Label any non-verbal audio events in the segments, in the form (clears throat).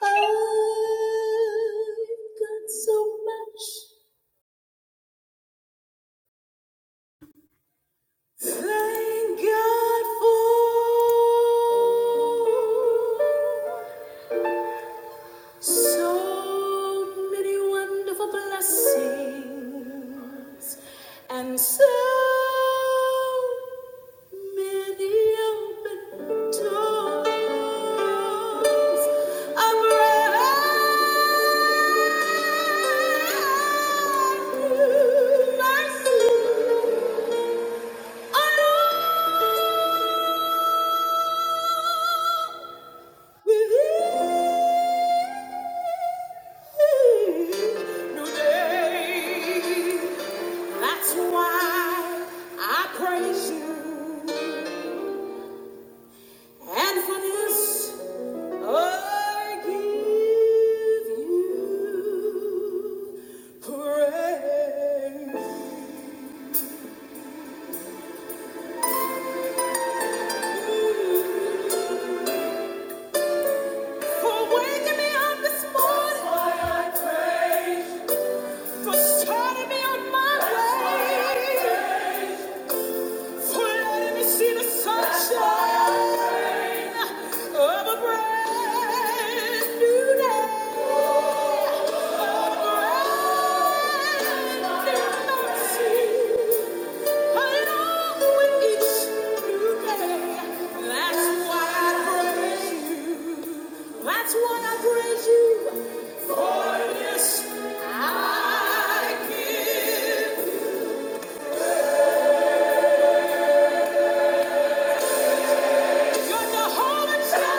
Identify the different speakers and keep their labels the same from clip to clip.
Speaker 1: I've got so much. Thank God for. So many wonderful blessings, and so many open doors of rescue. Along with you. New day. That's why I praise you. And for this, I give you praise. For waking me up this morning. Why I praise. For starting me on my way. Let me see the sunshine of a brand new day, of a brand new mercy. Along with each new day, that's why I praise you. That's why I praise you. For this I give. You're the whole entire.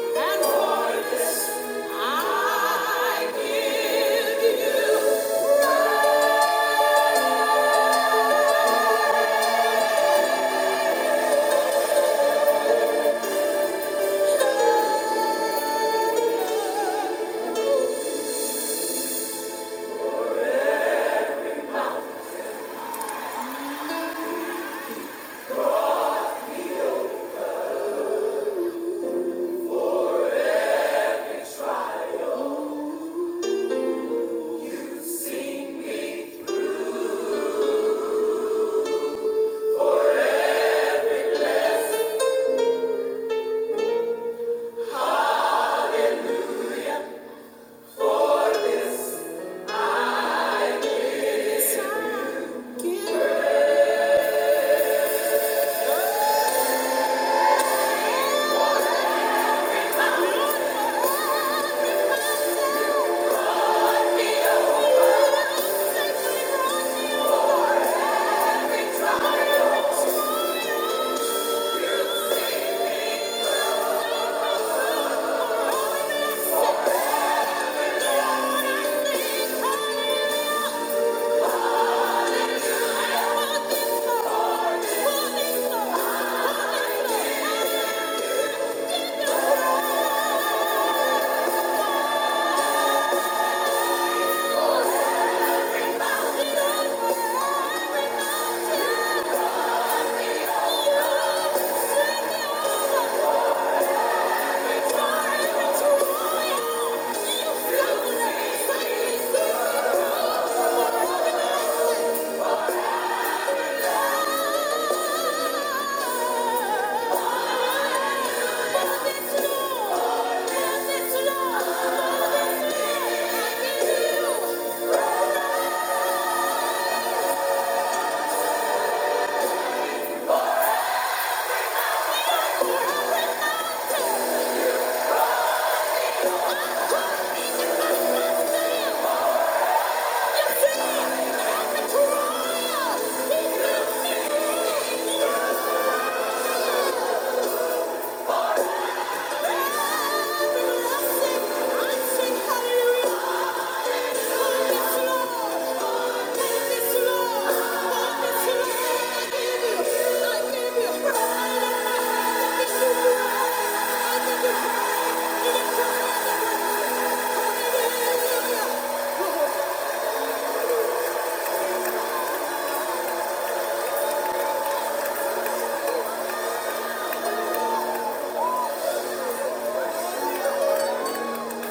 Speaker 1: And for this I give you. Hallelujah!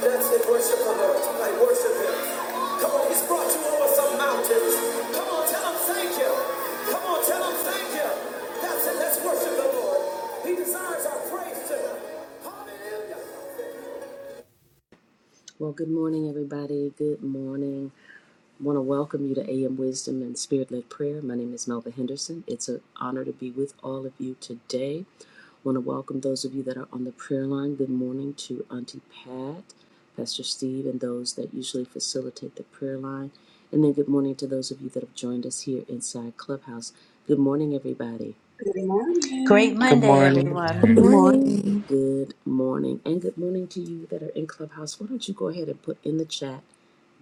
Speaker 1: That's it, worship the Lord tonight. Worship Him. Come on, He's brought you over some mountains. Come on, tell Him thank you. Come on, tell Him thank you. That's it, let's worship the Lord. He desires our praise tonight.
Speaker 2: Well, good morning, everybody. Good morning. I want to welcome you to AM Wisdom and Spirit Led Prayer. My name is Melva Henderson. It's an honor to be with all of you today. I want to welcome those of you that are on the prayer line. Good morning to Auntie Pat, Pastor Steve, and those that usually facilitate the prayer line. And then good morning to those of you that have joined us here inside Clubhouse. Good morning, everybody.
Speaker 1: Good morning.
Speaker 3: Great
Speaker 4: Good
Speaker 3: Monday,
Speaker 4: morning.
Speaker 3: everyone.
Speaker 5: Good
Speaker 6: Morning.
Speaker 7: Good
Speaker 5: morning.
Speaker 7: morning.
Speaker 2: Good morning. And good morning to you that are in Clubhouse. Why don't you go ahead and put in the chat?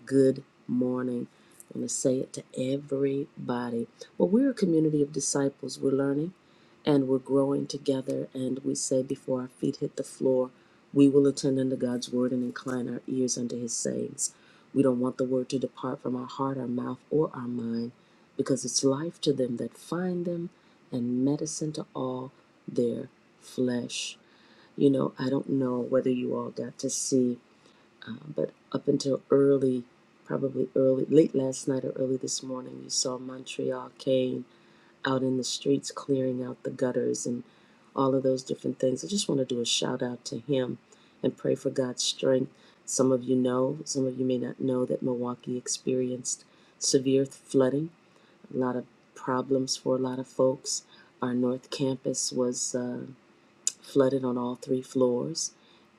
Speaker 2: Good morning. I am going to say it to everybody. Well, we're a community of disciples. We're learning and we're growing together. And we say before our feet hit the floor, we will attend unto God's word and incline our ears unto his sayings. We don't want the word to depart from our heart, our mouth, or our mind because it's life to them that find them and medicine to all their flesh. You know, I don't know whether you all got to see. Um, but up until early, probably early, late last night or early this morning, you saw Montreal Kane out in the streets clearing out the gutters and all of those different things. I just want to do a shout out to him and pray for God's strength. Some of you know, some of you may not know that Milwaukee experienced severe flooding, a lot of problems for a lot of folks. Our North Campus was. Uh, flooded on all three floors.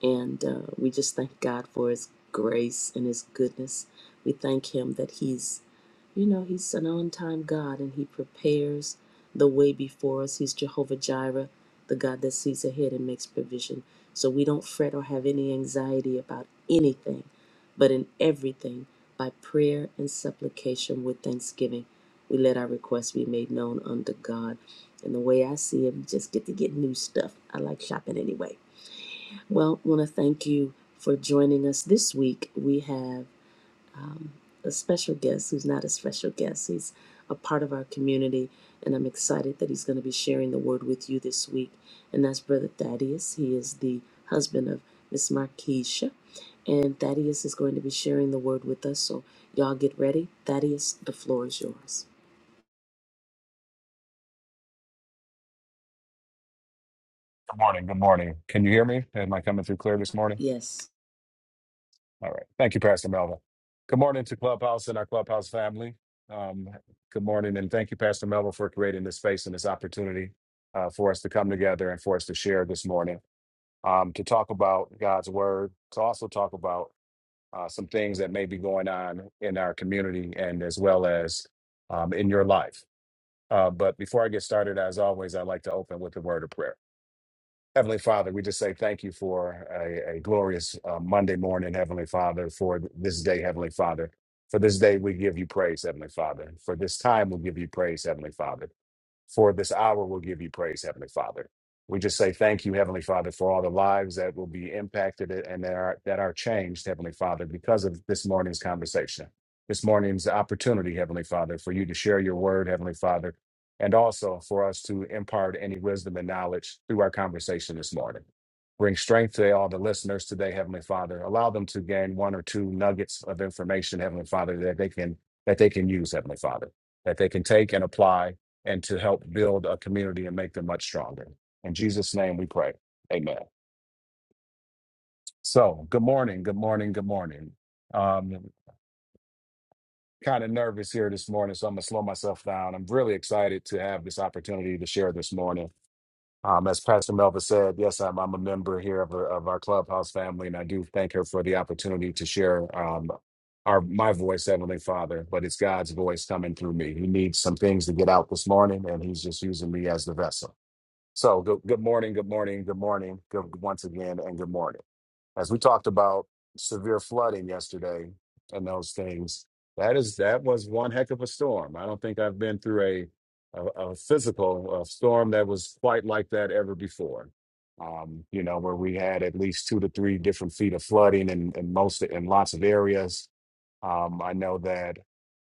Speaker 2: And uh, we just thank God for His grace and His goodness. We thank Him that He's you know, He's an on time God and He prepares the way before us. He's Jehovah Jireh, the God that sees ahead and makes provision. So we don't fret or have any anxiety about anything, but in everything, by prayer and supplication with thanksgiving, we let our requests be made known unto God. And the way I see it, we just get to get new stuff. I like shopping anyway. Well, want to thank you for joining us this week. We have a special guest who's not a special guest. He's a part of our community, and I'm excited that he's going to be sharing the word with you this week. And that's Brother Thaddeus. He is the husband of Miss Marquisha, and Thaddeus is going to be sharing the word with us. So, y'all get ready. Thaddeus, the floor is yours.
Speaker 6: Good morning. Good morning. Can you hear me? Am I coming through clear this morning?
Speaker 2: Yes.
Speaker 6: All right. Thank you, Pastor Melvin. Good morning to Clubhouse and our Clubhouse family. Um, good morning, and thank you, Pastor Melvin, for creating this space and this opportunity uh, for us to come together and for us to share this morning, um, to talk about God's word, to also talk about uh, some things that may be going on in our community and as well as um, in your life. Uh, but before I get started, as always, I'd like to open with a word of prayer. Heavenly Father, we just say thank you for a, a glorious uh, Monday morning, Heavenly Father, for this day, Heavenly Father. For this day, we give you praise, Heavenly Father. For this time, we give you praise, Heavenly Father for this hour we'll give you praise, Heavenly Father. We just say thank you, Heavenly Father, for all the lives that will be impacted and that are that are changed, Heavenly Father, because of this morning's conversation, this morning's opportunity, Heavenly Father, for you to share your word, Heavenly Father, and also for us to impart any wisdom and knowledge through our conversation this morning. Bring strength to all the listeners today, Heavenly Father. Allow them to gain one or two nuggets of information, Heavenly Father, that they can that they can use, Heavenly Father, that they can take and apply and to help build a community and make them much stronger. In Jesus' name we pray. Amen. So, good morning, good morning, good morning. Um, kind of nervous here this morning, so I'm going to slow myself down. I'm really excited to have this opportunity to share this morning. Um, as Pastor Melva said, yes, I'm, I'm a member here of, our- of our clubhouse family, and I do thank her for the opportunity to share um, our my voice, Heavenly Father, but it's God's voice coming through me. He needs some things to get out this morning, and He's just using me as the vessel. So good, good morning, good morning, good morning, good once again, and good morning. As we talked about severe flooding yesterday and those things, that is that was one heck of a storm. I don't think I've been through a a, a physical a storm that was quite like that ever before. Um, you know, where we had at least two to three different feet of flooding in, in most in lots of areas. Um, I know that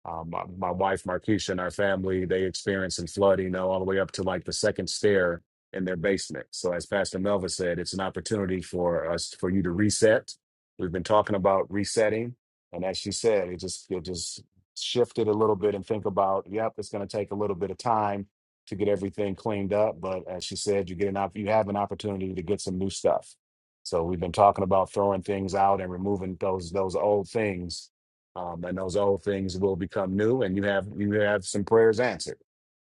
Speaker 6: um, my, my wife Marquisha and our family they experienced some flooding you know, all the way up to like the second stair in their basement. So as Pastor Melva said, it's an opportunity for us for you to reset. We've been talking about resetting, and as she said, it just it just shifted a little bit and think about. Yep, it's going to take a little bit of time to get everything cleaned up, but as she said, you get an op- you have an opportunity to get some new stuff. So we've been talking about throwing things out and removing those those old things, um, and those old things will become new, and you have you have some prayers answered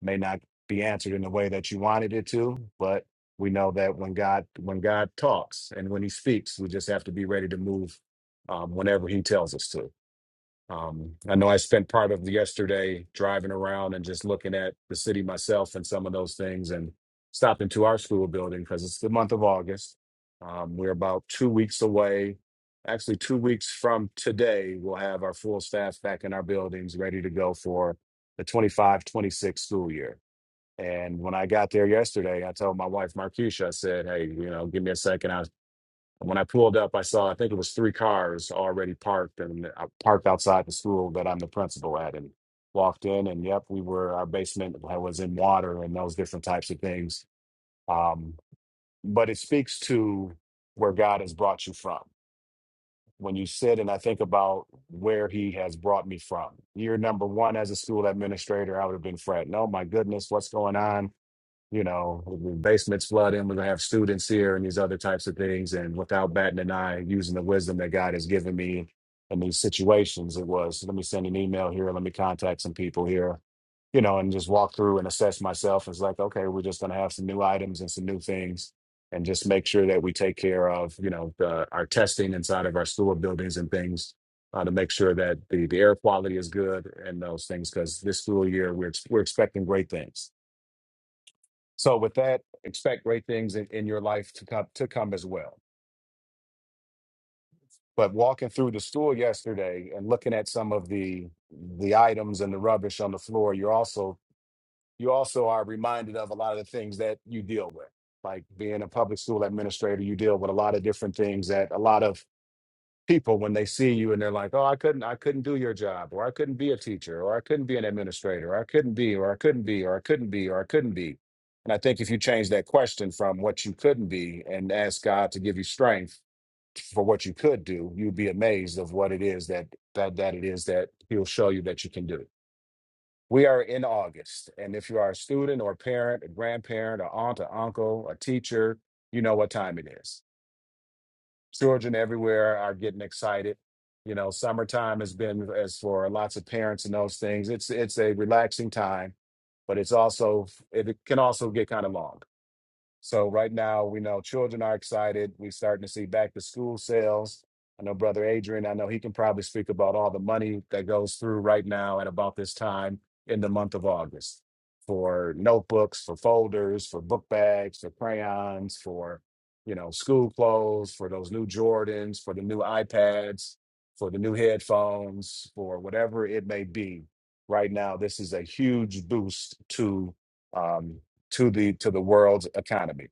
Speaker 6: May not be answered in the way that you wanted it to. But we know that when God when God talks and when He speaks, we just have to be ready to move um, whenever He tells us to. Um, I know I spent part of yesterday driving around and just looking at the city myself and some of those things, and stopped into our school building because it's the month of August. Um, we're about two weeks away. Actually, two weeks from today, we'll have our full staff back in our buildings ready to go for the 25 26 school year. And when I got there yesterday, I told my wife Marquisha, I said, "Hey, you know, give me a second. I when I pulled up, I saw I think it was three cars already parked and I parked outside the school that I'm the principal at, and walked in, and yep, we were our basement was in water and those different types of things. Um, but it speaks to where God has brought you from. When you sit and I think about where He has brought me from, year number one as a school administrator, I would have been fretting, "Oh my goodness, what's going on?" you know, the basement's flooding. We're gonna have students here and these other types of things. And without batting an eye, using the wisdom that God has given me in these situations, it was let me send an email here, let me contact some people here, you know, and just walk through and assess myself. It's like, okay, we're just gonna have some new items and some new things, and just make sure that we take care of, you know, the, our testing inside of our school buildings and things. Uh, to make sure that the, the air quality is good and those things, because this school year we're ex- we're expecting great things so with that, expect great things in, in your life to come to come as well. But walking through the store yesterday and looking at some of the the items and the rubbish on the floor, you're also you also are reminded of a lot of the things that you deal with. Like being a public school administrator, you deal with a lot of different things that a lot of people when they see you and they're like, "Oh, I couldn't I couldn't do your job or I couldn't be a teacher or I couldn't be an administrator or I couldn't be or I couldn't be or I couldn't be or I couldn't be." And I think if you change that question from what you couldn't be and ask God to give you strength for what you could do, you'd be amazed of what it is that that that it is that he'll show you that you can do. We are in August, and if you are a student or a parent, a grandparent, a aunt, an uncle, a teacher, you know what time it is children everywhere are getting excited. You know, summertime has been as for lots of parents and those things. It's it's a relaxing time, but it's also it can also get kind of long. So right now, we know children are excited. We're starting to see back to school sales. I know Brother Adrian, I know he can probably speak about all the money that goes through right now at about this time in the month of August for notebooks, for folders, for book bags, for crayons, for you know, school clothes, for those new Jordans, for the new iPads, for the new headphones, for whatever it may be. Right now, this is a huge boost to um, to the to the world's economy.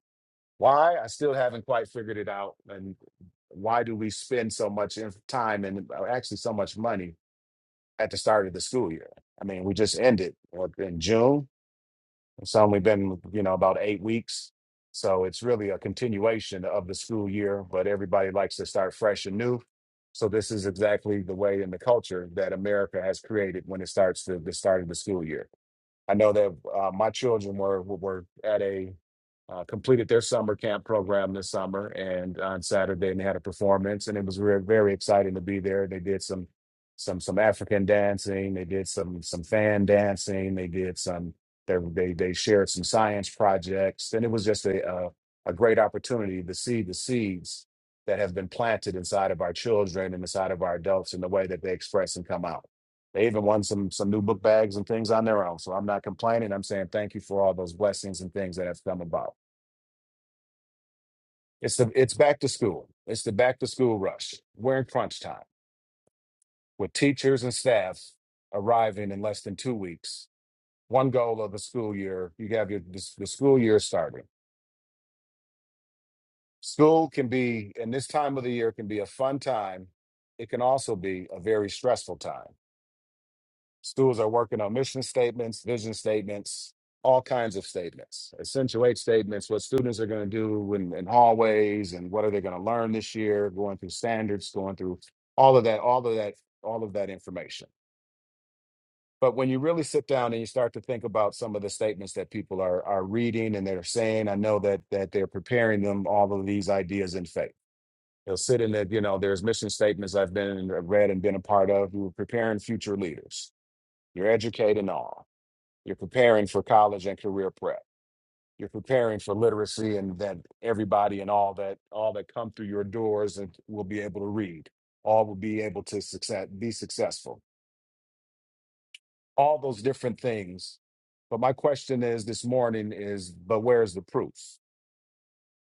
Speaker 6: Why? I still haven't quite figured it out. And why do we spend so much in- time and uh, actually so much money at the start of the school year? I mean, we just ended what, in June. It's only been you know about eight weeks, so it's really a continuation of the school year. But everybody likes to start fresh and new. So this is exactly the way in the culture that America has created when it starts the, the start of the school year I know that uh, my children were were at a uh, completed their summer camp program this summer and on Saturday and they had a performance and it was very very exciting to be there. They did some some some African dancing, they did some some fan dancing, they did some they they, they shared some science projects and it was just a uh, a great opportunity to see the seeds that have been planted inside of our children and inside of our adults in the way that they express and come out. They even won some some new book bags and things on their own. So I'm not complaining. I'm saying thank you for all those blessings and things that have come about. It's the it's back to school. It's the back to school rush. We're in crunch time with teachers and staff arriving in less than two weeks. One goal of the school year, you have your the, the school year starting. School can be, and this time of the year can be a fun time. It can also be a very stressful time Schools are working on mission statements, vision statements, all kinds of statements, accentuate statements, what students are going to do in, in hallways and what are they going to learn this year, going through standards, going through all of that, all of that, all of that information. But when you really sit down and you start to think about some of the statements that people are are reading and they're saying, I know that that they're preparing them all of these ideas in faith. They'll sit in that, you know, there's mission statements I've been and read and been a part of. You're preparing future leaders. You're educating all. You're preparing for college and career prep. You're preparing for literacy and that everybody and all that all that come through your doors and will be able to read. All will be able to success be successful. All those different things. But my question is this morning is but where's the proof?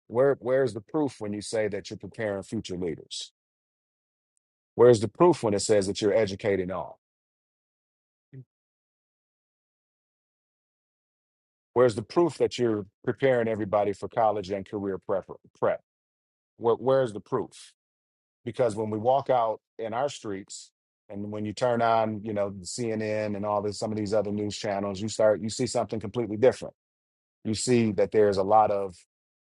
Speaker 6: Where where's the proof when you say that you're preparing future leaders? Where's the proof when it says that you're educating all? Where's the proof that you're preparing everybody for college and career prep? prep? Where, where's the proof? because when we walk out in our streets and when you turn on you know cnn and all this some of these other news channels you start you see something completely different you see that there's a lot of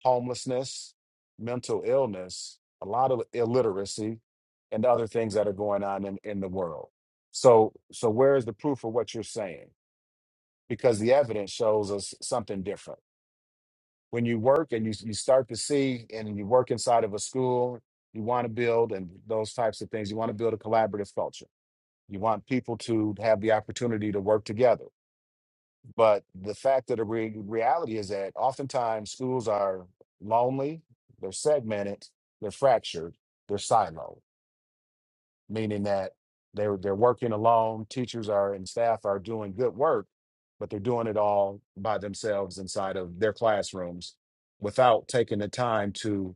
Speaker 6: homelessness mental illness a lot of illiteracy and other things that are going on in, in the world so so where is the proof of what you're saying because the evidence shows us something different when you work and you, you start to see and you work inside of a school you want to build and those types of things you want to build a collaborative culture you want people to have the opportunity to work together but the fact of the re- reality is that oftentimes schools are lonely they're segmented they're fractured they're siloed meaning that they're they're working alone. Teachers are and staff are doing good work, but they're doing it all by themselves inside of their classrooms without taking the time to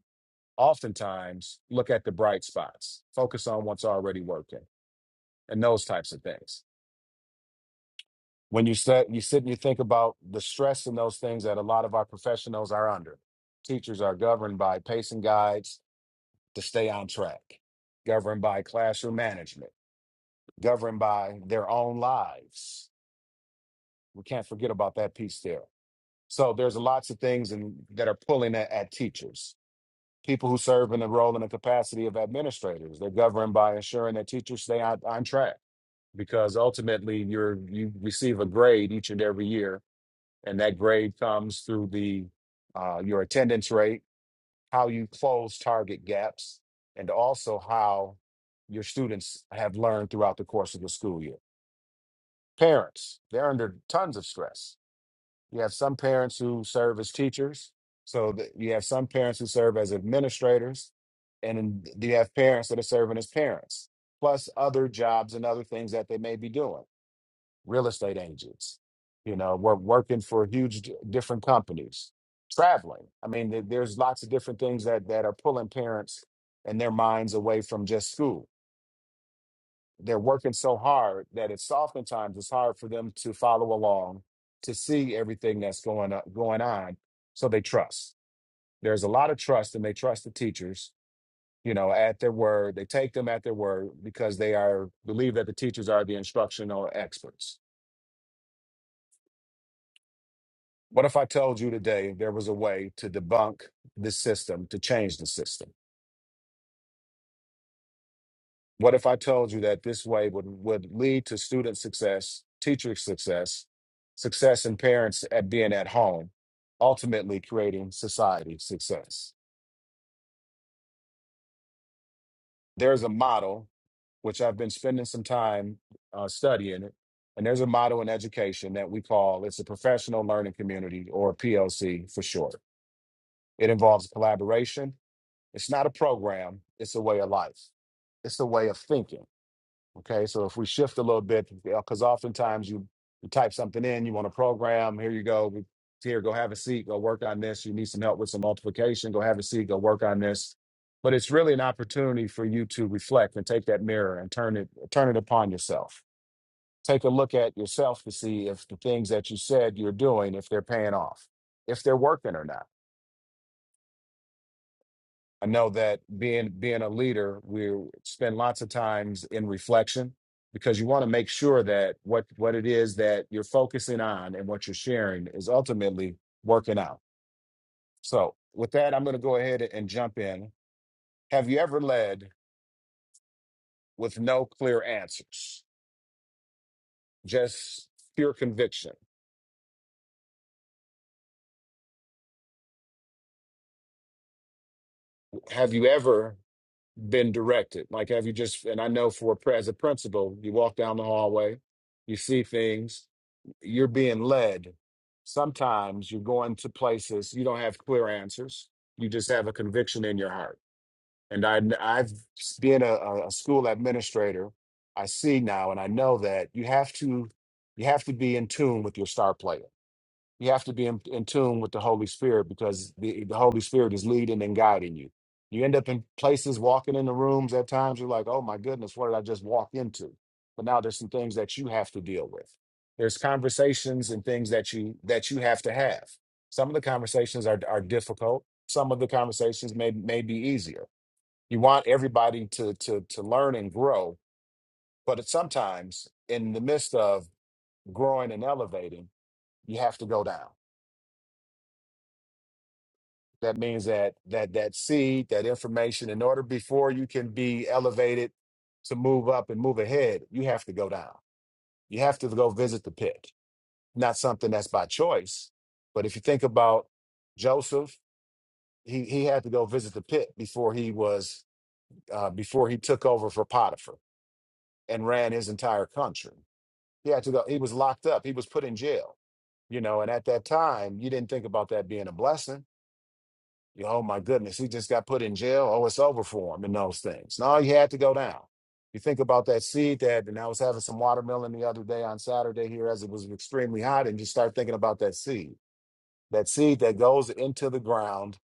Speaker 6: oftentimes look at the bright spots, focus on what's already working, and those types of things. When you sit, you sit and you think about the stress and those things that a lot of our professionals are under. Teachers are governed by pacing guides to stay on track, governed by classroom management governed by their own lives. We can't forget about that piece there. So there's lots of things in, that are pulling at, at teachers. People who serve in the role and the capacity of administrators, they're governed by ensuring that teachers stay on, on track because ultimately you're you receive a grade each and every year, and that grade comes through the uh, your attendance rate, how you close target gaps, and also how your students have learned throughout the course of the school year. parents they're under tons of stress you have some parents who serve as teachers so th- you have some parents who serve as administrators and then you have parents that are serving as parents plus other jobs and other things that they may be doing real estate agents you know we're working for huge d- different companies traveling i mean there- there's lots of different things that that are pulling parents and their minds away from just school they're working so hard that it's oftentimes it's hard for them to follow along to see everything that's going up going on so they trust there's a lot of trust and they trust the teachers you know at their word they take them at their word because they are believe that the teachers are the instructional experts what if i told you today there was a way to debunk the system to change the system What if I told you that this way would, would lead to student success, teacher success, success in parents at being at home, ultimately creating society success? There's a model, which I've been spending some time uh, studying it, and there's a model in education that we call it's a professional learning community or PLC for short. It involves collaboration. It's not a program, it's a way of life, it's a way of thinking Okay, so if we shift a little bit, because oftentimes you, you type something in, you want a program, here you go, we- here, go have a seat, go work on this. You need some help with some multiplication, go have a seat, go work on this. But it's really an opportunity for you to reflect and take that mirror and turn it turn it upon yourself. Take a look at yourself to see if the things that you said you're doing, if they're paying off, if they're working or not I know that being being a leader, we spend lots of times in reflection because you want to make sure that what what it is that you're focusing on and what you're sharing is ultimately working out. So, with that, I'm going to go ahead and jump in. Have you ever led with no clear answers, just pure conviction? Have you ever been directed? Like, have you just? And I know for as a principal, you walk down the hallway, you see things, you're being led. Sometimes you're going to places you don't have clear answers. You just have a conviction in your heart. And I, I've been a, a a school administrator. I see now, and I know that you have to, you have to be in tune with your star player you have to be in, in tune with the Holy Spirit because the, the Holy Spirit is leading and guiding you. You end up in places, walking in the rooms at times, you're like, oh my goodness, what did I just walk into? But now there's some things that you have to deal with. There's conversations and things that you that you have to have. Some of the conversations are, are difficult. Some of the conversations may may be easier. You want everybody to to to learn and grow, but it's sometimes in the midst of growing and elevating, you have to go down That means that that that seed, that information, in order before you can be elevated to move up and move ahead, you have to go down. You have to go visit the pit. Not something that's by choice, but if you think about Joseph, he he had to go visit the pit before he was uh, before he took over for Potiphar and ran his entire country. He had to go. He was locked up. He was put in jail. You know, and at that time, you didn't think about that being a blessing You- Oh my goodness, he just got put in jail. Oh, it's over for him and those things. No, he had to go down. You think about that seed that, and I was having some watermelon the other day on Saturday here as it was extremely hot, and just start thinking about that seed. That seed that goes into the ground,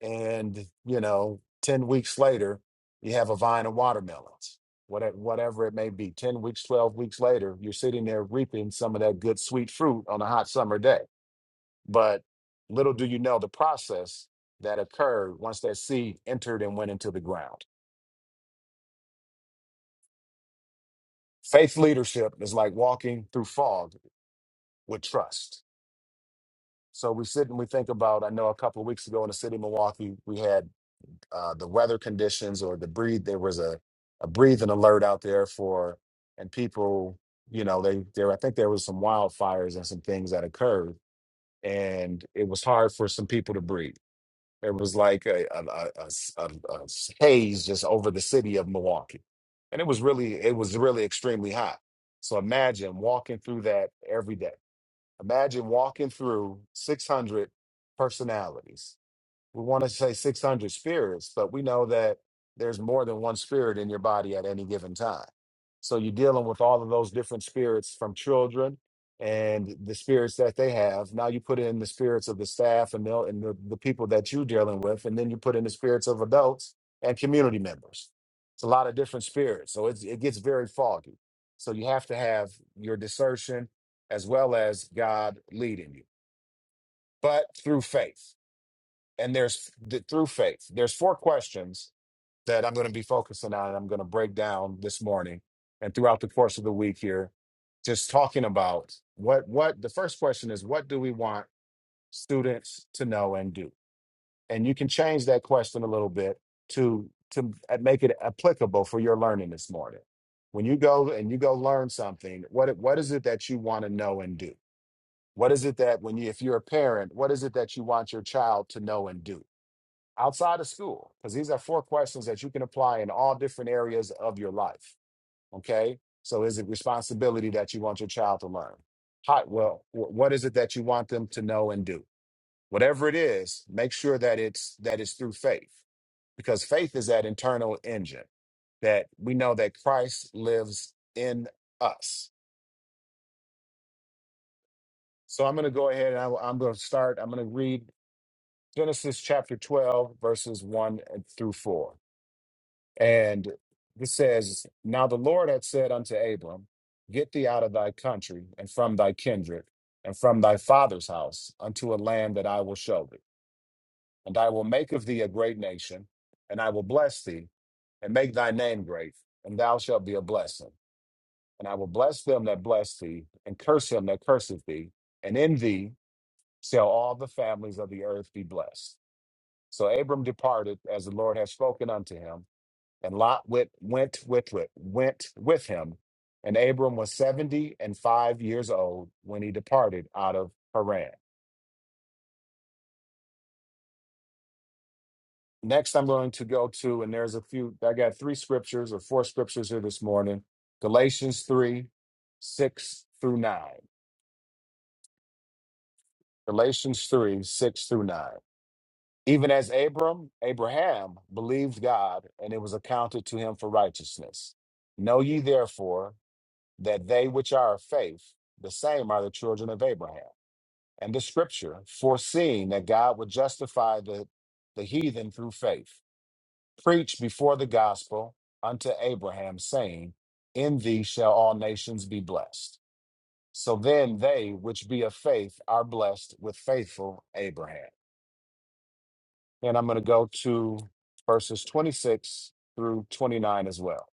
Speaker 6: and you know, 10 weeks later, you have a vine of watermelons. Whatever, whatever it may be, 10 weeks, 12 weeks later, you're sitting there reaping some of that good sweet fruit on a hot summer day but little do you know the process that occurred once that seed entered and went into the ground. Faith leadership is like walking through fog with trust. So we sit and we think about, I know a couple of weeks ago in the city of Milwaukee, we had uh, the weather conditions or the breathe, there was a, a breathing alert out there for, and people, you know, they, there, I think there was some wildfires and some things that occurred and it was hard for some people to breathe It was like a, a, a- a s- a- a s- haze just over the city of Milwaukee. And it was really, it was really extremely hot. So imagine walking through that every day. Imagine walking through 600 personalities we want to say 600 spirits, but we know that there's more than one spirit in your body at any given time. So you're dealing with all of those different spirits from children and the spirits that they have. Now you put in the spirits of the staff and the, and the, the people that you're dealing with, and then you put in the spirits of adults and community members. It's a lot of different spirits. So it's, it gets very foggy. So you have to have your discernment as well as God leading you, but through faith and there's th- through faith there's four questions that i'm going to be focusing on and i'm going to break down this morning and throughout the course of the week here just talking about what what the first question is what do we want students to know and do and you can change that question a little bit to to make it applicable for your learning this morning when you go and you go learn something what what is it that you want to know and do what is it that when you if you're a parent what is it that you want your child to know and do outside of school because these are four questions that you can apply in all different areas of your life okay so is it responsibility that you want your child to learn how well wh- what is it that you want them to know and do whatever it is make sure that it's that it's through faith because faith is that internal engine that we know that christ lives in us so i'm going to go ahead and I, i'm going to start i'm going to read genesis chapter 12 verses 1 and- through 4 And this says, Now the Lord had said unto Abram, Get thee out of thy country and from thy kindred and from thy father's house unto a land that I will show thee. And I will make of thee a great nation, and I will bless thee and make thy name great, and thou shalt be a blessing. And I will bless them that bless thee, and curse him that curseth thee, and in thee shall all the families of the earth be blessed. So Abram departed as the Lord had spoken unto him and Lot went, went with it, went with him. And Abram was 70 and five years old when he departed out of Haran. Next, I'm going to go to, and there's a few, I got three scriptures or four scriptures here this morning Galatians 3, 6 through 9. Galatians 3, 6 through 9. Even as Abram, Abraham believed God, and it was accounted to him for righteousness. Know ye therefore that they which are of faith, the same are the children of Abraham. and the scripture, foreseeing that God would justify the, the heathen through faith, preached before the gospel unto Abraham, saying, In thee shall all nations be blessed. So then they which be of faith are blessed with faithful Abraham. And I'm going to go to verses 26 through 29 as well.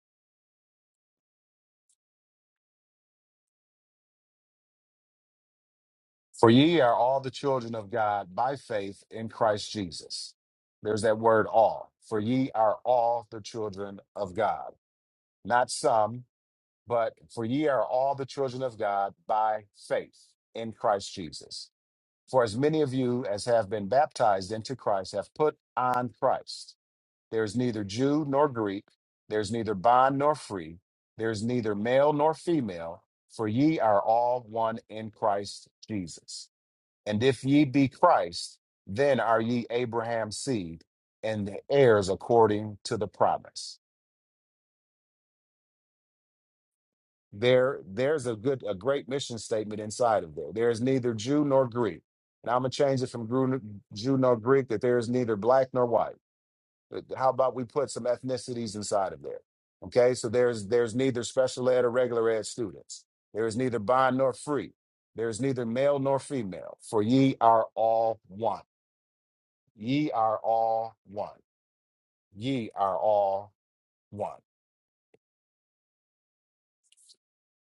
Speaker 6: For ye are all the children of God by faith in Christ Jesus. There's that word all. For ye are all the children of God not some, but for ye are all the children of God by faith in Christ Jesus. For as many of you as have been baptized into Christ have put on Christ. There is neither Jew nor Greek, there is neither bond nor free, there is neither male nor female, for ye are all one in Christ Jesus. And if ye be Christ, then are ye Abraham's seed and heirs according to the promise. there there's a good a great mission statement inside of there there is neither jew nor greek and i'm going to change it from Gru- jew nor greek that there is neither black nor white But how about we put some ethnicities inside of there okay so there's there's neither special ed or regular ed students there is neither bond nor free there is neither male nor female for ye are all one ye are all one ye are all one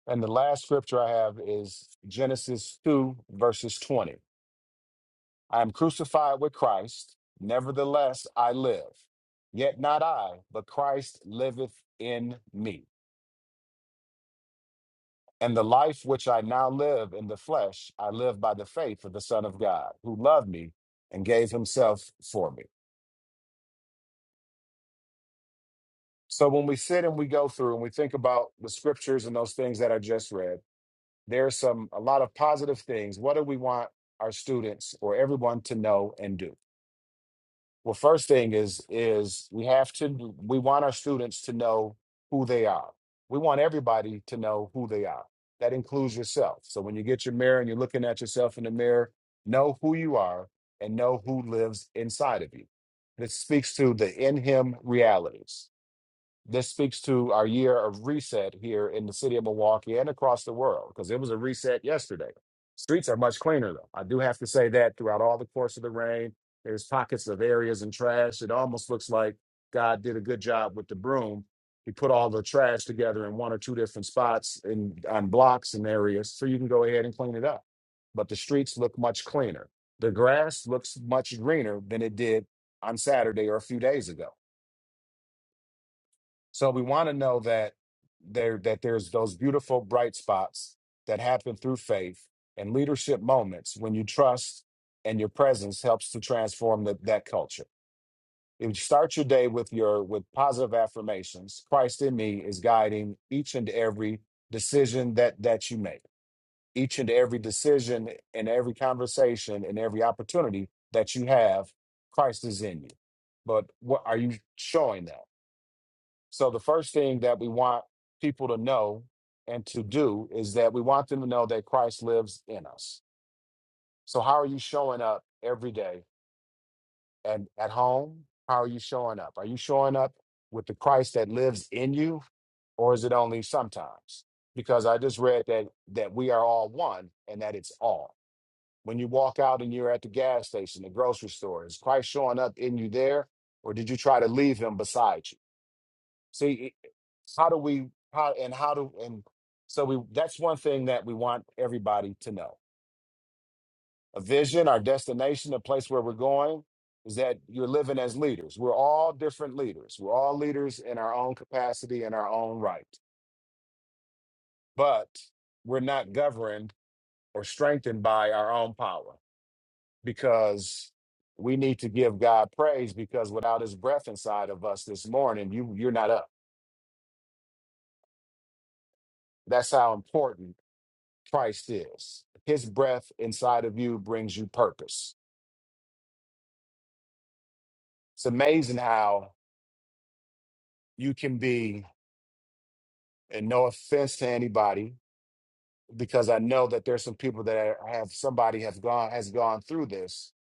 Speaker 6: and the last scripture i have is genesis 2 verses 20 I am crucified with Christ, nevertheless I live. Yet not I, but Christ liveth in me. And the life which I now live in the flesh, I live by the faith of the Son of God, who loved me and gave himself for me. So when we sit and we go through and we think about the scriptures and those things that I just read, there's some a lot of positive things. What do we want our students or everyone to know and do? Well, first thing is is we have to we want our students to know who they are. We want everybody to know who they are. That includes yourself. So when you get your mirror and you're looking at yourself in the mirror, know who you are and know who lives inside of you. This speaks to the in him realities. This speaks to our year of reset here in the city of Milwaukee and across the world because it was a reset yesterday. Streets are much cleaner, though. I do have to say that throughout all the course of the rain, there's pockets of areas and trash. It almost looks like God did a good job with the broom. He put all the trash together in one or two different spots in on blocks and areas so you can go ahead and clean it up. But the streets look much cleaner. The grass looks much greener than it did on Saturday or a few days ago. So we want to know that there that there's those beautiful bright spots that happen through faith and leadership moments when you trust and your presence helps to transform the, that culture. If you start your day with your with positive affirmations, Christ in me is guiding each and every decision that that you make. Each and every decision and every conversation and every opportunity that you have, Christ is in you. But what are you showing that? So the first thing that we want people to know and to do is that we want them to know that Christ lives in us. So how are you showing up every day and at home? How are you showing up? Are you showing up with the Christ that lives in you or is it only sometimes? Because I just read that that we are all one and that it's all. When you walk out and you're at the gas station, the grocery store, is Christ showing up in you there or did you try to leave him beside you? See, it- how do we how and how do and so we that's one thing that we want everybody to know. A vision, our destination, a place where we're going is that you're living as leaders. We're all different leaders. We're all leaders in our own capacity and our own right. But we're not governed or strengthened by our own power because we need to give God praise because without his breath inside of us this morning, you you're not up. That's how important Christ is. His breath inside of you brings you purpose. It's amazing how you can be, and no offense to anybody, because I know that there's some people that are- have somebody have gone has gone through this.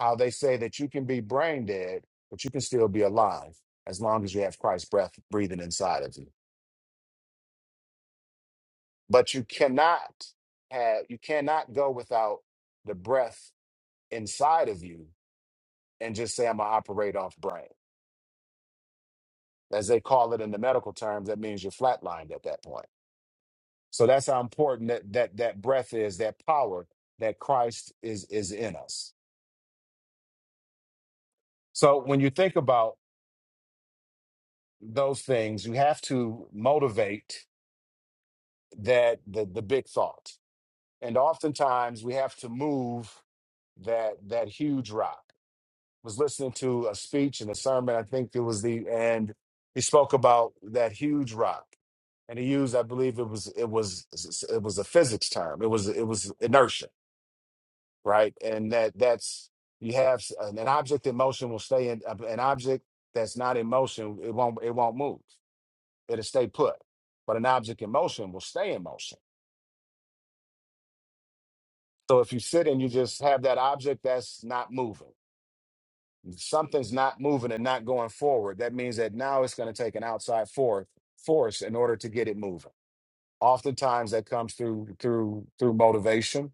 Speaker 6: How they say that you can be brain dead, but you can still be alive as long as you have Christ's breath breathing inside of you. But you cannot have you cannot go without the breath inside of you and just say I'm gonna operate off brain as they call it in the medical terms, that means you're flatlined at that point. So that's how important that that that breath is, that power that Christ is is in us. So when you think about those things, you have to motivate that the the big thought. And oftentimes we have to move that that huge rock. was listening to a speech and a sermon. I think it was the and he spoke about that huge rock, and he used, I believe it was it was it was a physics term. It was it was inertia, right? And that that's you have s- an, an object in motion will stay in uh, an object that's not in motion. It won't it won't move. It'll stay put. But an object in motion will stay in motion. So if you sit and you just have that object that's not moving something's not moving and not going forward, that means that now it's going to take an outside for, force in order to get it moving. Oftentimes that comes through through through motivation.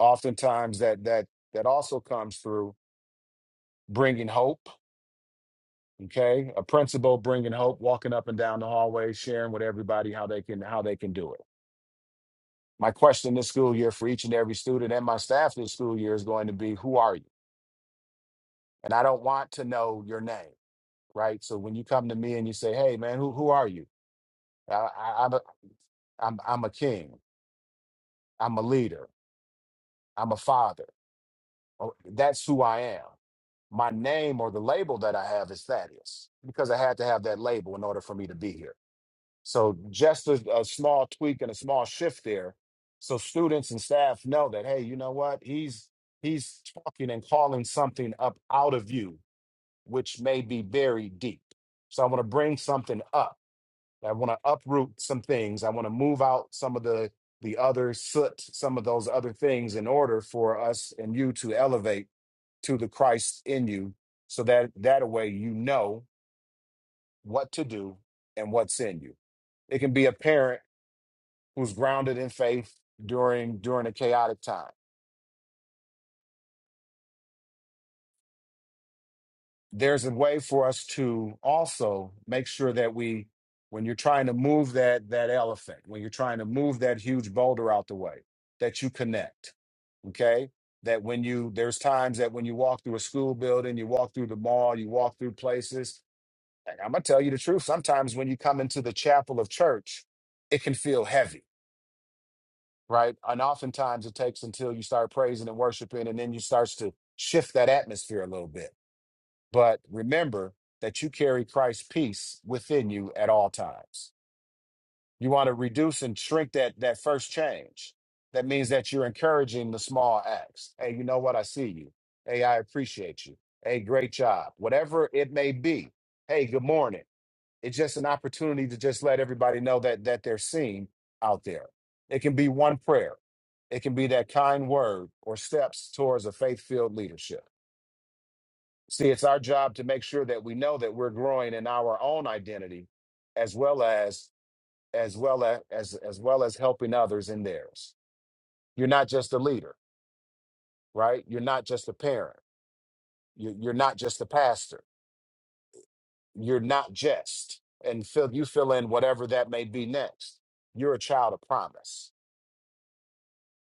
Speaker 6: Oftentimes that that that also comes through bringing hope. Okay, a principal bringing hope, walking up and down the hallway, sharing with everybody how they can how they can do it. My question this school year for each and every student and my staff this school year is going to be, who are you? And I don't want to know your name, right? So when you come to me and you say, hey man, who who are you? I, I, I, I'm, I'm a king. I'm a leader. I'm a father. Oh, That's who I am. My name or the label that I have is Thaddeus because I had to have that label in order for me to be here. So just a, a small tweak and a small shift there, so students and staff know that hey, you know what? He's he's talking and calling something up out of you, which may be very deep. So I want to bring something up I want to uproot some things. I want to move out some of the the other soot, some of those other things in order for us and you to elevate to the Christ in you so that that way you know what to do and what's in you. It can be a parent who's grounded in faith during during a chaotic time. There's a way for us to also make sure that we when you're trying to move that that elephant, when you're trying to move that huge boulder out the way, that you connect okay that when you there's times that when you walk through a school building you walk through the mall you walk through places and i'm gonna tell you the truth sometimes when you come into the chapel of church it can feel heavy right and oftentimes it takes until you start praising and worshiping and then you starts to shift that atmosphere a little bit but remember that you carry christ's peace within you at all times You want to reduce and shrink that that first change. That means that you're encouraging the small acts. Hey, you know what? I see you. Hey, I appreciate you. Hey, great job. Whatever it may be. Hey, good morning. It's just an opportunity to just let everybody know that that they're seen out there. It can be one prayer. It can be that kind word or steps towards a faith-filled leadership. See, it's our job to make sure that we know that we're growing in our own identity as well as as well as, as as well as helping others in theirs. You're not just a leader, right? You're not just a parent. You, you're not just a pastor. You're not just and fill you fill in whatever that may be next. You're a child of promise.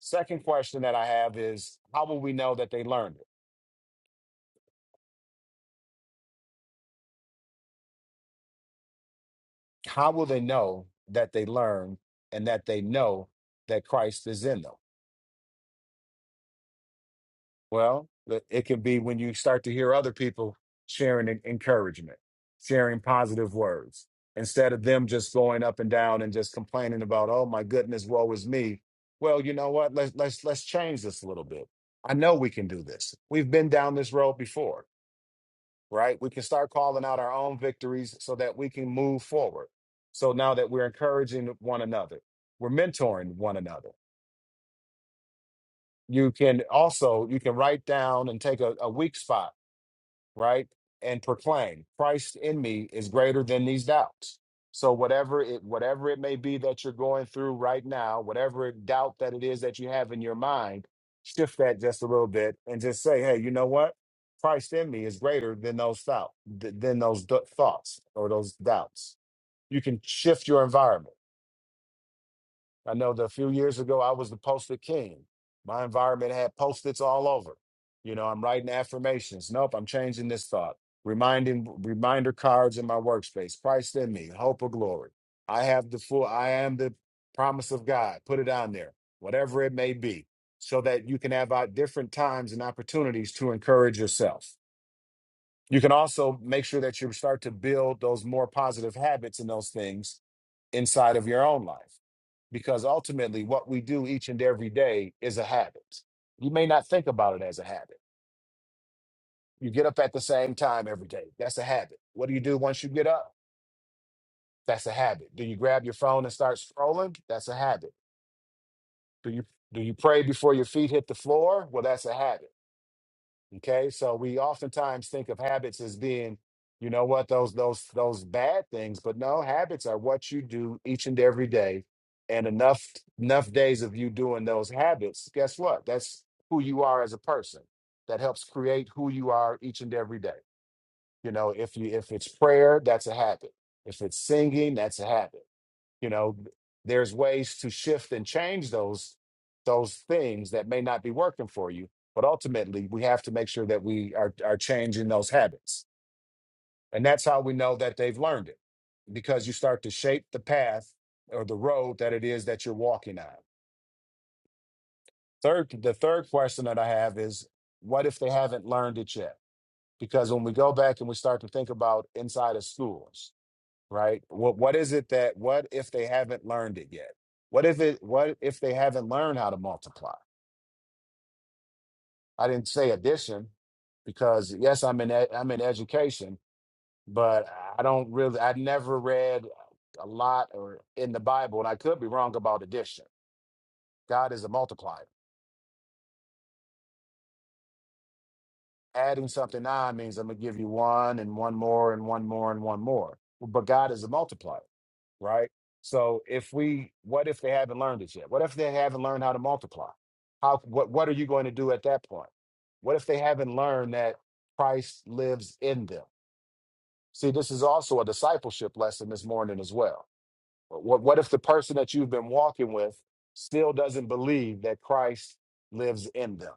Speaker 6: Second question that I have is how will we know that they learned it? How will they know that they learned and that they know that Christ is in them? Well, the- it can be when you start to hear other people sharing en- encouragement, sharing positive words, instead of them just going up and down and just complaining about, "Oh my goodness, woe is me." Well, you know what? Let's let's let's change this a little bit. I know we can do this. We've been down this road before, right? We can start calling out our own victories so that we can move forward. So now that we're encouraging one another, we're mentoring one another. You can also you can write down and take a, a weak spot right? And proclaim Christ in me is greater than these doubts. So whatever it whatever it may be that you're going through right now, whatever doubt that it is that you have in your mind, shift that just a little bit and just say, hey, you know what? Christ in me is greater than those thought th- than those d- thoughts or those doubts. You can shift your environment I know that a few years ago, I was the post-it king. My environment had post-its all over. You know, I'm writing affirmations. Nope, I'm changing this thought. Reminding reminder cards in my workspace. Christ in me, hope of glory. I have the full, I am the promise of God. Put it on there, whatever it may be, so that you can have out different times and opportunities to encourage yourself. You can also make sure that you start to build those more positive habits and those things inside of your own life. Because ultimately, what we do each and every day is a habit. You may not think about it as a habit. You get up at the same time every day. That's a habit. What do you do once you get up? That's a habit. Do you grab your phone and start scrolling? That's a habit. Do you do you pray before your feet hit the floor? Well, that's a habit. Okay, so we oftentimes think of habits as being, you know what, those those those bad things, but no, habits are what you do each and every day. And enough enough days of you doing those habits, guess what? That's who you are as a person. That helps create who you are each and every day. You know, if you if it's prayer, that's a habit. If it's singing, that's a habit you know there's ways to shift and change those those things that may not be working for you but ultimately we have to make sure that we are are changing those habits and that's how we know that they've learned it because you start to shape the path or the road that it is that you're walking on third the third question that i have is what if they haven't learned it yet because when we go back and we start to think about inside of schools right? What what is it that what if they haven't learned it yet? What if it what if they haven't learned how to multiply? I didn't say addition because yes, I'm in ed- I'm in education, but I don't really I never read a lot or in the Bible, and I could be wrong about addition. God is a multiplier. Adding something on means I'm gonna give you one and one more and one more and one more. But God is a multiplier. right? So if we, what if they haven't learned it yet? What if they haven't learned how to multiply? How, what, what are you going to do at that point? What if they haven't learned that Christ lives in them? See, this is also a discipleship lesson this morning as well. What, what if the person that you've been walking with still doesn't believe that Christ lives in them?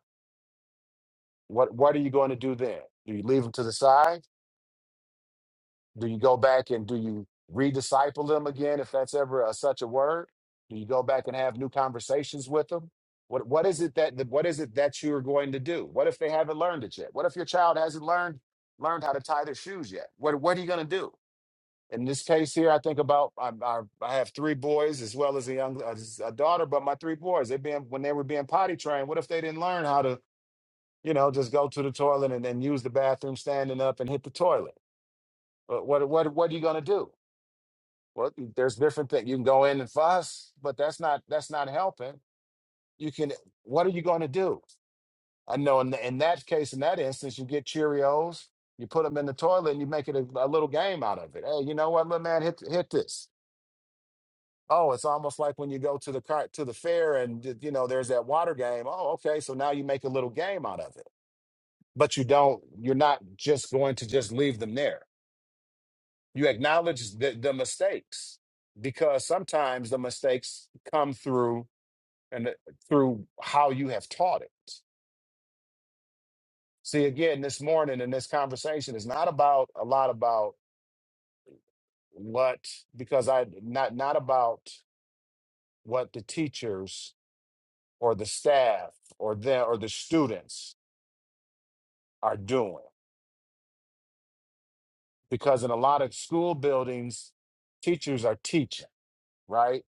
Speaker 6: What, what are you going to do then? Do you leave them to the side? Do you go back and do you redisciple them again, if that's ever a, such a word? Do you go back and have new conversations with them? What what is it that what is it that you are going to do? What if they haven't learned it yet? What if your child hasn't learned learned how to tie their shoes yet? What what are you going to do? In this case here, I think about I, I, I have three boys as well as a young as a daughter, but my three boys they being when they were being potty trained. What if they didn't learn how to you know just go to the toilet and then use the bathroom standing up and hit the toilet? What what what, what are you going to do? Well, there's different things. You can go in and fuss, but that's not that's not helping. You can what are you going to do? I know in, in that case, in that instance, you get Cheerios, you put them in the toilet, and you make it a, a little game out of it. Hey, you know what, little man, hit hit this. Oh, it's almost like when you go to the car to the fair and th- you know there's that water game. Oh, okay, so now you make a little game out of it, but you don't. You're not just going to just leave them there. You acknowledge the, the mistakes because sometimes the mistakes come through and through how you have taught it. See, again, this morning in this conversation is not about a lot about what because I not not about what the teachers or the staff or the or the students are doing because in a lot of school buildings, teachers are teaching, right?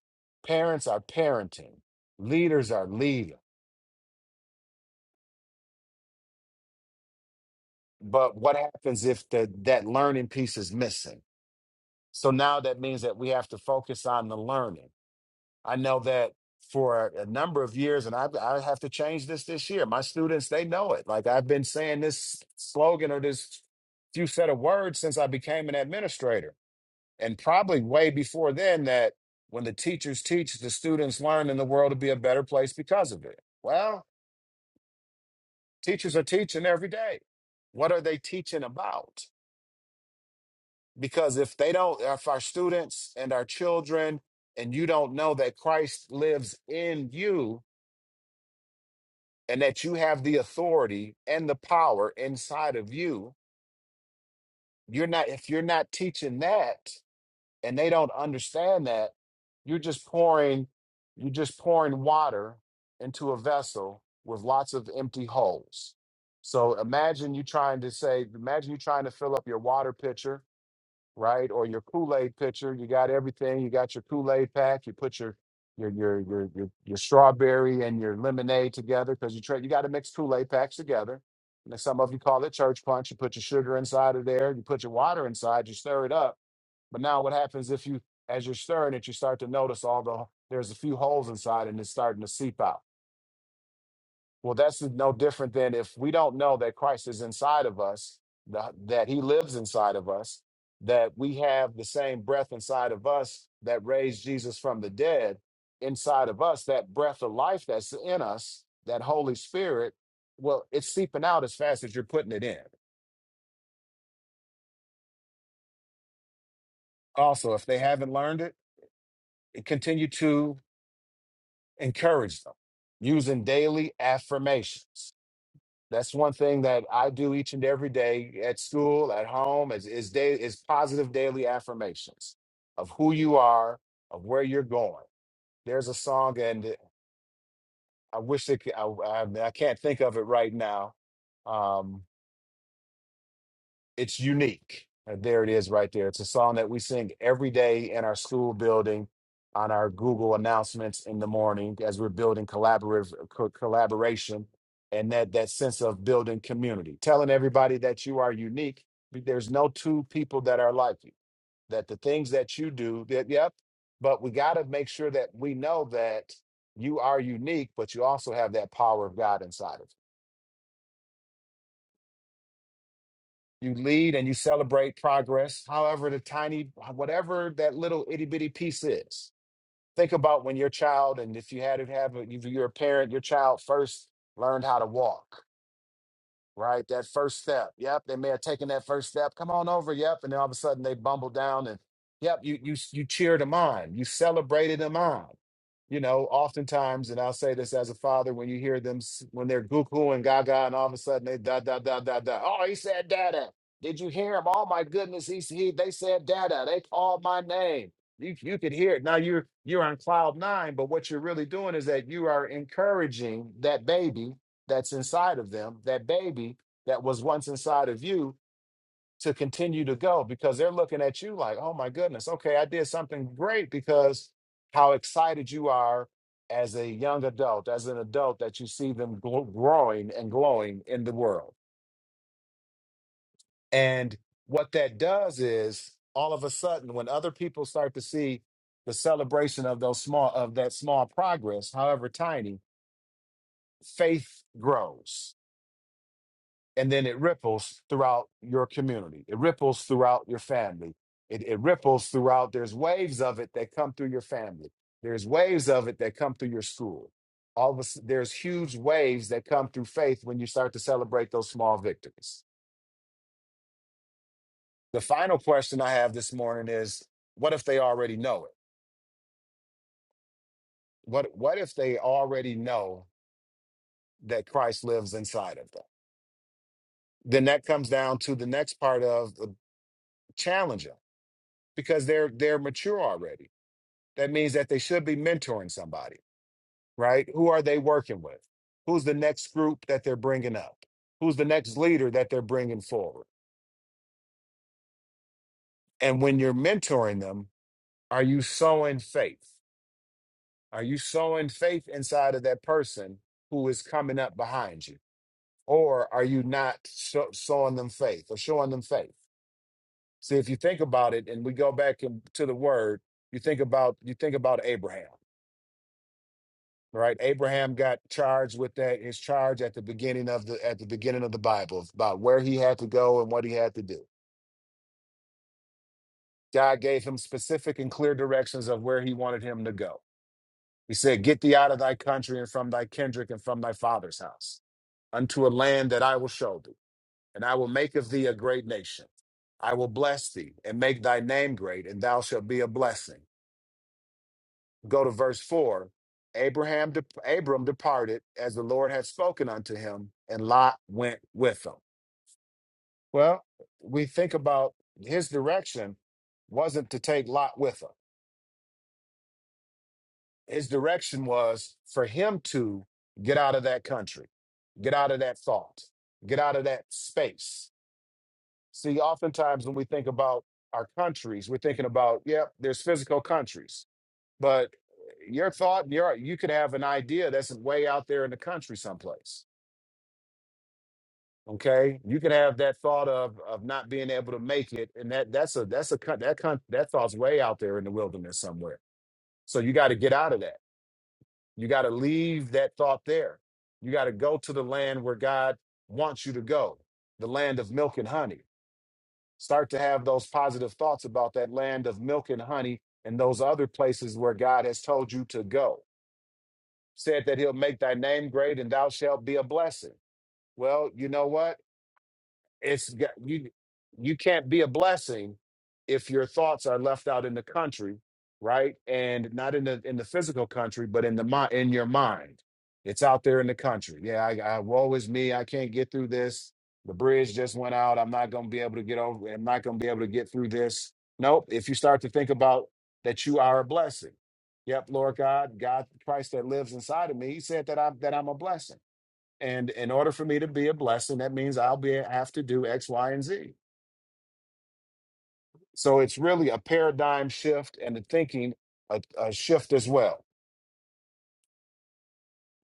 Speaker 6: Parents are parenting, leaders are leading. But what happens if the, that learning piece is missing? So now that means that we have to focus on the learning I know that for a number of years, and I, I have to change this this year. My students, they know it. Like I've been saying this slogan or this few set of words since I became an administrator, and probably way before then. That when the teachers teach, the students learn, and the world will be a better place because of it. Well, teachers are teaching every day. What are they teaching about? Because if they don't, if our students and our children, and you don't know that Christ lives in you, and that you have the authority and the power inside of you you're not if you're not teaching that and they don't understand that you're just pouring you're just pouring water into a vessel with lots of empty holes so imagine you trying to say imagine you trying to fill up your water pitcher right? Or your Kool-Aid pitcher. You got everything. You got your Kool-Aid pack. You put your your your your your, your strawberry and your lemonade together because you try you got to mix Kool-Aid packs together. And then some of you call it church punch. You put your sugar inside of there. You put your water inside. You stir it up. But now what happens if you as you're stirring it, you start to notice all the there's a few holes inside and it's starting to seep out well, that's no different than if we don't know that Christ is inside of us, the, that he lives inside of us, that we have the same breath inside of us that raised Jesus from the dead inside of us, that breath of life that's in us, that Holy Spirit, well, it's seeping out as fast as you're putting it in. Also, if they haven't learned it, continue to encourage them using daily affirmations. That's one thing that I do each and every day at school, at home, is is, day, is positive daily affirmations of who you are, of where you're going. There's a song, and I wish it, c- I, I I can't think of it right now. Um, it's unique. Uh, There it is right there. It's a song that we sing every day in our school building on our Google announcements in the morning as we're building collaborative co- collaboration and that that sense of building community. Telling everybody that you are unique. but There's no two people that are like you. That the things that you do, that yep, but we got to make sure that we know that you are unique, but you also have that power of God inside of you You lead and you celebrate progress, however, the tiny, whatever that little itty bitty piece is. Think about when your child, and if you had to have, a, if you're a parent, your child first learned how to walk Right, that first step. Yep, they may have taken that first step. Come on over. Yep, and then all of a sudden they bumble down, and yep, you you you cheered them on, you celebrated them on. You know, oftentimes, and I'll say this as a father, when you hear them s- when they're goo goo and gaga, and all of a sudden they da da da da da. Oh, he said dada. Did you hear him? Oh my goodness, he he they said dada. They called my name. You you could hear it. Now you're you're on cloud nine, but what you're really doing is that you are encouraging that baby that's inside of them, that baby that was once inside of you to continue to go because they're looking at you like, oh my goodness, okay, I did something great because how excited you are as a young adult, as an adult, that you see them gl- growing and glowing in the world. And what that does is all of a sudden, when other people start to see the celebration of those small of that small progress, however tiny, faith grows and then it ripples throughout your community. It ripples throughout your family. It, it ripples throughout. There's waves of it that come through your family. There's waves of it that come through your school. All of a sudden, there's huge waves that come through faith when you start to celebrate those small victories. The final question I have this morning is: What if they already know it? What What if they already know that Christ lives inside of them? Then that comes down to the next part of uh, challenge them because they're they're mature already That means that they should be mentoring somebody, right? Who are they working with? Who's the next group that they're bringing up? Who's the next leader that they're bringing forward? And when you're mentoring them, are you sowing faith? Are you sowing faith inside of that person who is coming up behind you? Or are you not so- sowing them faith or showing them faith? See, if you think about it and we go back in, to the word, you think about you think about Abraham. right abraham got charged with that his charge at the beginning of the at the beginning of the bible about where he had to go and what he had to do god gave him specific and clear directions of where he wanted him to go he said get thee out of thy country and from thy kindred and from thy father's house unto a land that i will show thee and i will make of thee a great nation i will bless thee and make thy name great and thou shalt be a blessing Go to verse 4. Abraham de- Abram departed as the Lord had spoken unto him, and Lot went with him. Well, we think about his direction wasn't to take Lot with him. His direction was for him to get out of that country, get out of that thought, get out of that space. See, oftentimes when we think about our countries, we're thinking about, yep, there's physical countries But eh, your thought, your you could have an idea that's way out there in the country someplace. Okay, you could have that thought of of not being able to make it, and that that's a that's a con- that con- that thought's way out there in the wilderness somewhere. So you got to get out of that. You got to leave that thought there. You got to go to the land where God wants you to go, the land of milk and honey. Start to have those positive thoughts about that land of milk and honey and those other places where God has told you to go said that he'll make thy name great and thou shalt be a blessing. Well, you know what? it's got- you you can't be a blessing if your thoughts are left out in the country right and not in the in the physical country but in the mind in your mind it's out there in the country yeah I, I woe is me i can't get through this the bridge just went out i'm not going to be able to get over i'm not going to be able to get through this nope if you start to think about that you are a blessing yep lord god god christ that lives inside of me he said that i'm that i'm a blessing and in order for me to be a blessing, that means I'll be have to do X, Y, and Z. So it's really a paradigm shift and the thinking a, a shift as well.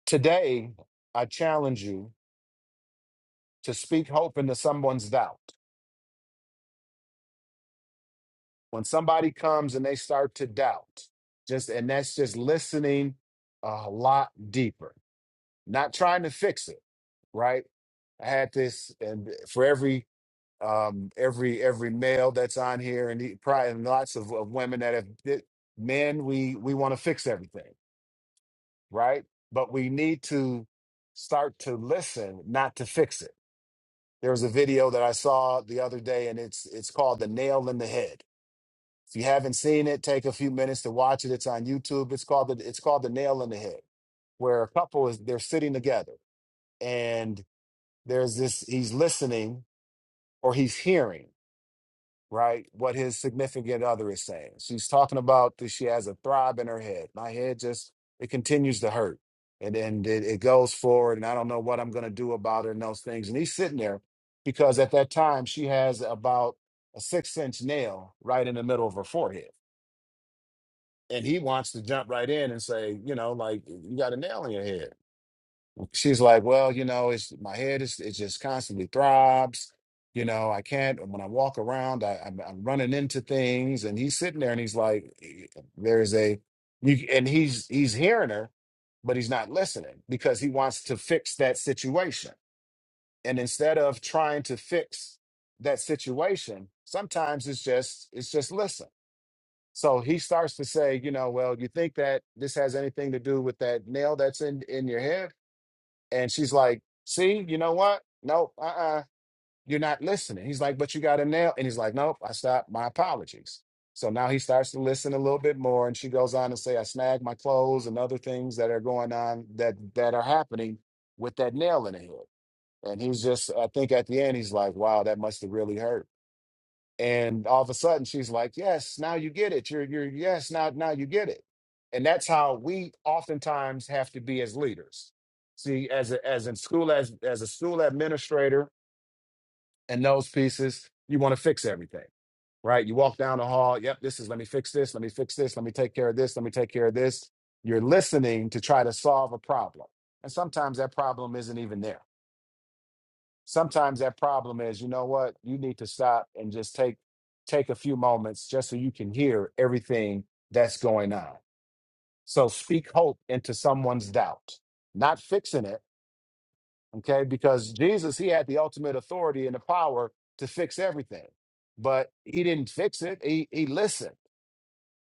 Speaker 6: Today, I challenge you to speak hope into someone's doubt. When somebody comes and they start to doubt, just and that's just listening a lot deeper, not trying to fix it, right? I had this, and for every um, every every male that's on here, and he, probably and lots of, of women that have did, men. We we want to fix everything, right? But we need to start to listen, not to fix it. There was a video that I saw the other day, and it's it's called "The Nail in the Head." If you haven't seen it, take a few minutes to watch it. It's on YouTube. It's called the, it's called "The Nail in the Head." where a couple is they're sitting together and there's this he's listening or he's hearing right? What his significant other is saying. She's talking about that she has a throb in her head. My head just it continues to hurt. And then it, it goes forward, and I don't know what I'm gonna do about it and those things. And he's sitting there because at that time she has about a six inch nail right in the middle of her forehead. And he wants to jump right in and say, you know, like you got a nail in your head she's like, well, you know, it's my head is it just constantly throbs. You know, I can't. When I walk around, I, I'm, I'm running into things. And he's sitting there, and he's like, "Eh, there's a, you, and he's he's hearing her, but he's not listening because he wants to fix that situation. And instead of trying to fix that situation, sometimes it's just it's just listen. So he starts to say, you know, well, you think that this has anything to do with that nail that's in in your head? And she's like, see, you know what? Nope, uh-uh, you're not listening. He's like, but you got a nail. And he's like, nope, I stopped. My apologies. So now he starts to listen a little bit more. And she goes on to say, I snagged my clothes and other things that are going on that that are happening with that nail in the head. And he's just, I think at the end, he's like, wow, that must have really hurt and all of a sudden she's like yes now you get it you're you're yes now now you get it and that's how we oftentimes have to be as leaders see as a, as in school as as a school administrator and those pieces you want to fix everything right you walk down the hall yep this is let me fix this let me fix this let me take care of this let me take care of this you're listening to try to solve a problem and sometimes that problem isn't even there sometimes that problem is you know what you need to stop and just take take a few moments just so you can hear everything that's going on so speak hope into someone's doubt not fixing it okay because jesus he had the ultimate authority and the power to fix everything but he didn't fix it he, he listened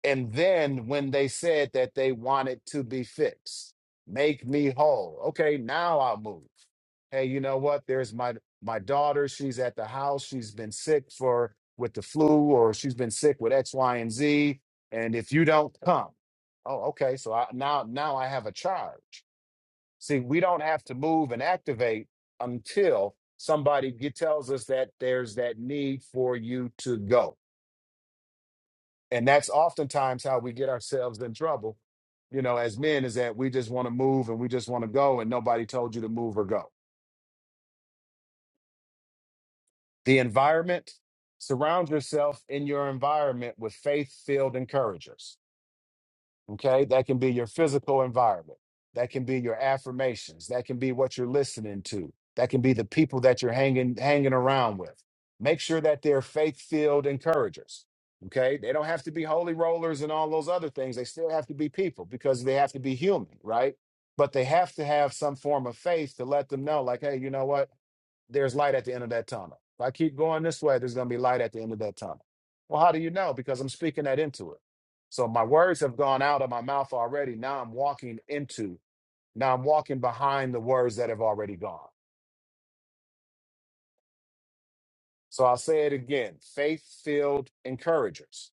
Speaker 6: and then when they said that they wanted to be fixed, make me whole. Okay, now I'll move. Hey, you know what? There's my my daughter. She's at the house. She's been sick for with the flu, or she's been sick with X, Y, and Z. And if you don't come, oh, okay. So I, now now I have a charge. See, we don't have to move and activate until somebody get, tells us that there's that need for you to go and that's oftentimes how we get ourselves in trouble you know as men is that we just want to move and we just want to go and nobody told you to move or go the environment surround yourself in your environment with faith filled encouragers Okay. That can be your physical environment. That can be your affirmations. That can be what you're listening to. That can be the people that you're hanging hanging around with. Make sure that they're faith-filled encouragers. Okay. They don't have to be holy rollers and all those other things. They still have to be people because they have to be human, right? But they have to have some form of faith to let them know, like, hey, you know what? there's light at the end of that tunnel. If I keep going this way, there's going to be light at the end of that tunnel. Well, how do you know? Because I'm speaking that into it. So my words have gone out of my mouth already. Now I'm walking into, now I'm walking behind the words that have already gone. So I'll say it again faith filled encouragers,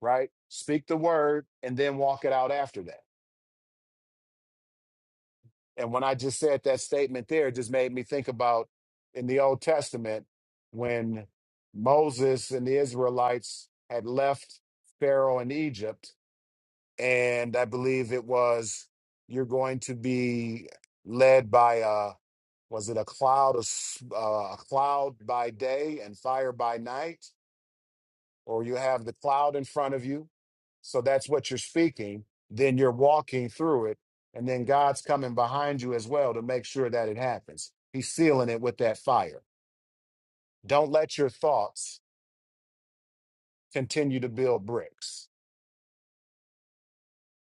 Speaker 6: right? Speak the word and then walk it out after that. And when I just said that statement there, it just made me think about in the Old Testament when Moses and the Israelites had left Pharaoh in Egypt. And I believe it was, you're going to be led by a, was it a cloud, of s- uh, a cloud by day and fire by night? or you have the cloud in front of you. So that's what you're speaking. Then you're walking through it. And then God's coming behind you as well to make sure that it happens. He's sealing it with that fire. Don't let your thoughts continue to build bricks.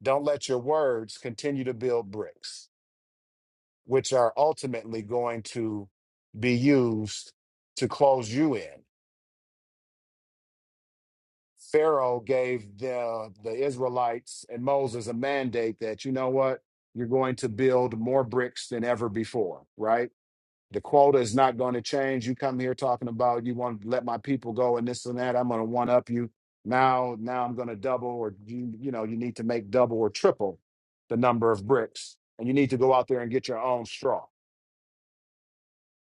Speaker 6: Don't let your words continue to build bricks, which are ultimately going to be used to close you in. Pharaoh gave the, the Israelites and Moses a mandate that, you know what, you're going to build more bricks than ever before, right? The quota is not going to change. You come here talking about you want to let my people go and this and that. I'm going to one up you. Now, now I'm going to double or you, you know, you need to make double or triple the number of bricks and you need to go out there and get your own straw.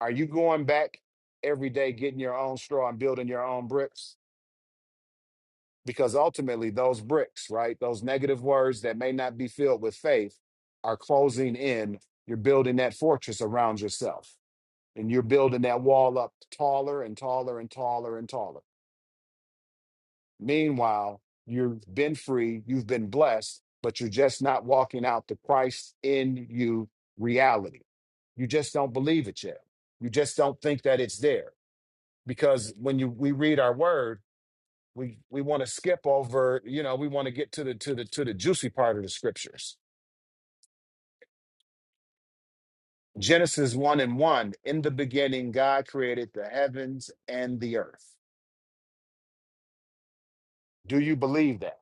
Speaker 6: Are you going back every day getting your own straw and building your own bricks? because ultimately those bricks, right? Those negative words that may not be filled with faith are closing in. You're building that fortress around yourself and you're building that wall up taller and taller and taller and taller. Meanwhile, you've been free, you've been blessed, but you're just not walking out the Christ in you reality. You just don't believe it yet. You just don't think that it's there because when you we read our word we we want to skip over you know we want to get to the to the to the juicy part of the scriptures genesis 1 and 1 in the beginning god created the heavens and the earth do you believe that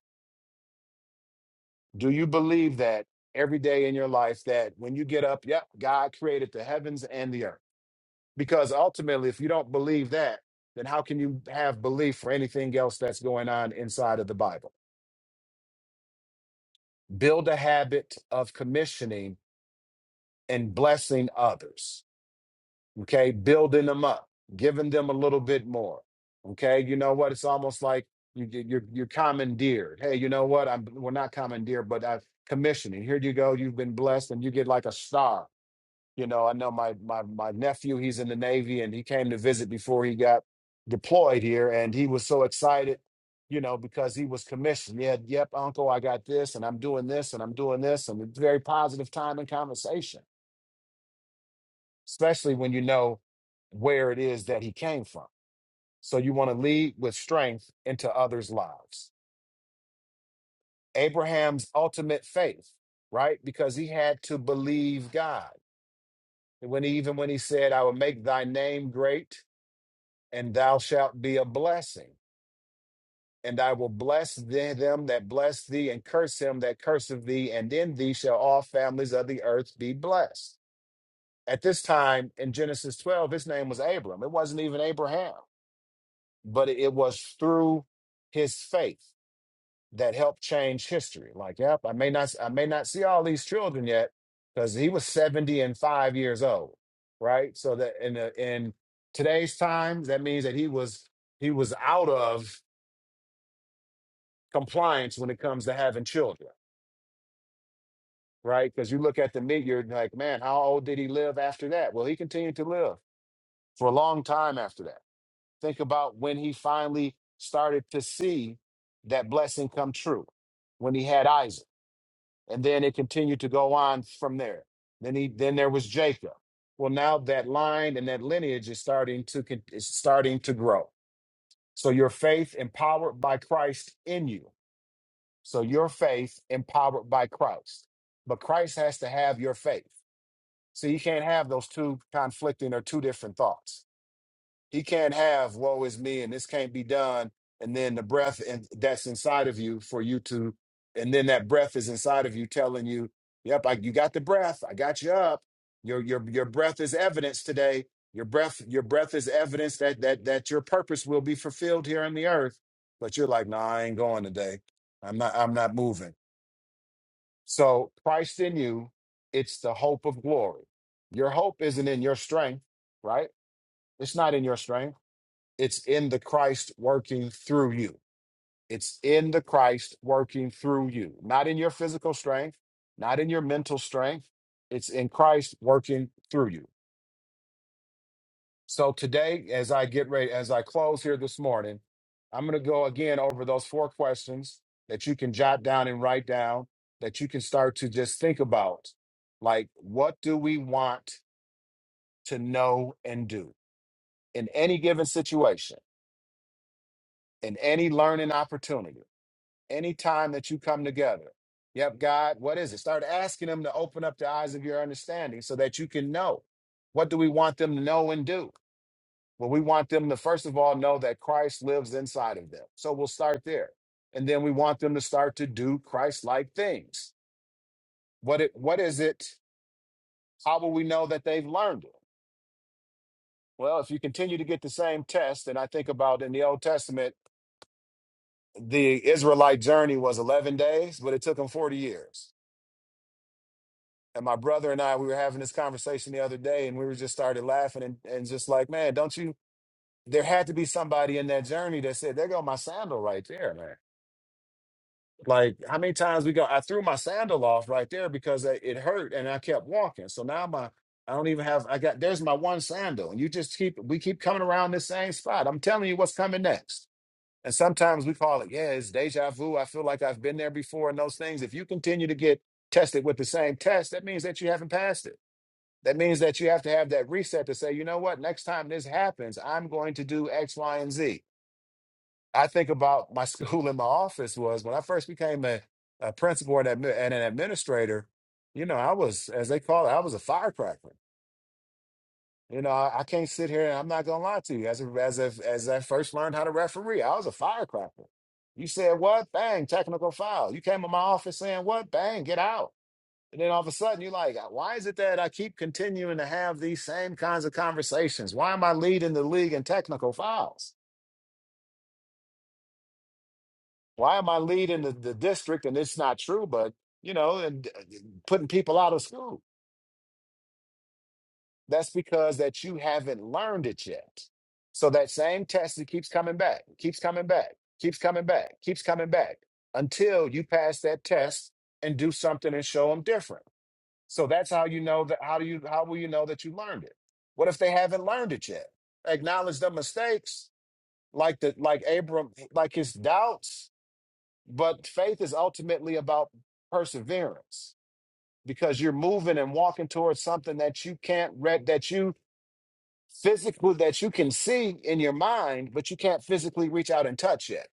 Speaker 6: do you believe that every day in your life that when you get up yep god created the heavens and the earth because ultimately if you don't believe that then how can you have belief for anything else that's going on inside of the bible build a habit of commissioning and blessing others okay building them up giving them a little bit more okay you know what it's almost like you, you- you're you're commandeered hey you know what i'm we're not commandeered but i'm commissioning here you go you've been blessed and you get like a star you know i know my my my nephew he's in the navy and he came to visit before he got deployed here and he was so excited you know because he was commissioned yeah yep uncle i got this and i'm doing this and i'm doing this and it's very positive time and conversation especially when you know where it is that he came from. So you want to lead with strength into others' lives. Abraham's ultimate faith, right? Because he had to believe God. And When he, even when he said, I will make thy name great and thou shalt be a blessing. And I will bless the- them that bless thee and curse him that curseth thee. And in thee shall all families of the earth be blessed. At this time in Genesis 12, his name was Abram. It wasn't even Abraham. but it it was through his faith that helped change history. Like, yep, I may not I may not see all these children yet because he was 70 and 5 years old, right? So that in the, in today's times that means that he was he was out of compliance when it comes to having children, right? Because you look at the meat, you're like, man, how old did he live after that? Well, he continued to live for a long time after that Think about when he finally started to see that blessing come true when he had Isaac. And then it continued to go on from there. Then he then there was Jacob. Well, now that line and that lineage is starting to con- is starting to grow. So your faith empowered by Christ in you. So your faith empowered by Christ. But Christ has to have your faith. So you can't have those two conflicting or two different thoughts he can't have woe is me and this can't be done. And then the breath in, that's inside of you for you to, and then that breath is inside of you telling you, yep, I, you got the breath. I got you up. Your, your, your breath is evidence today. Your breath, your breath is evidence that, that, that your purpose will be fulfilled here on the earth. But you're like, nah, I ain't going today. I'm not, I'm not moving. So Christ in you, it's the hope of glory. Your hope isn't in your strength, right? It's not in your strength. It's in the Christ working through you. It's in the Christ working through you, not in your physical strength, not in your mental strength. It's in Christ working through you. So today, as I get ready, as I close here this morning, I'm going to go again over those four questions that you can jot down and write down that you can start to just think about. Like, what do we want to know and do in any given situation, in any learning opportunity? anytime that you come together. Yep, God, what is it? Start asking them to open up the eyes of your understanding so that you can know. What do we want them to know and do? Well, we want them to, first of all, know that Christ lives inside of them. So we'll start there. And then we want them to start to do Christ like things. What, it, what is it? How will we know that they've learned it? Well, if you continue to get the same test, and I think about in the Old Testament, the Israelite journey was 11 days, but it took them 40 years. And my brother and I, we were having this conversation the other day, and we were just started laughing and, and just like, man, don't you? There had to be somebody in that journey that said, "There go my sandal right there, man." Like how many times we go? I threw my sandal off right there because it it hurt, and I kept walking. So now my I don't even have. I got there's my one sandal, and you just keep we keep coming around this same spot. I'm telling you what's coming next. And sometimes we call it, yeah, it's deja vu. I feel like I've been there before, and those things. If you continue to get tested with the same test, that means that you haven't passed it that means that you have to have that reset to say, you know what, next time this happens, I'm going to do X, Y, and Z. I think about my (laughs) school and my office was when I first became a, a principal and, admi- and an administrator, you know, I was, as they call it, I was a firecracker. You know, I, I can't sit here and I'm not gonna lie to you. As a, as a, as I first learned how to referee, I was a firecracker. You said what? Bang, technical foul. You came in my office saying what? Bang, get out. And then all of a sudden, you're like, why is it that I keep continuing to have these same kinds of conversations? Why am I leading the league in technical fouls? Why am I leading the, the district? And it's not true, but you know, and uh, putting people out of school. That's because that you haven't learned it yet. So that same test it keeps coming back, keeps coming back, keeps coming back, keeps coming back until you pass that test and do something and show them different. So that's how you know that how do you how will you know that you learned it? What if they haven't learned it yet? Acknowledge the mistakes, like the like Abram, like his doubts, but faith is ultimately about perseverance because you're moving and walking towards something that you can't read that you physically that you can see in your mind, but you can't physically reach out and touch yet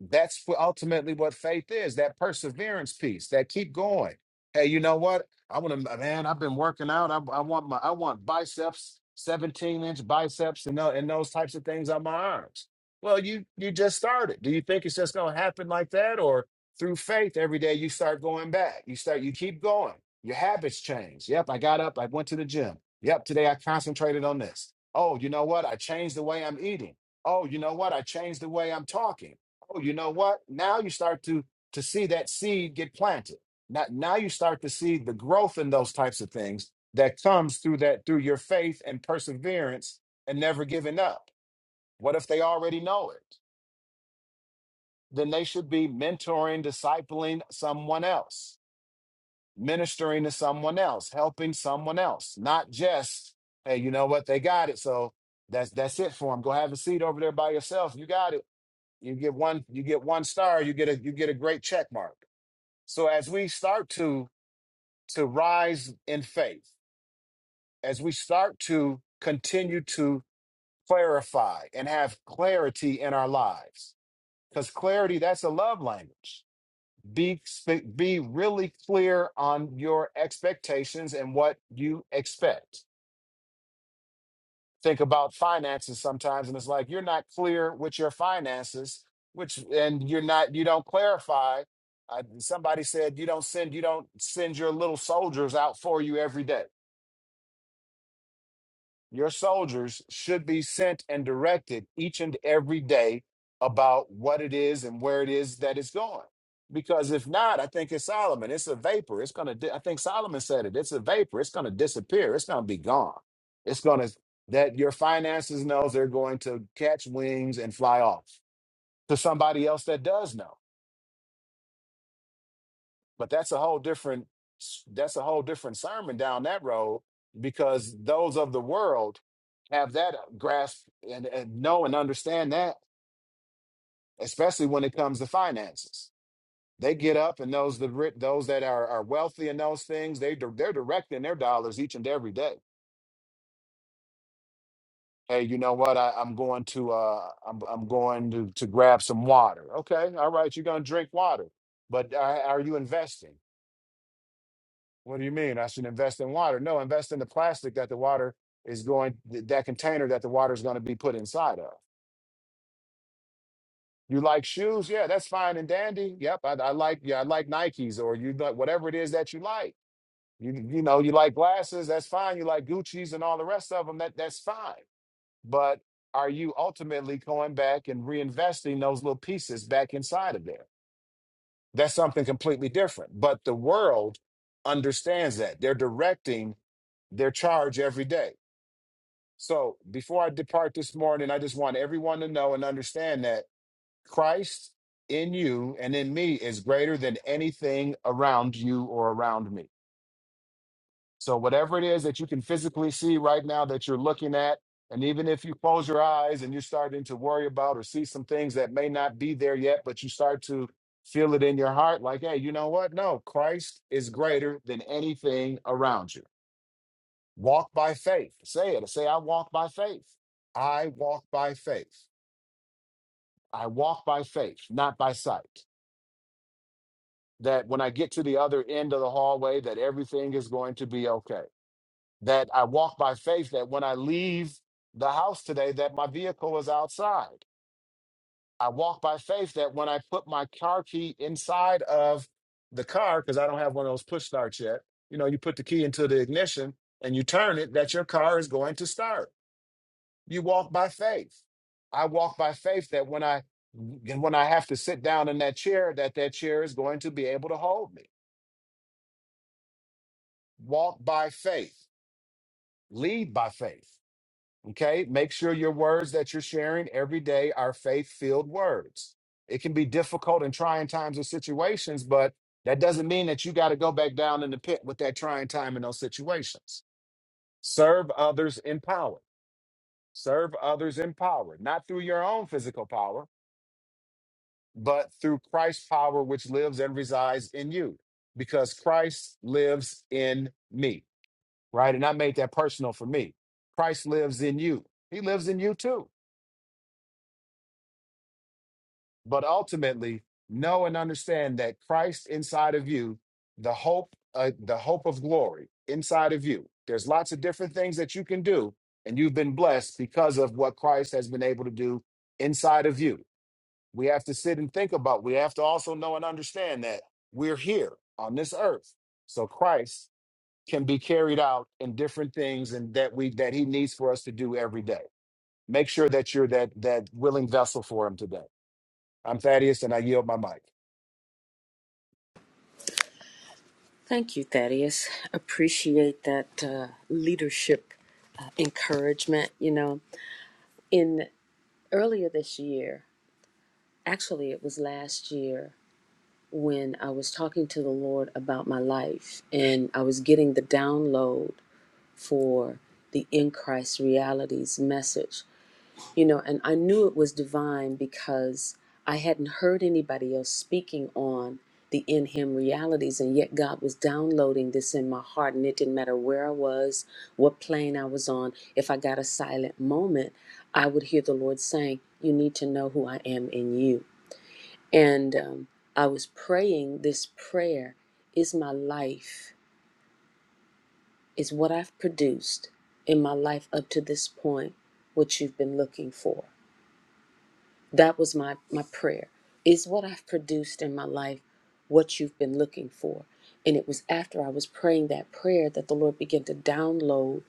Speaker 6: That's what- ultimately what faith is that perseverance piece, that keep going. Hey, you know what? I want to, man, I've been working out. I, I want my, I want biceps, 17 inch biceps and, tho- and those types of things on my arms. Well, you, you just started. Do you think it's just going to happen like that? Or through faith, every day you start going back, you start, you keep going. Your habits change. Yep. I got up. I went to the gym. Yep. Today I concentrated on this. Oh, you know what? I changed the way I'm eating. Oh, you know what? I changed the way I'm talking oh, you know what? Now you start to to see that seed get planted. Now, now you start to see the growth in those types of things that comes through that through your faith and perseverance and never giving up. What if they already know it? Then they should be mentoring, discipling someone else, ministering to someone else, helping someone else, not just, hey, you know what, they got it. So that's that's it for them. Go have a seat over there by yourself. You got it. You get one, you get one star, you get a you get a great check mark So as we start to to rise in faith, as we start to continue to clarify and have clarity in our lives, because clarity that's a love language. Be sp- be really clear on your expectations and what you expect. Think about finances sometimes, and it's like you're not clear with your finances, which and you're not you don't clarify. Uh, somebody said you don't send you don't send your little soldiers out for you every day Your soldiers should be sent and directed each and every day about what it is and where it is that it's going. Because if not, I think it's Solomon. It's a vapor. It's gonna. Di- I think Solomon said it. It's a vapor. It's gonna disappear. It's gonna be gone. It's gonna that your finances knows they're going to catch wings and fly off to somebody else that does know. But that's a whole different that's a whole different sermon down that road because those of the world have that uh, grasp and, and know and understand that, especially when it comes to finances. They get up and those the ri- those that are, are wealthy in those things they di- they're directing their dollars each and every day. Hey, you know what? I, I'm going to uh I'm I'm going to to grab some water. Okay, all right, you're gonna drink water, but are, are you investing? What do you mean? I should invest in water? No, invest in the plastic that the water is going, th- that container that the water is going to be put inside of. You like shoes? Yeah, that's fine and dandy. Yep, I, I like, yeah, I like Nikes or you like whatever it is that you like. You you know, you like glasses? That's fine. You like Gucci's and all the rest of them? That that's fine. But are you ultimately going back and reinvesting those little pieces back inside of there? That's something completely different. But the world understands that they're directing their charge every day So before I depart this morning, I just want everyone to know and understand that Christ in you and in me is greater than anything around you or around me. So whatever it is that you can physically see right now that you're looking at, and even if you close your eyes and you're starting to worry about or see some things that may not be there yet, but you start to feel it in your heart, like, hey, you know what? No, Christ is greater than anything around you. Walk by faith. Say it. Say, I walk by faith. I walk by faith. I walk by faith, not by sight. That when I get to the other end of the hallway, that everything is going to be okay. That I walk by faith, that when I leave the house today, that my vehicle is outside. I walk by faith that when I put my car key inside of the car, because I don't have one of those push starts yet, you know, you put the key into the ignition and you turn it, that your car is going to start You walk by faith. I walk by faith that when I and when I have to sit down in that chair, that that chair is going to be able to hold me. Walk by faith. Lead by faith. Okay? Make sure your words that you're sharing every day are faith-filled words. It can be difficult and trying times and situations, but that doesn't mean that you got to go back down in the pit with that trying time in those situations. Serve others in power. Serve others in power, not through your own physical power, but through Christ's power, which lives and resides in you, because Christ lives in me, right? And I made that personal for me. Christ lives in you, He lives in you too. But ultimately, know and understand that Christ inside of you, the hope, uh, the hope of glory inside of you. There's lots of different things that you can do, and you've been blessed because of what Christ has been able to do inside of you. We have to sit and think about. We have to also know and understand that we're here on this earth. So Christ can be carried out in different things and that we that he needs for us to do every day. Make sure that you're that that willing vessel for him today. I'm Thaddeus and I yield my mic.
Speaker 2: Thank you, Thaddeus. Appreciate that uh, leadership uh, encouragement. You know, in earlier this year, actually, it was last year. when I was talking to the Lord about my life and I was getting the download for the in Christ realities message, you know, and I knew it was divine because I hadn't heard anybody else speaking on the in Him realities, and yet God was downloading this in my heart, and it didn't matter where I was, what plane I was on, if I got a silent moment, I would hear the Lord saying, You need to know who I am in you and um, I was praying this prayer is my life, is what I've produced in my life up to this point, what you've been looking for. That was my, my prayer. Is what I've produced in my life what you've been looking for? And it was after I was praying that prayer that the Lord began to download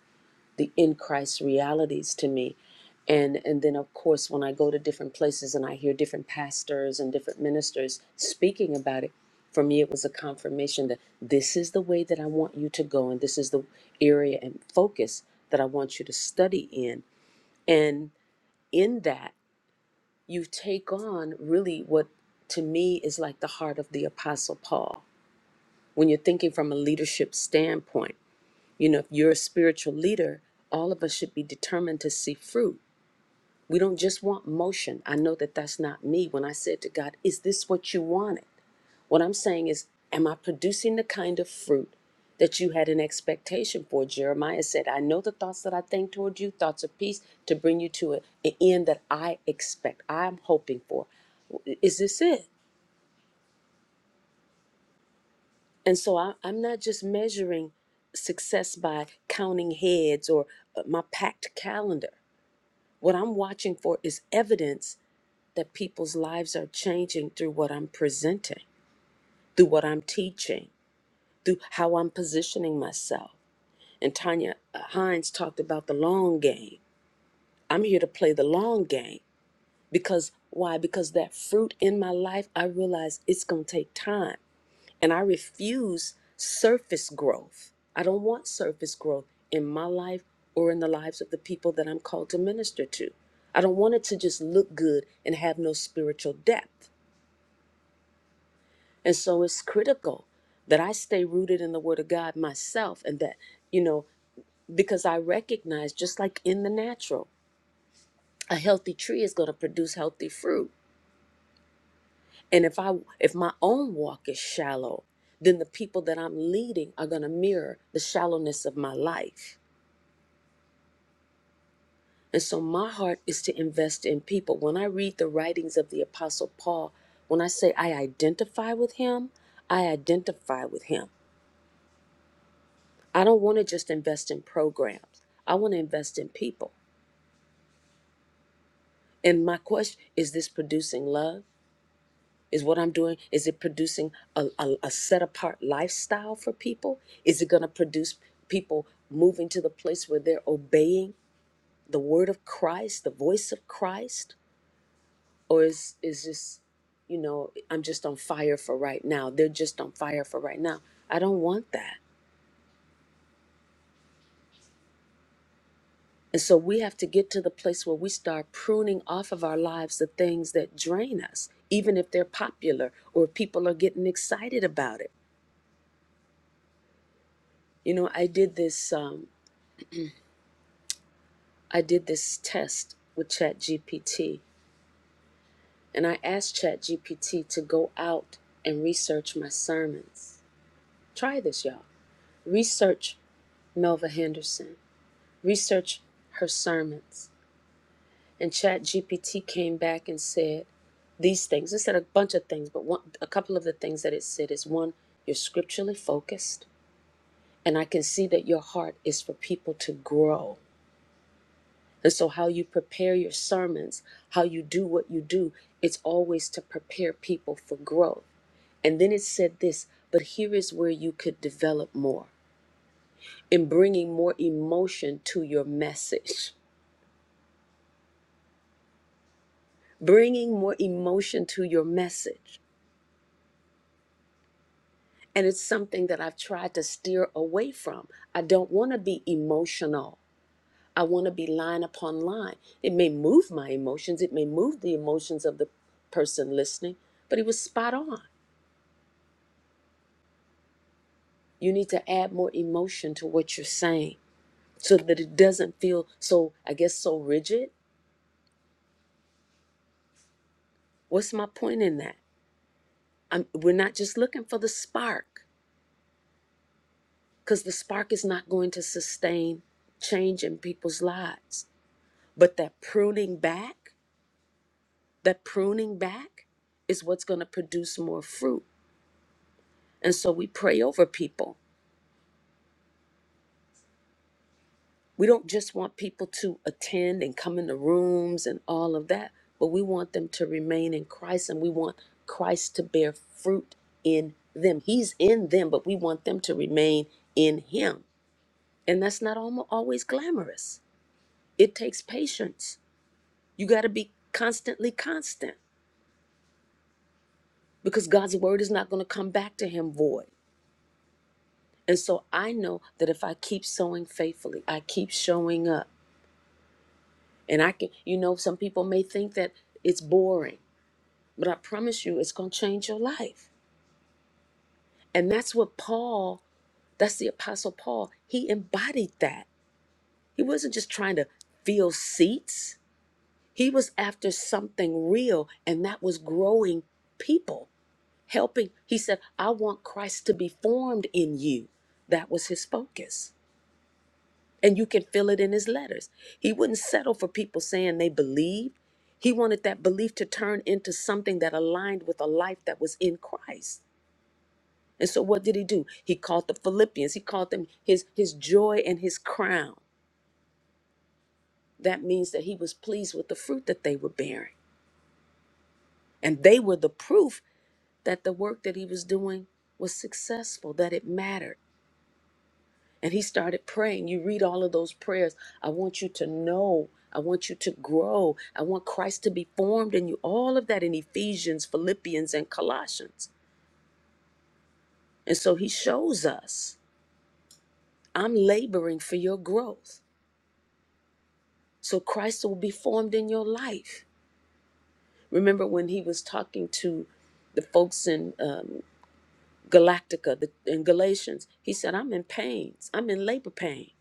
Speaker 2: the in Christ realities to me. And and then of course when I go to different places and I hear different pastors and different ministers speaking about it, for me it was a confirmation that this is the way that I want you to go and this is the area and focus that I want you to study in. And in that you take on really what to me is like the heart of the apostle Paul. When you're thinking from a leadership standpoint, you know, if you're a spiritual leader, all of us should be determined to see fruit We don't just want motion. I know that that's not me. When I said to God, Is this what you wanted? What I'm saying is, Am I producing the kind of fruit that you had an expectation for? Jeremiah said, I know the thoughts that I think toward you, thoughts of peace, to bring you to a, an end that I expect, I'm hoping for. Is this it? And so I, I'm not just measuring success by counting heads or uh, my packed calendar. What I'm watching for is evidence that people's lives are changing through what I'm presenting, through what I'm teaching, through how I'm positioning myself. And Tanya Hines talked about the long game. I'm here to play the long game because why? Because that fruit in my life, I realize it's going to take time. And I refuse surface growth. I don't want surface growth in my life or in the lives of the people that I'm called to minister to. I don't want it to just look good and have no spiritual depth. And so it's critical that I stay rooted in the Word of God myself and that, you know, because I recognize just like in the natural, a healthy tree is going to produce healthy fruit. And if I if my own walk is shallow, then the people that I'm leading are going to mirror the shallowness of my life. And so my heart is to invest in people. When I read the writings of the apostle Paul, when I say I identify with him, I identify with him I don't want to just invest in programs. I want to invest in people. And my question is this producing love? Is what I'm doing, is it producing a, a, a set apart lifestyle for people? Is it going to produce people moving to the place where they're obeying the word of Christ, the voice of Christ? Or is, is this, you know, I'm just on fire for right now? They're just on fire for right now. I don't want that. And so we have to get to the place where we start pruning off of our lives the things that drain us, even if they're popular or if people are getting excited about it. You know, I did this um, I did this test with ChatGPT, and I asked ChatGPT to go out and research my sermons. Try this, y'all. Research Melva Henderson. Research her sermons. And Chat GPT came back and said these things. It said a bunch of things, but one, a couple of the things that it said is one, you're scripturally focused, and I can see that your heart is for people to grow. And so, how you prepare your sermons, how you do what you do, it's always to prepare people for growth. And then it said this, but here is where you could develop more in bringing more emotion to your message. Bringing more emotion to your message. And it's something that I've tried to steer away from. I don't want to be emotional. I want to be line upon line. It may move my emotions, it may move the emotions of the person listening, but he was spot on. You need to add more emotion to what you're saying so that it doesn't feel so, I guess, so rigid. What's my point in that? I'm, we're not just looking for the spark because the spark is not going to sustain change in people's lives. But that pruning back, that pruning back is what's going to produce more fruit. And so we pray over people. We don't just want people to attend and come into rooms and all of that, but we want them to remain in Christ and we want Christ to bear fruit in them. He's in them, but we want them to remain in Him. And that's not almo- always glamorous, it takes patience. You got to be constantly constant because God's word is not going to come back to Him void. And so I know that if I keep sowing faithfully, I keep showing up. And I can, you know, some people may think that it's boring, but I promise you it's going to change your life. And that's what Paul, that's the Apostle Paul, he embodied that. He wasn't just trying to fill seats, he was after something real, and that was growing people, helping. He said, I want Christ to be formed in you. That was his focus. And you can feel it in his letters. He wouldn't settle for people saying they believed. He wanted that belief to turn into something that aligned with a life that was in Christ. And so what did he do? He called the Philippians, he called them his his joy and his crown. That means that he was pleased with the fruit that they were bearing. And they were the proof that the work that he was doing was successful, that it mattered. And he started praying. You read all of those prayers. I want you to know. I want you to grow. I want Christ to be formed in you. All of that in Ephesians, Philippians, and Colossians. And so he shows us I'm laboring for your growth. So Christ will be formed in your life. Remember when he was talking to the folks in um, Galactica, the, in Galatians, he said, I'm in pains. I'm in labor pain.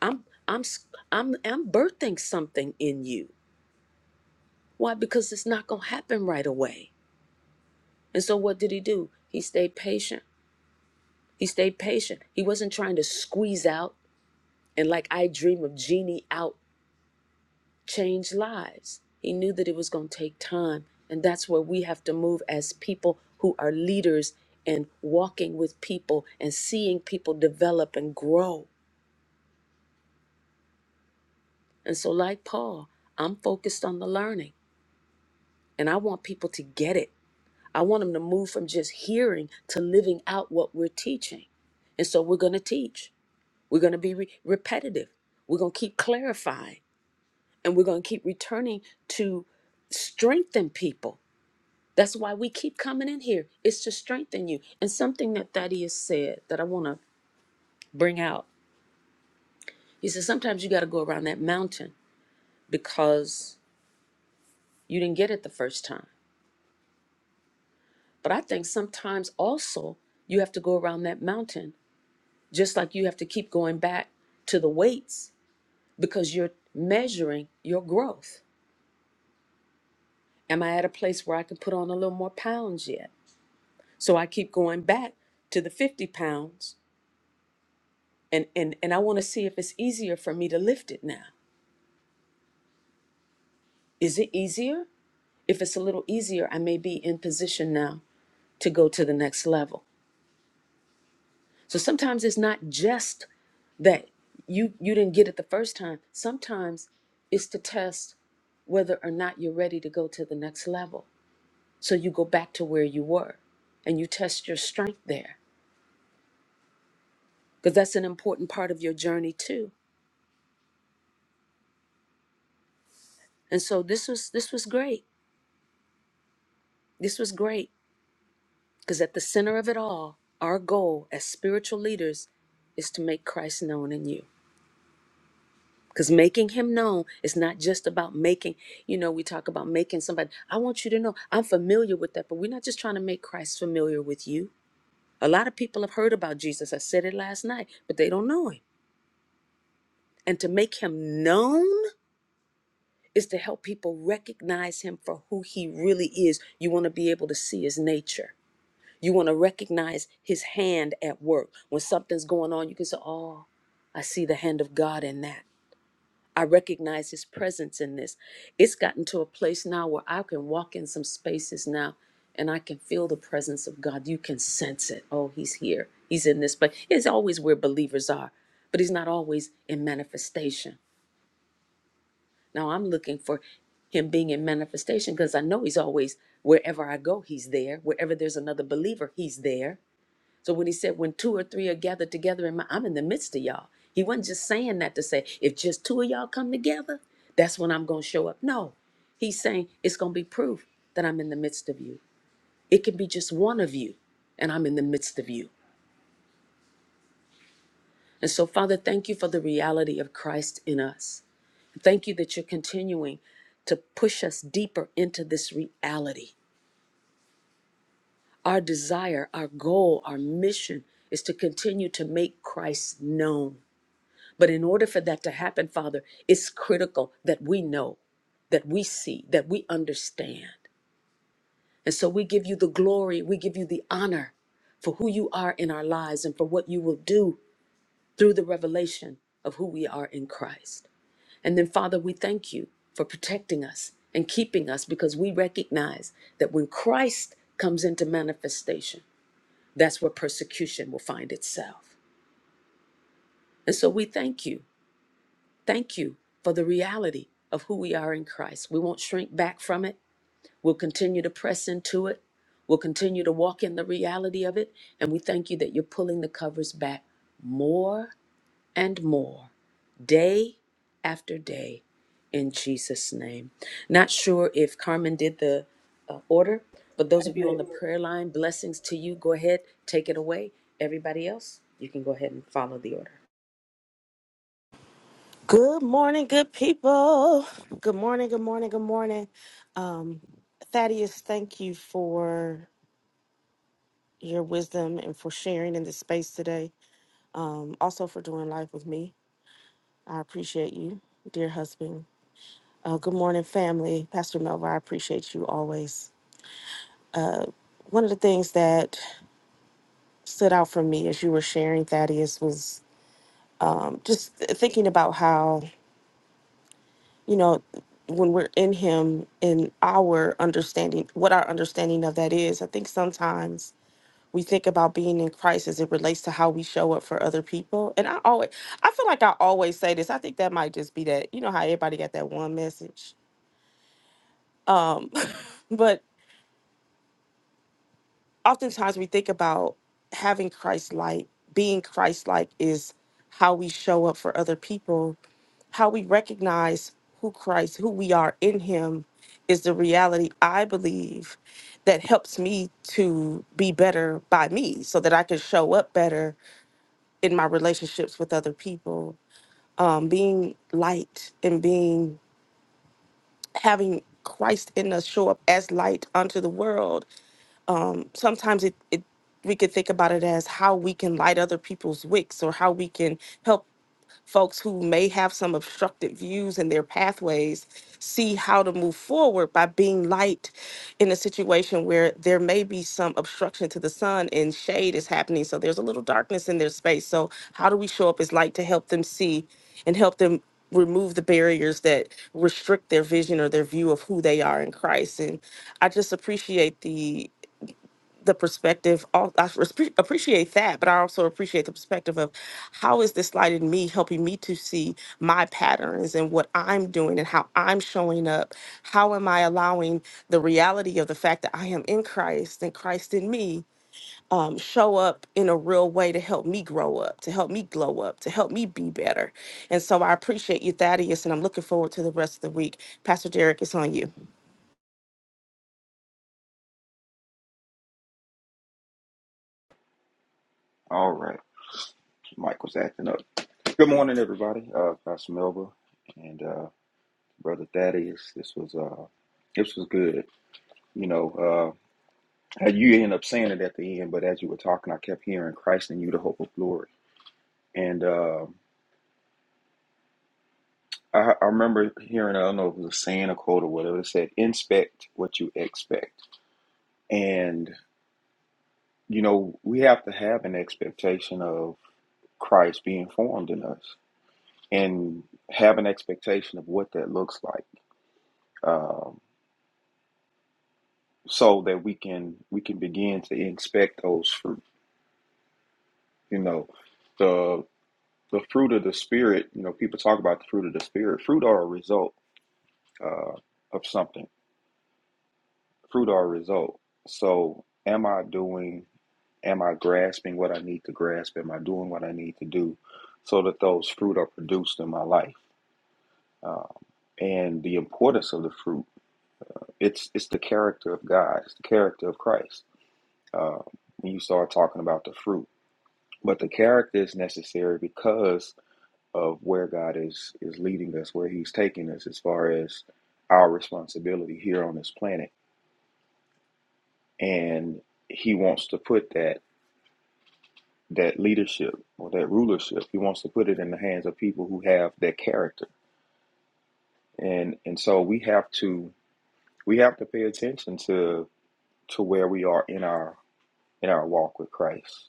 Speaker 2: I'm, I'm, I'm, I'm birthing something in you. Why? Because it's not going to happen right away. And so what did he do? He stayed patient. He stayed patient. He wasn't trying to squeeze out and, like I dream of Genie out, change lives. He knew that it was going to take time. And that's where we have to move as people who are leaders and walking with people and seeing people develop and grow. And so, like Paul, I'm focused on the learning and I want people to get it. I want them to move from just hearing to living out what we're teaching. And so we're going to teach. We're going to be re- repetitive. We're going to keep clarifying and we're going to keep returning to strengthen people. That's why we keep coming in here. It's to strengthen you. And something that Thaddeus said that I want to bring out. He says sometimes you got to go around that mountain because you didn't get it the first time. But I think sometimes also you have to go around that mountain Just like you have to keep going back to the weights because you're measuring your growth. Am I at a place where I can put on a little more pounds yet? So I keep going back to the 50 pounds and, and, and I want to see if it's easier for me to lift it now. Is it easier? If it's a little easier, I may be in position now to go to the next level. So sometimes it's not just that you you didn't get it the first time. Sometimes it's to test whether or not you're ready to go to the next level. So you go back to where you were and you test your strength there because that's an important part of your journey too. And so this was this was great. This was great because at the center of it all, our goal as spiritual leaders is to make Christ known in you. Because making him known is not just about making, you know, we talk about making somebody. I want you to know I'm familiar with that, but we're not just trying to make Christ familiar with you. A lot of people have heard about Jesus. I said it last night, but they don't know him. And to make him known is to help people recognize him for who he really is. You want to be able to see his nature. You want to recognize his hand at work. When something's going on, you can say, Oh, I see the hand of God in that. I recognize his presence in this. It's gotten to a place now where I can walk in some spaces now and I can feel the presence of God. You can sense it. Oh, he's here. He's in this place. It's always where believers are, but he's not always in manifestation. Now I'm looking for him being in manifestation because I know he's always wherever I go, he's there. Wherever there's another believer, he's there. So when he said, when two or three are gathered together in my, I'm in the midst of y'all. He wasn't just saying that to say, if just two of y'all come together, that's when I'm going to show up. No, he's saying it's going to be proof that I'm in the midst of you. It can be just one of you, and I'm in the midst of you. And so, Father, thank you for the reality of Christ in us. Thank you that you're continuing to push us deeper into this reality. Our desire, our goal, our mission is to continue to make Christ known But in order for that to happen, Father, it's critical that we know, that we see, that we understand. And so we give you the glory, we give you the honor for who you are in our lives and for what you will do through the revelation of who we are in Christ. And then, Father, we thank you for protecting us and keeping us because we recognize that when Christ comes into manifestation, that's where persecution will find itself. And so we thank you Thank you for the reality of who we are in Christ. We won't shrink back from it. We'll continue to press into it. We'll continue to walk in the reality of it. And we thank you that you're pulling the covers back more and more, day after day, in Jesus' name. Not sure if Carmen did the uh, order, but those of you on the prayer line, blessings to you. Go ahead, take it away. Everybody else, you can go ahead and follow the order.
Speaker 5: Good morning, good people. Good morning, good morning, good morning. Um, Thaddeus, thank you for your wisdom and for sharing in this space today. Um, also for doing life with me. I appreciate you, dear husband. Uh, good morning, family. Pastor Melva, I appreciate you always. Uh, one of the things that stood out for me as you were sharing, Thaddeus, was um, just thinking about how you know, when we're in Him and our understanding, what our understanding of that is, I think sometimes we think about being in Christ as it relates to how we show up for other people. And I always, I feel like I always say this. I think that might just be that, you know, how everybody got that one message. Um, (laughs) but oftentimes we think about having Christ like, being Christ like is how we show up for other people how we recognize who Christ, who we are in Him, is the reality I believe that helps me to be better by me so that I can show up better in my relationships with other people. Um, being light and being having Christ in us show up as light unto the world. Sometimes it, it we could think about it as how we can light other people's wicks or how we can help folks who may have some obstructed views in their pathways see how to move forward by being light in a situation where there may be some obstruction to the sun and shade is happening. So there's a little darkness in their space. So, how do we show up as light to help them see and help them? remove the barriers that restrict their vision or their view of who they are in Christ and I just appreciate the the perspective all i respe- appreciate that but i also appreciate the perspective of how is this light in me helping me to see my patterns and what i'm doing and how i'm showing up how am i allowing the reality of the fact that i am in christ and christ in me um, show up in a real way to help me grow up to help me glow up to help me be better and so i appreciate you thaddeus and i'm looking forward to the rest of the week pastor derek it's on you
Speaker 8: All right, Mike was acting up. Good morning, everybody. Uh, Pastor Melba and uh, Brother Thaddeus. This was uh, this was good. You know, uh, you ended up saying it at the end, but as you were talking, I kept hearing Christ in you, the hope of glory. And uh, I, I remember hearing, I don't know if it was a saying, a quote, or whatever. It said, "Inspect what you expect." And you know, we have to have an expectation of Christ being formed in us, and have an expectation of what that looks like. Um, so that we can we can begin to inspect those fruit. You know, the the fruit of the spirit. You know, people talk about the fruit of the spirit. Fruit are a result uh, of something. Fruit are a result. So, am I doing? Am I grasping what I need to grasp? Am I doing what I need to do, so that those fruit are produced in my life? Um, and the importance of the fruit. It's it's the character of God. It's the character of Christ. Uh, when you start talking about the fruit. but the character is necessary because of where God is is leading us, where He's taking us, as far as our responsibility here on this planet, and He wants to put that that leadership or that rulership. He wants to put it in the hands of people who have that character, and and so we have to we have to pay attention to to where we are in our in our walk with Christ.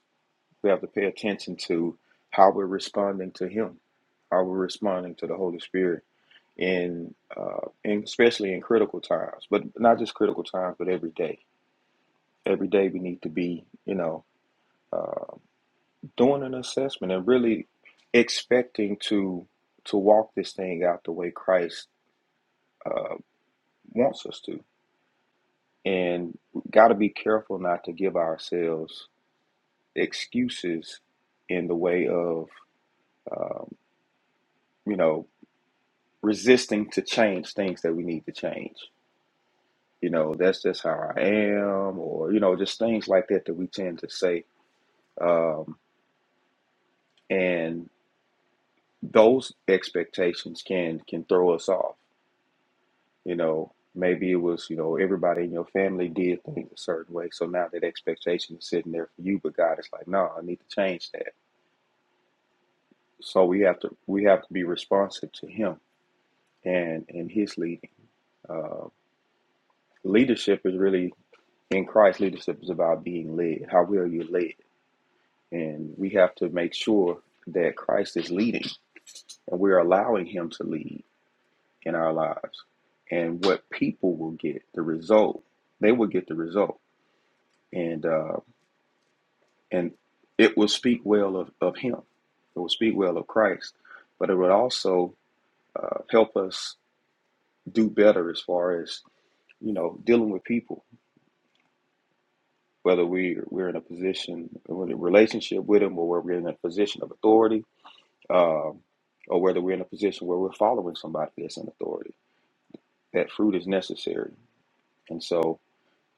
Speaker 8: We have to pay attention to how we're responding to Him, how we're responding to the Holy Spirit in uh, and especially in critical times, but not just critical times, but every day. Every day we need to be, you know, uh, doing an assessment and really expecting to to walk this thing out the way Christ uh, wants us to. And got to be careful not to give ourselves excuses in the way of, um, you know, resisting to change things that we need to change. you know, that's just how I am, or, you know, just things like that that we tend to say. Um, and those expectations can can throw us off. You know, maybe it was, you know, everybody in your family did things a certain way. So now that expectation is sitting there for you, but God is like, no, I need to change that. So we have to we have to be responsive to him and and his leading. Uh, leadership is really in Christ leadership is about being led. How well you're led And we have to make sure that Christ is leading and we're allowing Him to lead in our lives. And what people will get, the result, they will get the result. And, uh, and it will speak well of, of Him, it will speak well of Christ, but it would also uh, help us do better as far as, you know, dealing with people, whether we, we're in a position, we're in a relationship with them or we're in a position of authority um, or whether we're in a position where we're following somebody that's in authority. That fruit is necessary, and so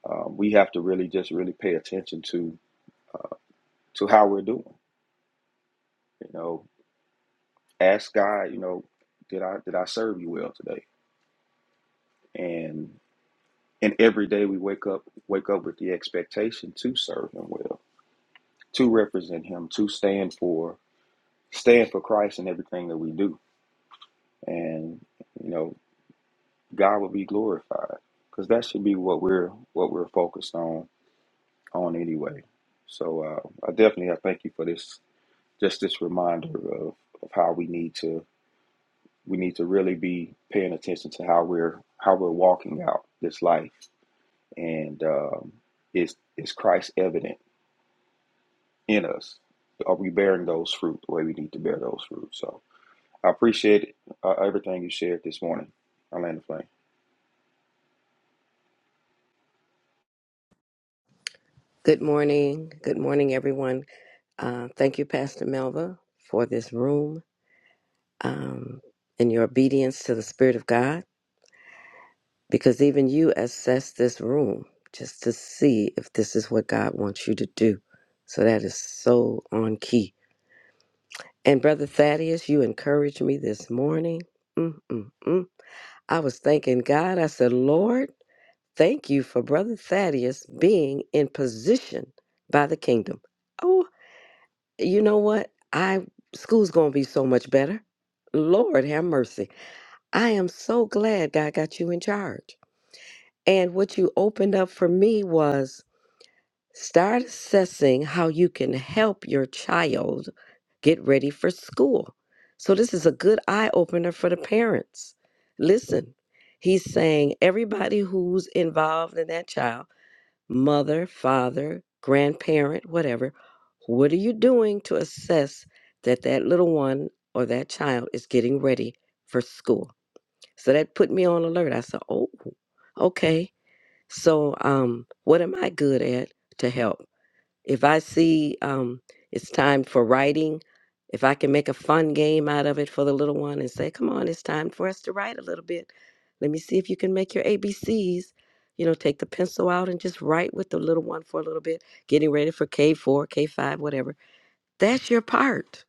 Speaker 8: um, we have to really just really pay attention to to how we're doing. You know, ask God. You know, did I did I serve you well today? And and every day we wake up wake up with the expectation to serve Him well, to represent Him, to stand for stand for Christ in everything that we do, and you know, God will be glorified because that should be what we're what we're focused on on anyway. So uh, I definitely I thank you for this, just this reminder of, of how we need to we need to really be paying attention to how we're how we're walking out this life, and um, is is Christ evident in us? Are we bearing those fruit the way we need to bear those fruit? So I appreciate uh, everything you shared this morning, Orlando Flame.
Speaker 9: Good morning. Good morning, everyone. Uh, thank you, Pastor Melva, for this room um, and your obedience to the Spirit of God, because even you assess this room just to see if this is what God wants you to do. So that is so on key. And Brother Thaddeus, you encouraged me this morning. mm mm mm. I was thanking God. I said, Lord, thank you for Brother Thaddeus being in position by the kingdom. Oh, you know what? I school's gonna be so much better. Lord have mercy. I am so glad God got you in charge. And what you opened up for me was start assessing how you can help your child get ready for school. So this is a good eye opener for the parents. Listen, he's saying everybody who's involved in that child mother, father, grandparent, whatever, what are you doing to assess that that little one or that child is getting ready for school? So that put me on alert. I said, "Oh, okay. So um what am I good at to help?" If I see um, it's time for writing, if I can make a fun game out of it for the little one and say, come on, it's time for us to write a little bit. Let me see if you can make your ABCs. You know, take the pencil out and just write with the little one for a little bit, getting ready for K4, K5, whatever. That's your part.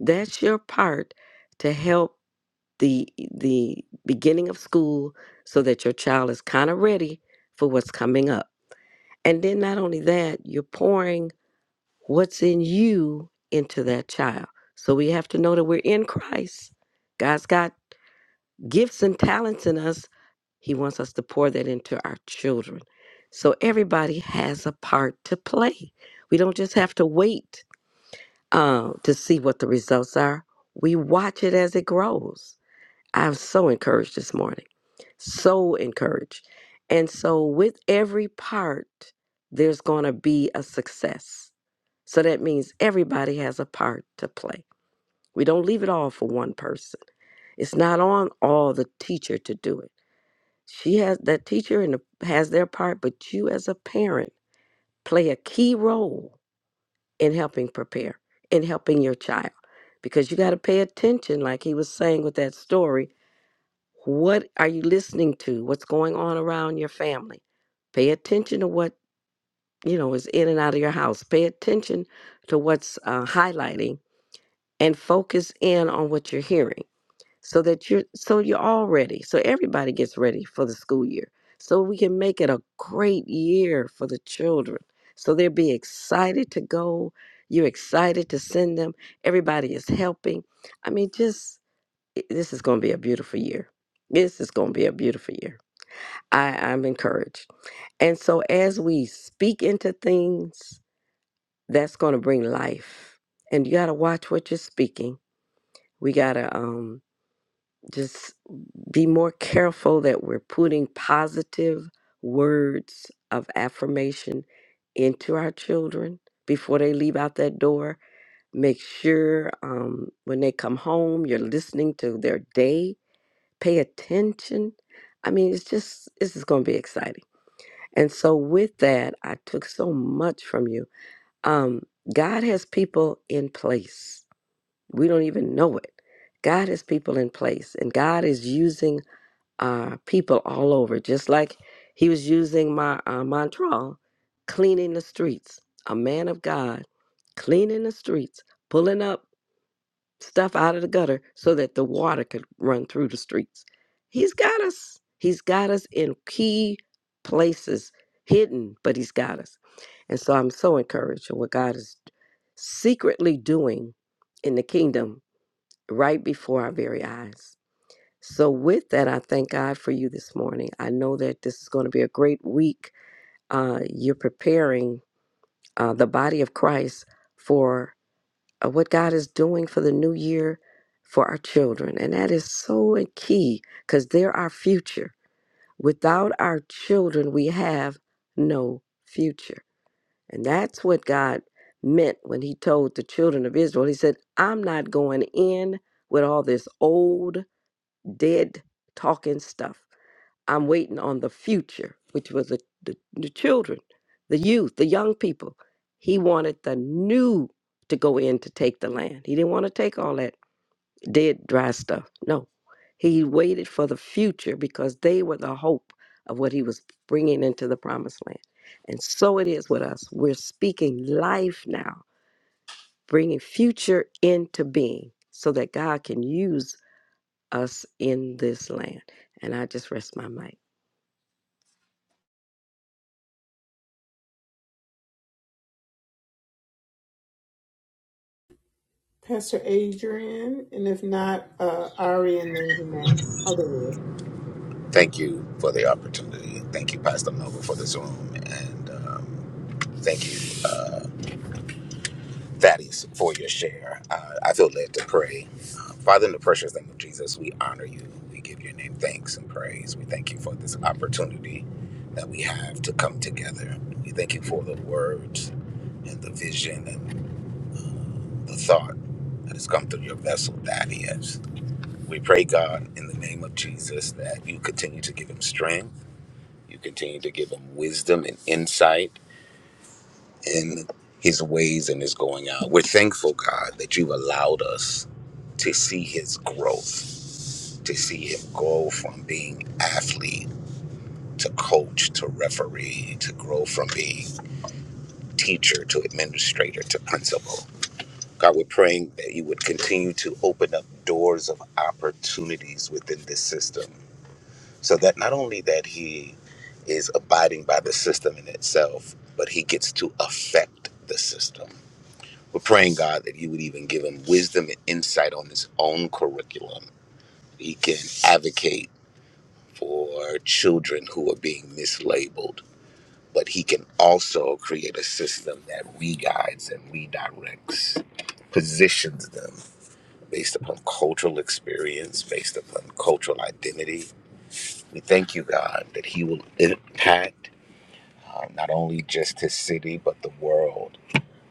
Speaker 9: That's your part to help the the beginning of school so that your child is kind of ready for what's coming up. And then not only that, you're pouring what's in you into that child. So we have to know that we're in Christ. God's got gifts and talents in us. He wants us to pour that into our children. So everybody has a part to play. We don't just have to wait uh, to see what the results are. We watch it as it grows. I'm so encouraged this morning, so encouraged. And so, with every part, there's going to be a success so that means everybody has a part to play. We don't leave it all for one person. It's not on all the teacher to do it. She has that teacher and the, has their part, but you as a parent play a key role in helping prepare, in helping your child, because you got to pay attention. Like he was saying with that story, what are you listening to? What's going on around your family? Pay attention to what you know is in and out of your house. Pay attention to what's uh, highlighting and focus in on what you're hearing so that you're so you're all ready so everybody gets ready for the school year so we can make it a great year for the children so they'll be excited to go you're excited to send them everybody is helping i mean just i- this is going to be a beautiful year this is going to be a beautiful year I, i'm encouraged and so as we speak into things that's going to bring life and you got to watch what you're speaking we got to just be more careful that we're putting positive words of affirmation into our children before they leave out that door. Make sure um, when they come home, you're listening to their day. Pay attention. I mean, it's just, this is going to be exciting. And so, with that, I took so much from you. Um, God has people in place. We don't even know it. God has people in place, and God is using uh, people all over, just like he was using my uh, Montreal, cleaning the streets. A man of God cleaning the streets, pulling up stuff out of the gutter so that the water could run through the streets. He's got us. He's got us in key places, hidden, but he's got us. And so I'm so encouraged at what God is secretly doing in the kingdom right before our very eyes. So, with that, I thank God for you this morning. I know that this is going to be a great week. Uh, you're preparing uh, the body of Christ for uh, what God is doing for the new year for our children. And that is so key because they're our future. Without our children, we have no future. And that's what God meant when He told the children of Israel, He said, I'm not going in with all this old, dead talking stuff. I'm waiting on the future, which was the, the, the children, the youth, the young people. He wanted the new to go in to take the land. He didn't want to take all that dead, dry stuff. No. He waited for the future because they were the hope of what he was bringing into the promised land. And so it is with us. We're speaking life now, bringing future into being so that God can use us in this land. And I just rest my mic.
Speaker 1: Pastor Adrian, and if not, uh, Ari and then Jeanette. Oh, there it is.
Speaker 10: Thank you for the opportunity. Thank you, Pastor Melville, for this room. And um, thank you, uh, Thaddeus, for your share. Uh, I feel led to pray. Uh, Father, in the precious name of Jesus, we honor you. We give your name thanks and praise. We thank you for this opportunity that we have to come together. We thank you for the words and the vision and the thought that has come through your vessel, Thaddeus. We pray, God, in the name of Jesus, that you continue to give him strength You continue to give him wisdom and insight in his ways and his going out. We're thankful, God, that you've allowed us to see his growth, to see him grow from being athlete to coach to referee, to grow from being teacher to administrator to principal. God, we're praying that you would continue to open up doors of opportunities within this system So that not only that he is abiding by the system in itself, but he gets to affect the system. We're praying God that you would even give him wisdom and insight on his own curriculum. He can advocate for children who are being mislabeled, but he can also create a system that re-guides and redirects, positions them based upon cultural experience, based upon cultural identity. We thank you, God, that he will impact uh, not only just his city, but the world.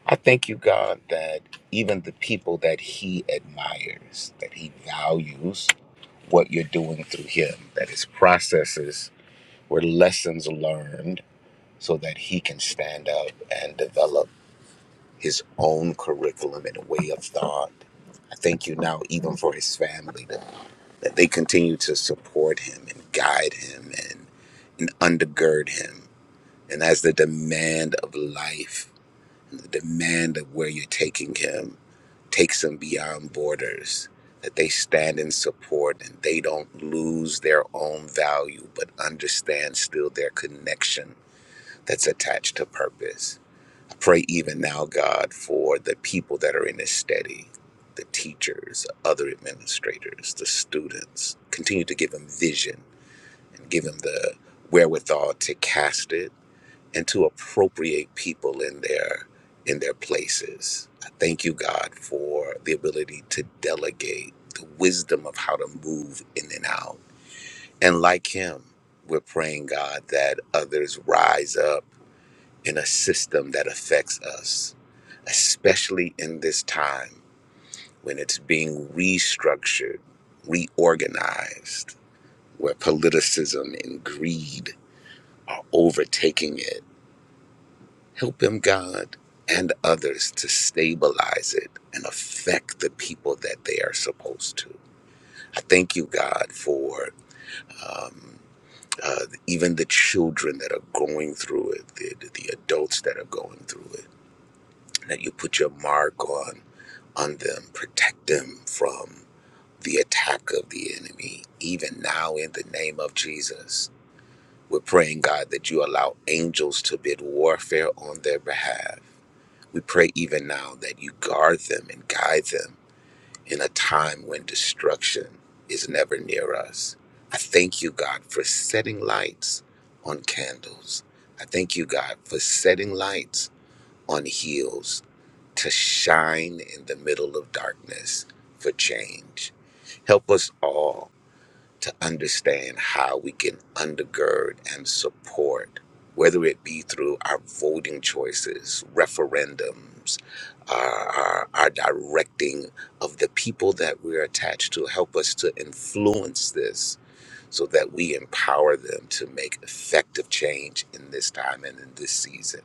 Speaker 10: I thank you, God, that even the people that he admires, that he values what you're doing through him, that his processes were lessons learned so that he can stand up and develop his own curriculum and way of thought. I thank you now, even for his family, that, that they continue to support him and guide him and, and undergird him. And as the demand of life the demand of where you're taking him takes him beyond borders, that they stand in support and they don't lose their own value, but understand still their connection that's attached to purpose. I pray even now, God, for the people that are in this study, the teachers, other administrators, the students. Continue to give them vision and give them the wherewithal to cast it and to appropriate people in their in their places. I thank you, God, for the ability to delegate the wisdom of how to move in and out. And like him, we're praying, God, that others rise up in a system that affects us, especially in this time when it's being restructured, reorganized, where politicism and greed are overtaking it Help him, God, and others to stabilize it and affect the people that they are supposed to. I thank you, God, for um, uh, even the children that are going through it, the, the adults that are going through it, that you put your mark on on them, protect them from the attack of the enemy, even now in the name of Jesus. We're praying, God, that you allow angels to bid warfare on their behalf We pray even now that you guard them and guide them in a time when destruction is never near us. I thank you, God, for setting lights on candles. I thank you, God, for setting lights on heels to shine in the middle of darkness for change. Help us all to understand how we can undergird and support, whether it be through our voting choices, referendums, our, our, our directing of the people that we're attached to, help us to influence this so that we empower them to make effective change in this time and in this season.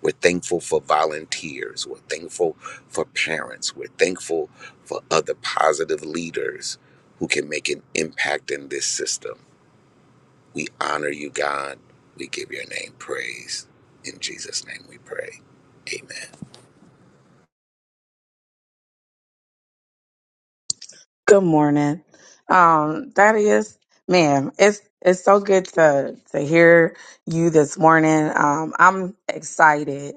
Speaker 10: We're thankful for volunteers. We're thankful for parents. We're thankful for other positive leaders who can make an impact in this system. We honor you, God. We give your name praise. In Jesus' name we pray. Amen.
Speaker 11: Good morning. Um, Thaddeus, man, it's it's so good to to hear you this morning. Um, I'm excited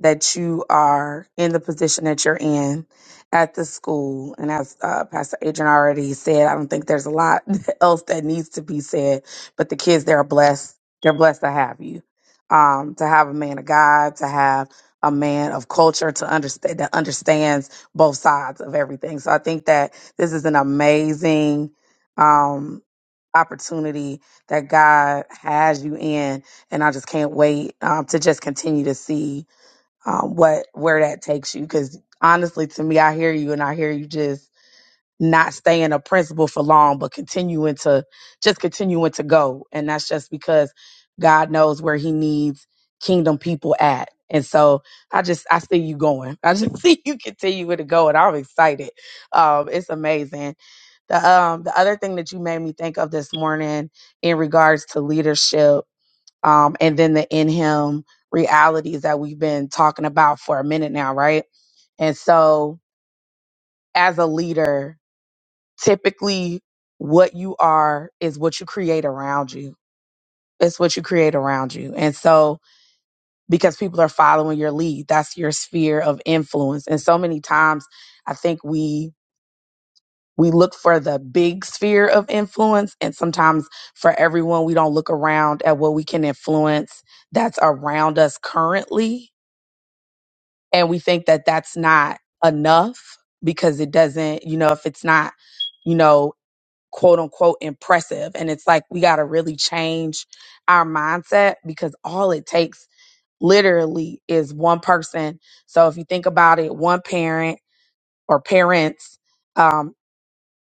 Speaker 11: that you are in the position that you're in at the school. And as uh, Pastor Adrian already said, I don't think there's a lot (laughs) else that needs to be said, but the kids, they're blessed. They're blessed to have you. Um, to have a man of God, to have a man of culture to understand that understands both sides of everything. So I think that this is an amazing um, opportunity that God has you in, and I just can't wait um, to just continue to see um, what where that takes you. Because honestly, to me, I hear you, and I hear you just not staying oppressible for long, but continuing to just continuing to go. And that's just because God knows where he needs kingdom people at. And so I just I see you going. I just (laughs) see you continuing to go and I'm excited. Um it's amazing. The um the other thing that you made me think of this morning in regards to leadership um and then the in him realities that we've been talking about for a minute now, right? And so as a leader, typically what you are is what you create around you. It's what you create around you. And so because people are following your lead, that's your sphere of influence. And so many times I think we we look for the big sphere of influence and sometimes for everyone we don't look around at what we can influence that's around us currently and we think that that's not enough because it doesn't, you know, if it's not you know. quote unquote impressive. And it's like we got to really change our mindset because all it takes literally is one person. So if you think about it, one parent or parents. um,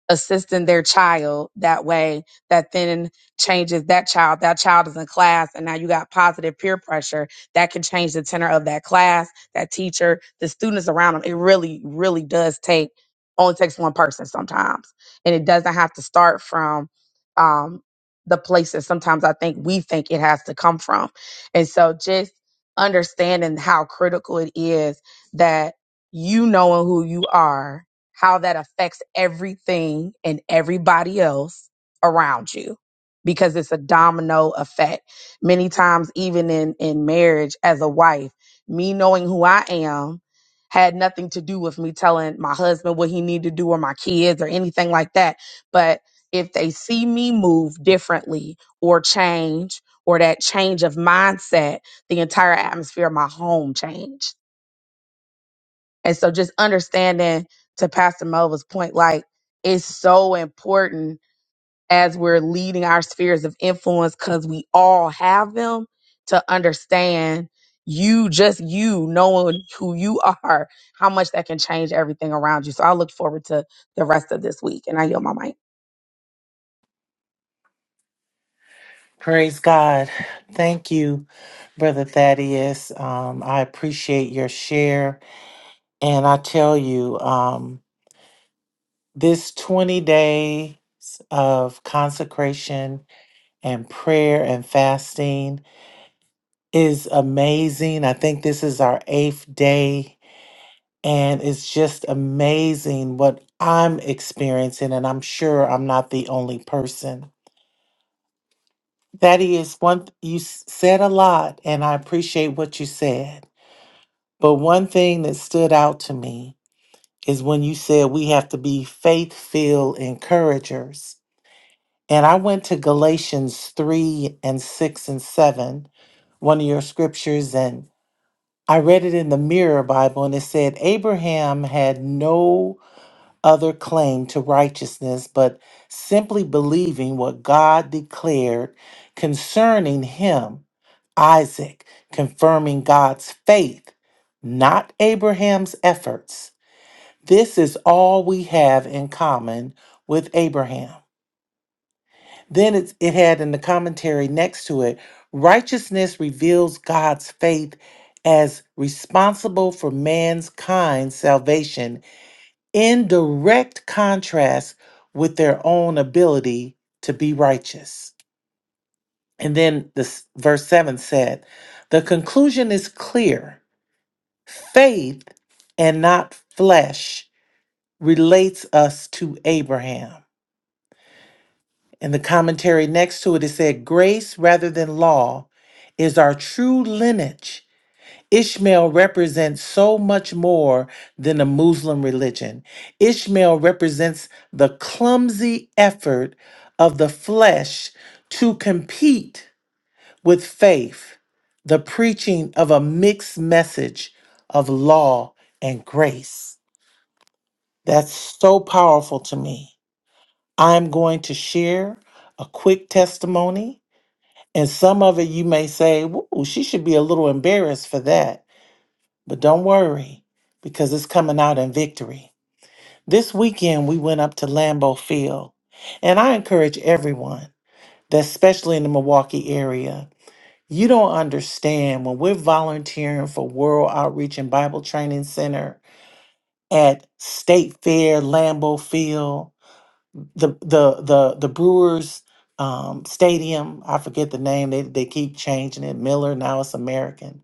Speaker 11: assisting their child that way that then changes that child that child is in class and now you got positive peer pressure that can change the tenor of that class that teacher the students around them it really really does take only takes one person sometimes and it doesn't have to start from um the places sometimes i think we think it has to come from and so just understanding how critical it is that you knowing who you are how that affects everything and everybody else around you because it's a domino effect. Many times, even in, in marriage as a wife, me knowing who I am had nothing to do with me telling my husband what he needed to do or my kids or anything like that. But if they see me move differently or change or that change of mindset, the entire atmosphere of my home changed and so just understanding to Pastor Melva's point, like it's so important as we're leading our spheres of influence because we all have them to understand you just you knowing who you are, how much that can change everything around you. So I look forward to the rest of this week and I yield my mic.
Speaker 4: Praise God. Thank you, Brother Thaddeus. Um, I appreciate your share. And I tell you, um, this 20 days of consecration and prayer and fasting is amazing. I think this is our eighth day, and it's just amazing what I'm experiencing. And I'm sure I'm not the only person. That is one, th- you s- said a lot, and I appreciate what you said. But one thing that stood out to me is when you said we have to be faith filled encouragers. And I went to Galatians 3 and 6 and 7, one of your scriptures, and I read it in the Mirror Bible, and it said, Abraham had no other claim to righteousness but simply believing what God declared concerning him Isaac, confirming God's faith, not Abraham's efforts. This is all we have in common with Abraham. Then it's, it had in the commentary next to it righteousness reveals God's faith as responsible for mankind's salvation in direct contrast with their own ability to be righteous. And then this verse 7 said, the conclusion is clear. Faith and not flesh relates us to Abraham. In the commentary next to it, it said, Grace rather than law is our true lineage. Ishmael represents so much more than a Muslim religion. Ishmael represents the clumsy effort of the flesh to compete with faith, the preaching of a mixed message of law and grace. That's so powerful to me. I'm going to share a quick testimony, and some of it you may say, Ooh, she should be a little embarrassed for that. But don't worry, because it's coming out in victory. This weekend, we went up to Lambeau Field, and I encourage everyone, that especially in the Milwaukee area, you don't understand when we're volunteering for World Outreach and Bible Training Center at State Fair, Lambeau Field. the the the the Brewers um, Stadium. I forget the name. They they keep changing it. Miller now it's American.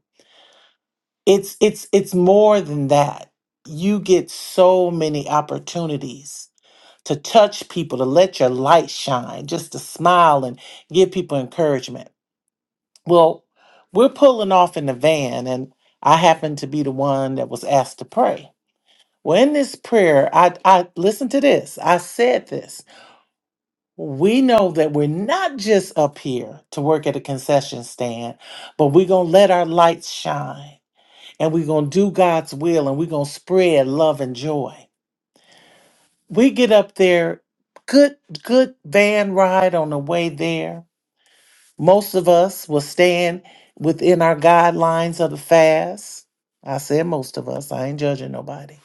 Speaker 4: It's it's it's more than that. You get so many opportunities to touch people, to let your light shine, just to smile and give people encouragement. Well, we're pulling off in the van, and I happen to be the one that was asked to pray. Well, in this prayer, I I listen to this. I said this. we know that we're not just up here to work at a concession stand, but we're going to let our lights shine and we're going to do God's will and we're going to spread love and joy. We get up there, good, good van ride on the way there. Most of us will stand within our guidelines of the fast. I said most of us, I ain't judging nobody.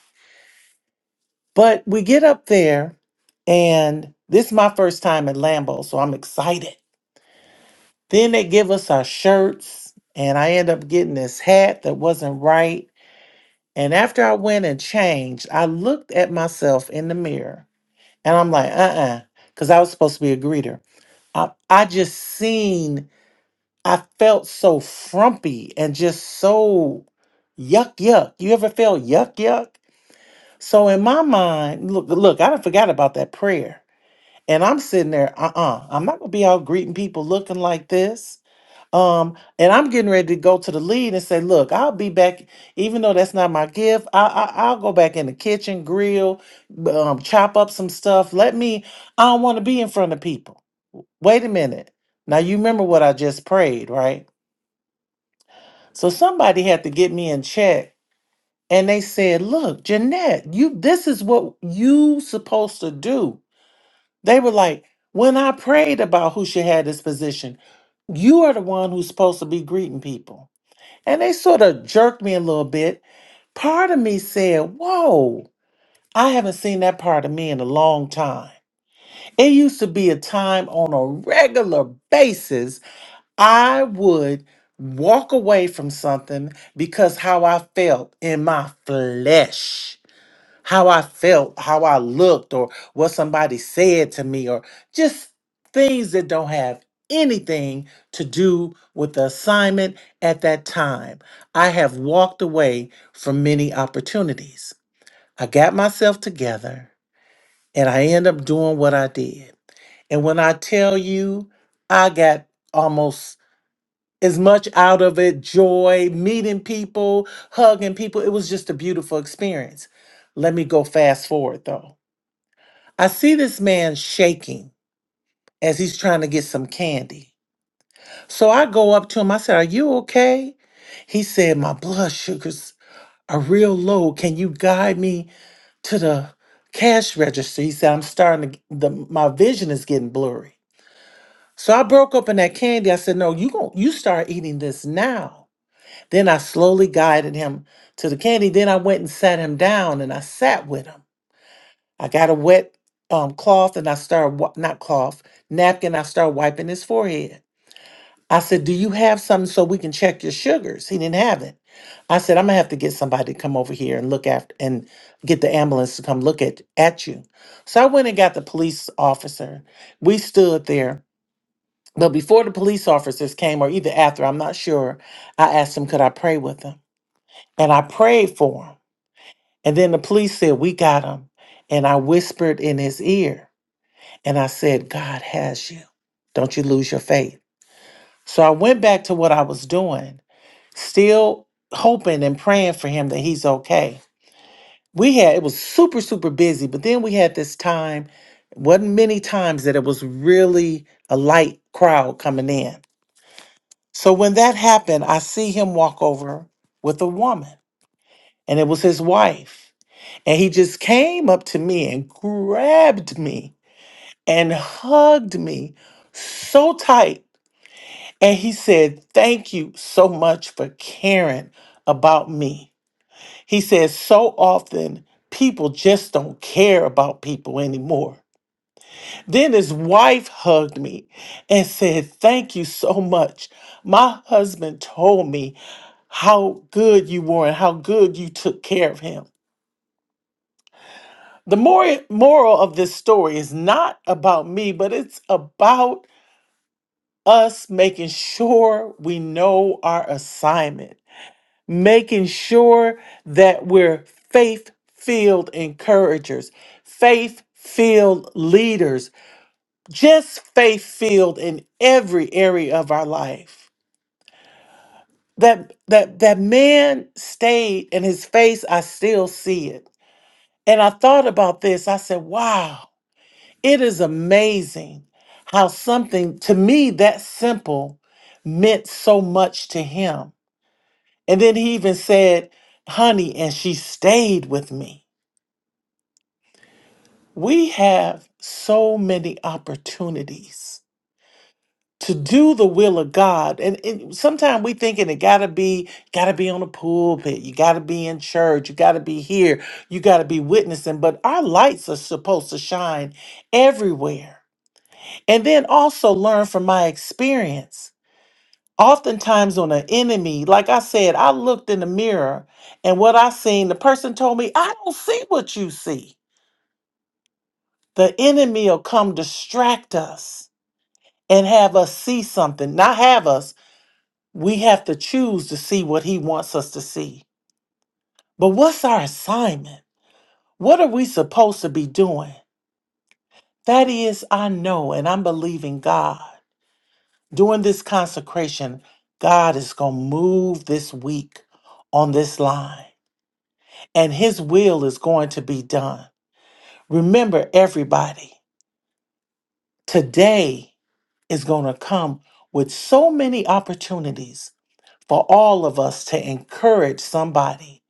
Speaker 4: But we get up there, and this is my first time at Lambeau, so I'm excited. Then they give us our shirts, and I end up getting this hat that wasn't right. And after I went and changed, I looked at myself in the mirror and I'm like, uh uh because I was supposed to be a greeter. I, I just seen, I felt so frumpy and just so yuck yuck. You ever felt yuck yuck? So in my mind, look, look, I done forgot about that prayer. And I'm sitting there, uh uh-uh, uh, i am not going to be out greeting people looking like this. Um, and I'm getting ready to go to the lead and say, look, I'll be back, even though that's not my gift. I, I I'll go back in the kitchen, grill, b- um, chop up some stuff. Let me. I don't want to be in front of people. Wait a minute. Now you remember what I just prayed, right? So somebody had to get me in check, and they said, look, Jeanette, you this is what you supposed to do. They were like, when I prayed about who should have this position, you are the one who's supposed to be greeting people. and they sort of jerked me a little bit. Part of me said, Whoa, I haven't seen that part of me in a long time. It used to be a time on a regular basis I would walk away from something because how I felt in my flesh how I felt, how I looked, or what somebody said to me, or just things that don't have anything to do with the assignment at that time. I have walked away from many opportunities. I got myself together and I end up doing what I did. And when I tell you, I got almost as much out of it joy, meeting people, hugging people. It was just a beautiful experience. Let me go fast forward though. I see this man shaking as he's trying to get some candy. So I go up to him. I said, Are you okay? He said, My blood sugars are real low. Can you guide me to the cash register? He said, I'm starting to, g- the, my vision is getting blurry. So I broke open that candy. I said, No, you gon' you start eating this now. Then I slowly guided him to the candy. Then I went and sat him down and I sat with him. I got a wet um, cloth and I started, wi- not cloth, napkin, I started wiping his forehead. I said, Do you have something so we can check your sugars? He didn't have it. I said, I'm going to have to get somebody to come over here and look after and get the ambulance to come look at, at you. So I went and got the police officer. We stood there. But before the police officers came, or either after, I'm not sure, I asked him, Could I pray with him? And I prayed for him. And then the police said, We got him. And I whispered in his ear. And I said, God has you. Don't you lose your faith. So I went back to what I was doing, still hoping and praying for him that he's okay. We had, it was super, super busy, but then we had this time, wasn't many times that it was really a light crowd coming in. So when that happened, I see him walk over with a woman, and it was his wife. And he just came up to me and grabbed me and hugged me so tight. And he said, Thank you so much for caring about me. He says, So often people just don't care about people anymore. Then his wife hugged me and said, Thank you so much. My husband told me how good you were and how good you took care of him. The mor- moral of this story is not about me, but it's about us making sure we know our assignment making sure that we're faith filled encouragers, faith filled leaders, just faith filled in every area of our life. That, that that man stayed in his face, I still see it. And I thought about this. I said, wow, it is amazing how something to me that simple meant so much to him. And then he even said, honey, and she stayed with me. We have so many opportunities to do the will of God. And, and sometimes we thinking it gotta be, gotta be on the pulpit, you gotta be in church, you gotta be here, you gotta be witnessing. But our lights are supposed to shine everywhere. And then also learn from my experience. Oftentimes on an enemy, like I said, I looked in the mirror and what I seen, the person told me, I don't see what you see. The enemy will come distract us and have us see something. Not have us, we have to choose to see what He wants us to see. But what's our assignment? What are we supposed to be doing? That is, I know and I'm believing God. During this consecration, God is going to move this week on this line, and His will is going to be done. Remember, everybody, today is going to come with so many opportunities for all of us to encourage somebody.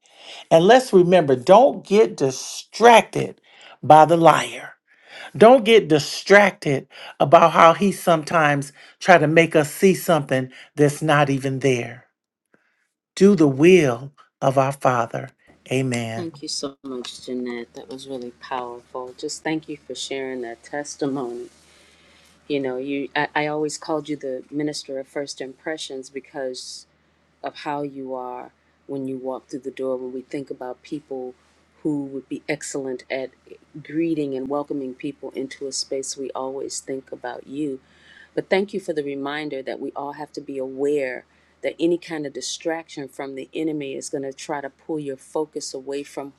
Speaker 4: And let's remember don't get distracted by the liar. Don't get distracted about how he sometimes try to make us see something that's not even there. Do the will of our Father. Amen.
Speaker 2: Thank you so much, Jeanette. That was really powerful. Just thank you for sharing that testimony. You know, you I, I always called you the minister of first impressions because of how you are when you walk through the door. When we think about people who would be excellent at greeting and welcoming people into a space, we always think about you. But thank you for the reminder that we all have to be aware that any kind of distraction from the enemy is going to try to pull your focus away from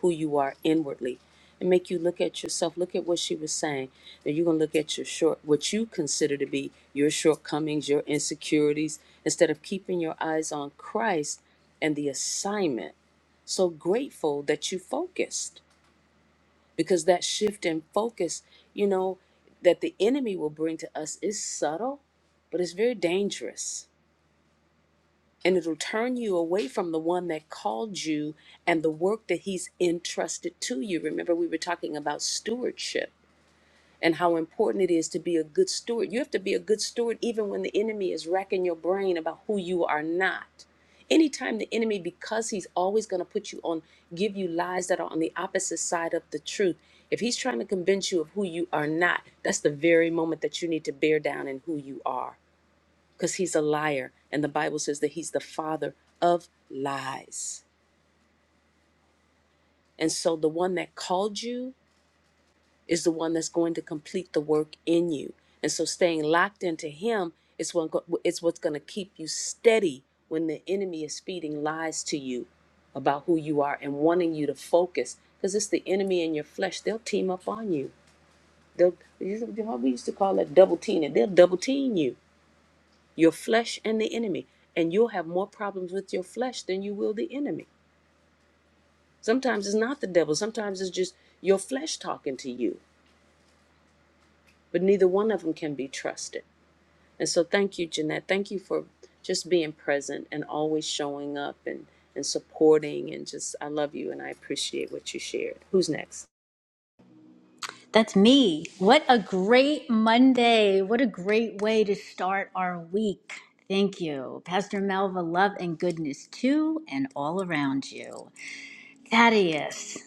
Speaker 2: who you are inwardly and make you look at yourself look at what she was saying that you're going to look at your short what you consider to be your shortcomings your insecurities instead of keeping your eyes on christ and the assignment so grateful that you focused because that shift in focus you know that the enemy will bring to us is subtle but it's very dangerous and it'll turn you away from the one that called you and the work that he's entrusted to you. Remember, we were talking about stewardship and how important it is to be a good steward. You have to be a good steward even when the enemy is racking your brain about who you are not. Anytime the enemy, because he's always going to put you on, give you lies that are on the opposite side of the truth. If he's trying to convince you of who you are not, that's the very moment that you need to bear down in who you are because he's a liar. And the Bible says that he's the father of lies. And so the one that called you is the one that's going to complete the work in you. And so staying locked into him is what it's what's going to keep you steady when the enemy is feeding lies to you about who you are and wanting you to focus because it's the enemy in your flesh. They'll team up on you. They'll you know, we used to call that double teaming. They'll double team you your flesh and the enemy. And you'll have more problems with your flesh than you will the enemy. Sometimes it's not the devil, sometimes it's just your flesh talking to you, but neither one of them can be trusted. And so, thank you, Jeanette. Thank you for just being present and always showing up and, and supporting. And just, I love you and I appreciate what you shared. Who's next?
Speaker 3: That's me. What a great Monday. What a great way to start our week. Thank you. Pastor Melva, love and goodness to and all around you. Thaddeus,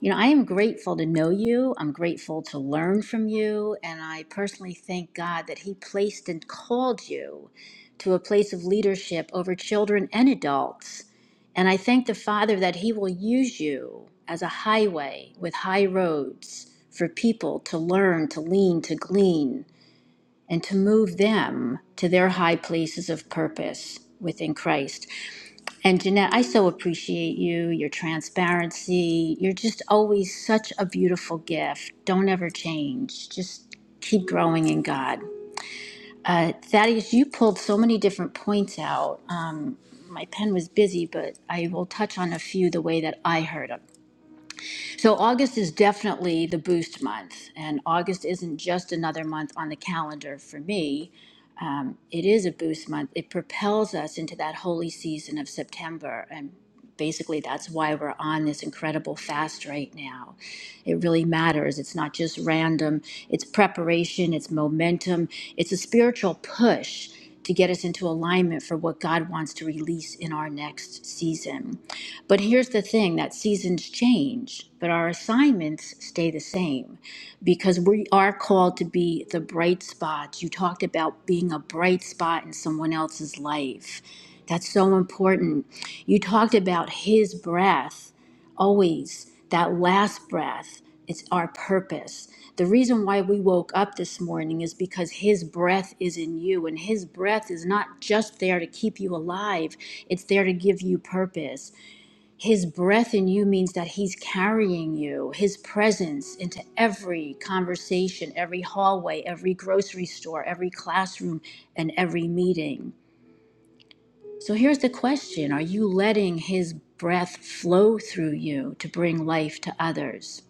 Speaker 3: you know, I am grateful to know you. I'm grateful to learn from you. And I personally thank God that He placed and called you to a place of leadership over children and adults. And I thank the Father that He will use you as a highway with high roads for people to learn, to lean, to glean, and to move them to their high places of purpose within Christ. And Jeanette, I so appreciate you, your transparency. You're just always such a beautiful gift. Don't ever change. Just keep growing in God. Uh, Thaddeus, you pulled so many different points out. Um, my pen was busy, but I will touch on a few the way that I heard them. So, August is definitely the boost month, and August isn't just another month on the calendar for me um, it is a boost month. It propels us into that holy season of September. And basically, that's why we're on this incredible fast right now. It really matters. It's not just random, it's preparation, it's momentum, it's a spiritual push to get us into alignment for what God wants to release in our next season. But here's the thing that seasons change, but our assignments stay the same because we are called to be the bright spots. You talked about being a bright spot in someone else's life. That's so important. You talked about his breath, always, that last breath. It's our purpose. The reason why we woke up this morning is because his breath is in you, and his breath is not just there to keep you alive, it's there to give you purpose. His breath in you means that He's carrying you, His presence into every conversation, every hallway, every grocery store, every classroom, and every meeting. So here's the question Are you letting His breath flow through you to bring life to others?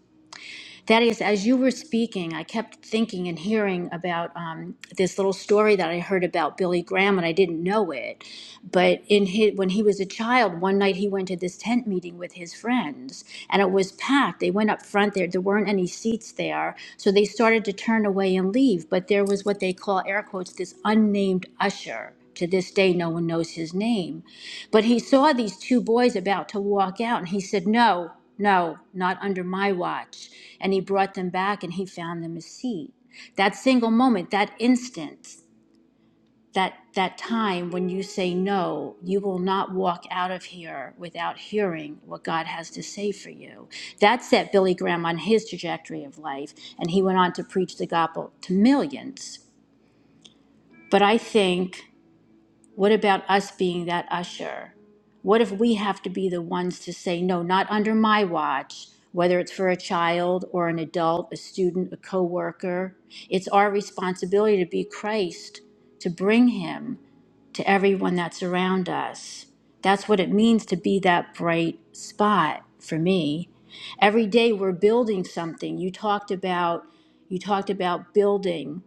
Speaker 3: Thaddeus, as you were speaking, I kept thinking and hearing about um, this little story that I heard about Billy Graham, and I didn't know it. But in his, when he was a child, one night he went to this tent meeting with his friends, and it was packed. They went up front there; there weren't any seats there, so they started to turn away and leave. But there was what they call air quotes this unnamed usher. To this day, no one knows his name. But he saw these two boys about to walk out, and he said, No, no, not under my watch. And he brought them back, and he found them a seat. That single moment, that instant, that, that time when you say no, you will not walk out of here without hearing what God has to say for you. That set Billy Graham on his trajectory of life, and he went on to preach the gospel to millions. But I think what about us being that usher? What if we have to be the ones to say, no, not under my watch, whether it's for a child or an adult, a student, a coworker? It's our responsibility to be Christ, to bring him to everyone that's around us. That's what it means to be that bright spot for me. Every day we're building something. You talked about you talked about building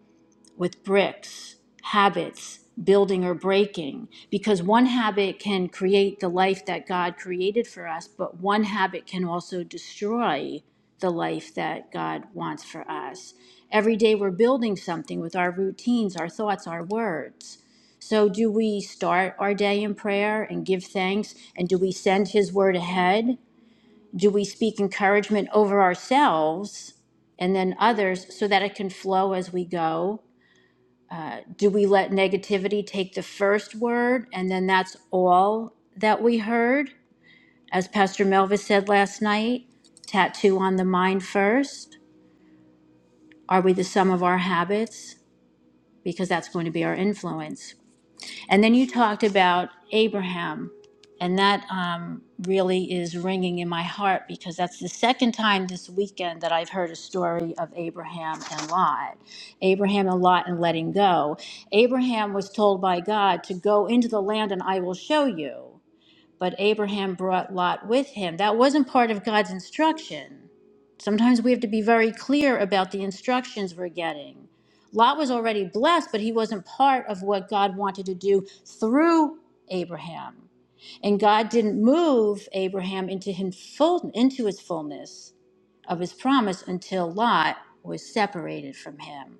Speaker 3: with bricks, habits, building or breaking, because one habit can create the life that God created for us, but one habit can also destroy the life that God wants for us. Every day we're building something with our routines, our thoughts, our words. So, do we start our day in prayer and give thanks? And do we send His word ahead? Do we speak encouragement over ourselves and then others so that it can flow as we go? do we let negativity take the first word and then that's all that we heard? As Pastor Melva said last night, tattoo on the mind first. Are we the sum of our habits? Because that's going to be our influence. And then you talked about Abraham, and that um, really is ringing in my heart because that's the second time this weekend that I've heard a story of Abraham and Lot. Abraham and Lot and letting go. Abraham was told by God to go into the land and I will show you but Abraham brought Lot with him. That wasn't part of God's instruction. Sometimes we have to be very clear about the instructions we're getting. Lot was already blessed, but he wasn't part of what God wanted to do through Abraham. And God didn't move Abraham into him full, into his fullness of his promise until Lot was separated from him.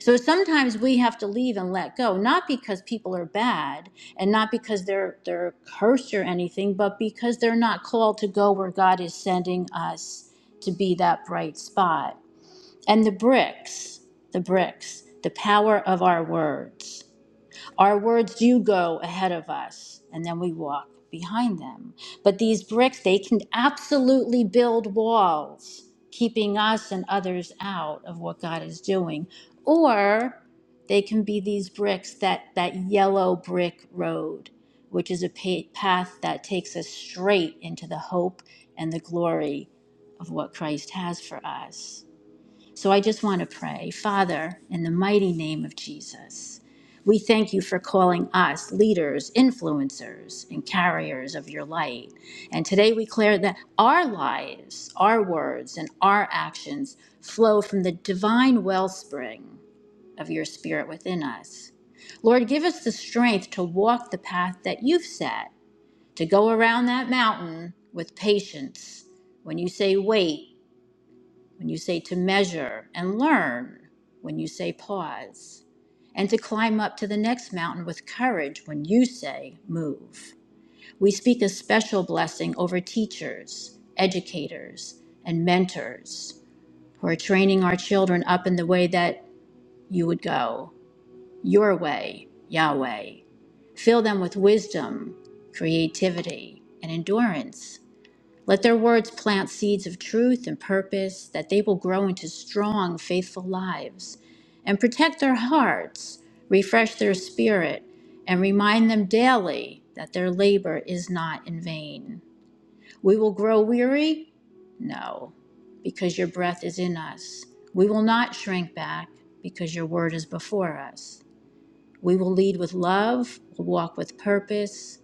Speaker 3: So sometimes we have to leave and let go, not because people are bad and not because they're they're cursed or anything, but because they're not called to go where God is sending us to be that bright spot. And the bricks, the bricks, the power of our words. Our words do go ahead of us, and then we walk behind them. But these bricks, they can absolutely build walls, keeping us and others out of what God is doing. Or they can be these bricks that, that yellow brick road, which is a pa- path that takes us straight into the hope and the glory of what Christ has for us. So I just want to pray, Father, in the mighty name of Jesus, we thank you for calling us leaders, influencers, and carriers of your light. And today we declare that our lives, our words, and our actions flow from the divine wellspring of your spirit within us. Lord, give us the strength to walk the path that you've set, to go around that mountain with patience. When you say wait, when you say to measure and learn, when you say pause, and to climb up to the next mountain with courage when you say move. We speak a special blessing over teachers, educators, and mentors who are training our children up in the way that you would go, your way, Yahweh. Fill them with wisdom, creativity, and endurance let their words plant seeds of truth and purpose that they will grow into strong, faithful lives. And protect their hearts, refresh their spirit, and remind them daily that their labor is not in vain. We will grow weary? No, because your breath is in us. We will not shrink back because your word is before us. We will lead with love, will walk with purpose,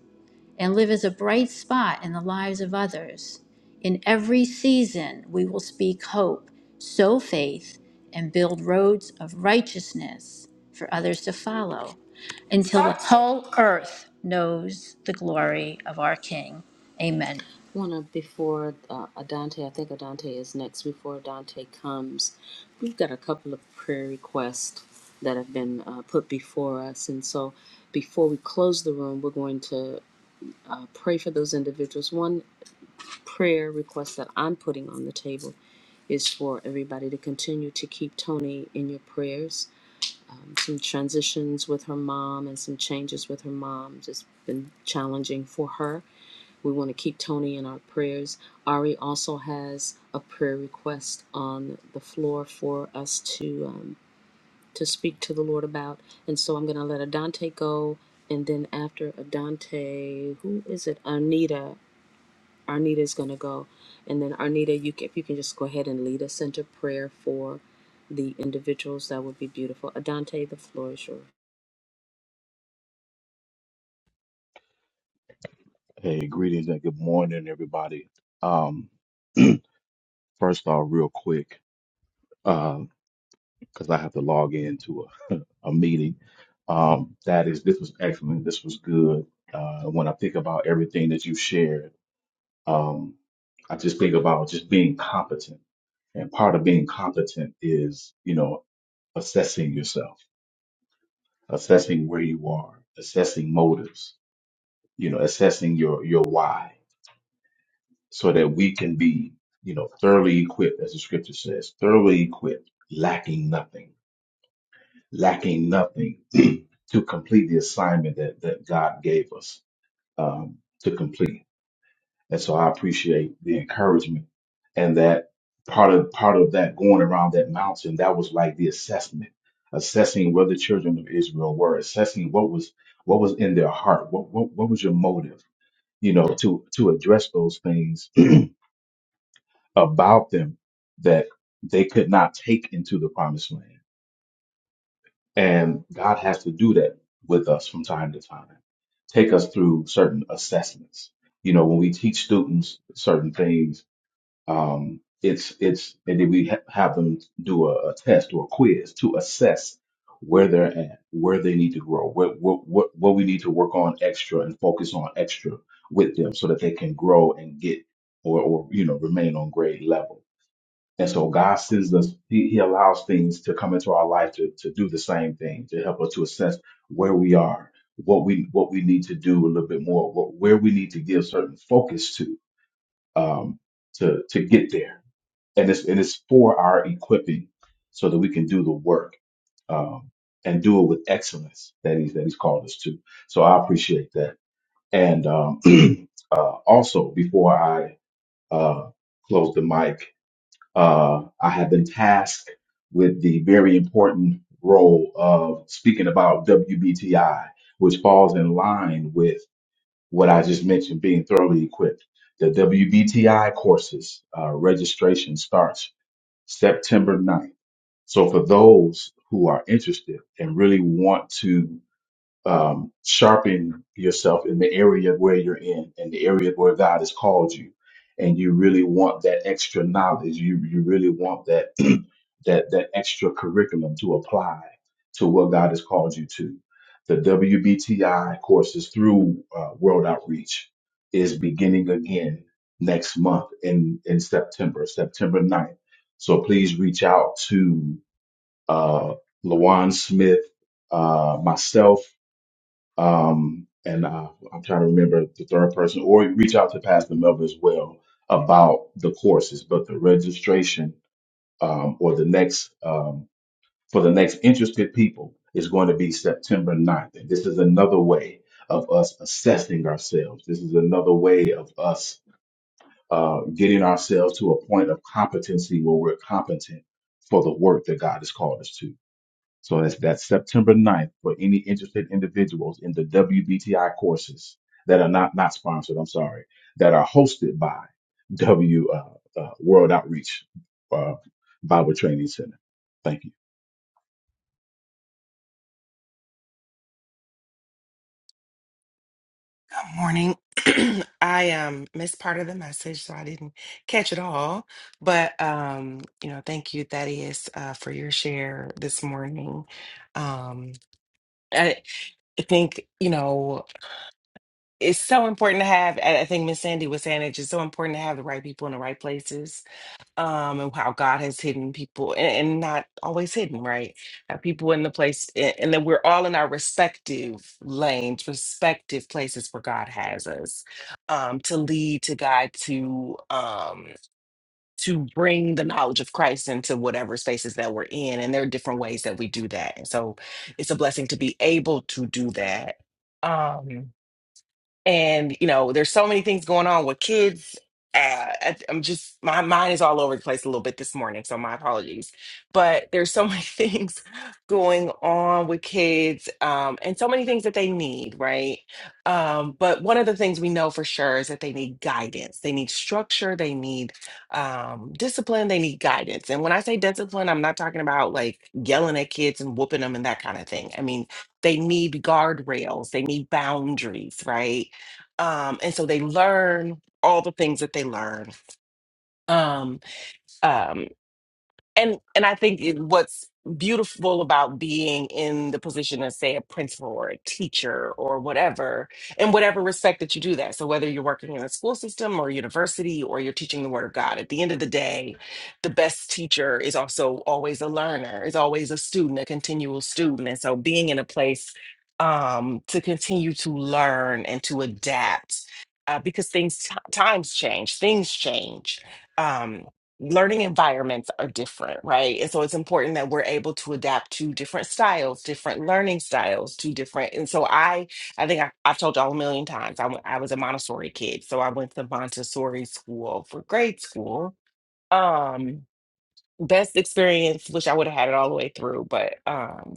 Speaker 3: and live as a bright spot in the lives of others. In every season, we will speak hope, sow faith, and build roads of righteousness for others to follow until the whole earth knows the glory of our King. Amen.
Speaker 2: One of before uh, Adante. I think Adante is next. Before Adante comes, we've got a couple of prayer requests that have been uh, put before us, and so before we close the room, we're going to uh, pray for those individuals. One prayer request that I'm putting on the table is for everybody to continue to keep Tony in your prayers some transitions with her mom and some changes with her mom. Just been challenging for her. We want to keep Tony in our prayers. Ari also has a prayer request on the floor for us to um, to speak to the Lord about, and so I'm going to let Adante go, and then after Adante, who is it? Arnita. Arnita is going to go, and then Arnita, you can, if you can just go ahead and lead us into prayer for the individuals, that would be beautiful. Adante, the floor is yours.
Speaker 12: Hey, greetings and good morning, everybody. Um, (clears throat) first off, real quick, because I have to log into a, (laughs) a meeting. Um, that is, this was excellent. This was good. Uh, when I think about everything that you shared, um, I just think about just being competent. And part of being competent is, you know, assessing yourself, assessing where you are, assessing motives, you know, assessing your your why so that we can be, you know, thoroughly equipped, as the scripture says, thoroughly equipped, lacking nothing, lacking nothing (clears throat) to complete the assignment that, that God gave us um, to complete. And so I appreciate the encouragement and that part of part of that going around that mountain, that was like the assessment, assessing where the children of Israel were, assessing what was what was in their heart, what what, what was your motive, you know, to to address those things (clears throat) about them that they could not take into the promised land. And God has to do that with us from time to time, take us through certain assessments. You know, when we teach students certain things, um, it's, it's, and then we ha- have them do a, a test or a quiz to assess where they're at, where they need to grow, what, what, what, what we need to work on extra and focus on extra with them so that they can grow and get or, or, you know, remain on grade level and so God sends us, he, he allows things to come into our life to, to do the same thing, to help us to assess where we are, what we what we need to do a little bit more, what, where we need to give certain focus to um, to to get there. And it's and it's for our equipping so that we can do the work um, and do it with excellence that he's that he's called us to. So I appreciate that. And um, (clears throat) uh, also before I uh, close the mic, uh, I have been tasked with the very important role of speaking about WBTI, which falls in line with what I just mentioned being thoroughly equipped. The WBTI courses uh, registration starts September 9th. So for those who are interested and really want to um, sharpen yourself in the area where you're in and the area where God has called you. And you really want that extra knowledge. You you really want that (clears throat) that that extra curriculum to apply to what God has called you to. The WBTI courses through uh, World Outreach is beginning again next month in in September, September 9th. So please reach out to uh, Lawan Smith, uh, myself, um, and uh, I'm trying to remember the third person, or reach out to Pastor Melvin as well about the courses. But the registration um, or the next um, for the next interested people is going to be September 9th. And this is another way of us assessing ourselves. This is another way of us uh, getting ourselves to a point of competency where we're competent for the work that God has called us to. So that's, that's September ninth for any interested individuals in the WBTI courses that are not, not sponsored, I'm sorry, that are hosted by W uh, uh, World Outreach uh, Bible Training Center. Thank you.
Speaker 13: Good Morning. (clears throat) I um missed part of the message, so I didn't catch it all. But um, you know, thank you, Thaddeus, uh, for your share this morning. Um, I I think you know it's so important to have. I I think Miss Sandy was saying it's just so important to have the right people in the right places um and how God has hidden people and, and not always hidden, right? Have people in the place a- and then we're all in our respective lanes, respective places where God has us um to lead, to guide, to um to bring the knowledge of Christ into whatever spaces that we're in. And there are different ways that we do that. And so it's a blessing to be able to do that. Um and you know there's so many things going on with kids uh, I- i'm just my mind is all over the place a little bit this morning so my apologies but there's so many (laughs) things going on with kids um, and so many things that they need right um, but one of the things we know for sure is that they need guidance they need structure they need um, discipline they need guidance and when i say discipline i'm not talking about like yelling at kids and whooping them and that kind of thing i mean they need guardrails they need boundaries right um, and so they learn all the things that they learn. Um, um, and and I think it, what's beautiful about being in the position of say a principal or a teacher or whatever in whatever respect that you do that so whether you're working in a school system or university or you're teaching the word of god at the end of the day the best teacher is also always a learner is always a student a continual student and so being in a place um to continue to learn and to adapt uh, because things t- times change things change um, learning environments are different, right? And so it's important that we're able to adapt to different styles, different learning styles, to different. And so I, I think I, I've told y'all a million times, I w- I was a Montessori kid. So I went to Montessori school for grade school. Um, best experience, wish I would have had it all the way through, but, um,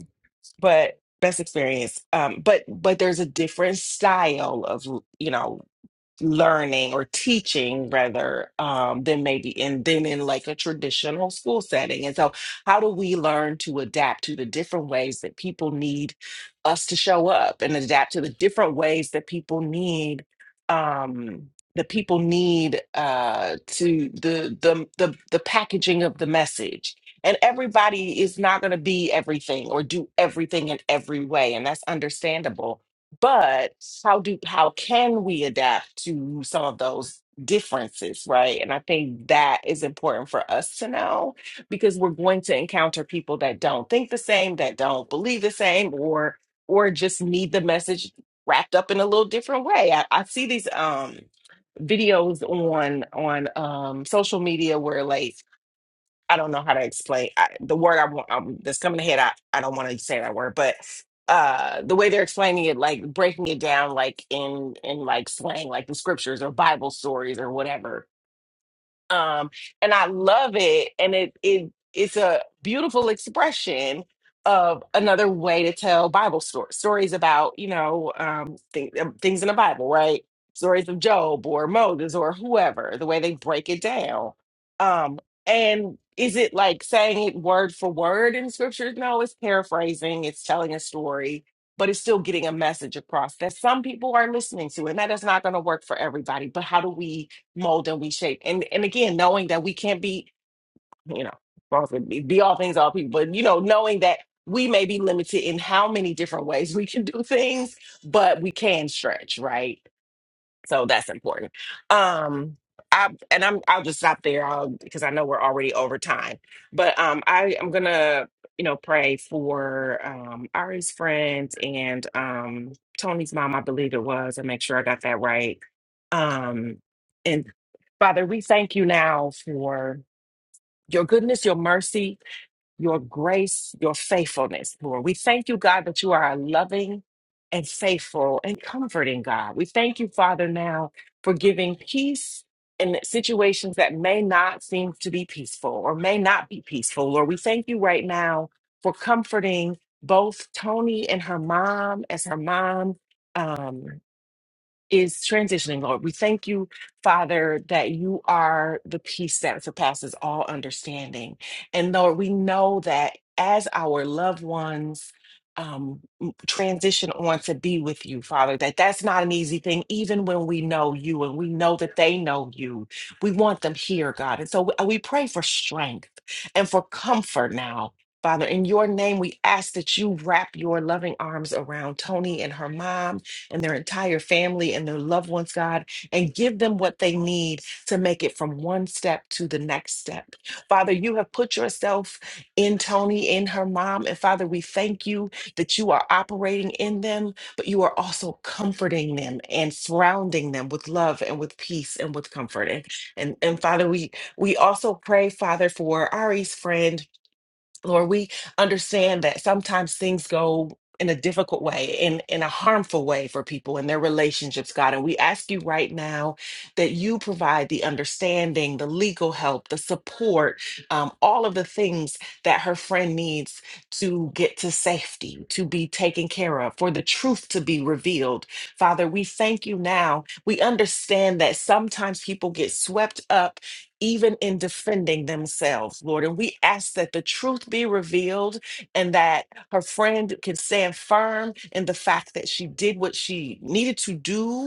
Speaker 13: but best experience. Um, but, but there's a different style of, you know, learning or teaching rather um, than maybe in than in like a traditional school setting. And so how do we learn to adapt to the different ways that people need us to show up and adapt to the different ways that people need um that people need uh to the the the, the packaging of the message. And everybody is not going to be everything or do everything in every way. And that's understandable but how do how can we adapt to some of those differences right and i think that is important for us to know because we're going to encounter people that don't think the same that don't believe the same or or just need the message wrapped up in a little different way i, I see these um videos on on um social media where like I don't know how to explain I, the word I want um, that's coming ahead. I, I don't want to say that word, but uh, the way they're explaining it, like breaking it down, like in in like slang, like the scriptures or Bible stories or whatever um and i love it and it it it's a beautiful expression of another way to tell bible stories stories about you know um thing, um, things in the bible right stories of job or moses or whoever the way they break it down um and is it like saying it word for word in scripture no it's paraphrasing it's telling a story but it's still getting a message across that some people are listening to and that is not going to work for everybody but how do we mold and we shape. And and again, knowing that we can't be, you know, well, be be all things, all people, but you know, knowing that we may be limited in how many different ways (laughs) we can do things, but we can stretch, right? So that's important. Um, I and I'm I'll just stop there I'll, because I know we're already over time. But um, I am gonna you know pray for um Ari's friends and um Tony's mom, I believe it was, and make sure I got that right. Um, and Father, we thank you now for your goodness, your mercy your grace, your faithfulness, Lord. We thank you, God, that you are a loving and faithful and comforting God. We thank you, Father, now for giving peace in situations that may not seem to be peaceful or may not be peaceful. Lord, we thank you right now for comforting both Tony and her mom as her mom. Um, is transitioning, Lord. We thank you, Father, that you are the peace that surpasses all understanding. And Lord, we know that as our loved ones um, m- transition on to be with you, Father, that that's not an easy thing, even when we know you and we know that they know you. We want them here, God. And so we uh, we pray for strength and for comfort now. Father, in your name, we ask that you wrap your loving arms around Tony and her mom and their entire family and their loved ones, God, and give them what they need to make it from one step to the next step. Father, you have put yourself in Tony, in her mom. And Father, we thank you that you are operating in them, but you are also comforting them and surrounding them with love and with peace and with comfort. And, and, and Father, we, we also pray, Father, for Ari's friend Lord, we understand that sometimes things go in a difficult way, in, in a harmful way for people and their relationships, God. And we ask you right now that you provide the understanding, the legal help, the support, um, all of the things that her friend needs to get to safety, to be taken care of, for the truth to be revealed. Father, we thank you now. We understand that sometimes people get swept up even in defending themselves, Lord. And we ask that the truth be revealed and that her friend can stand firm in the fact that she did what she needed to do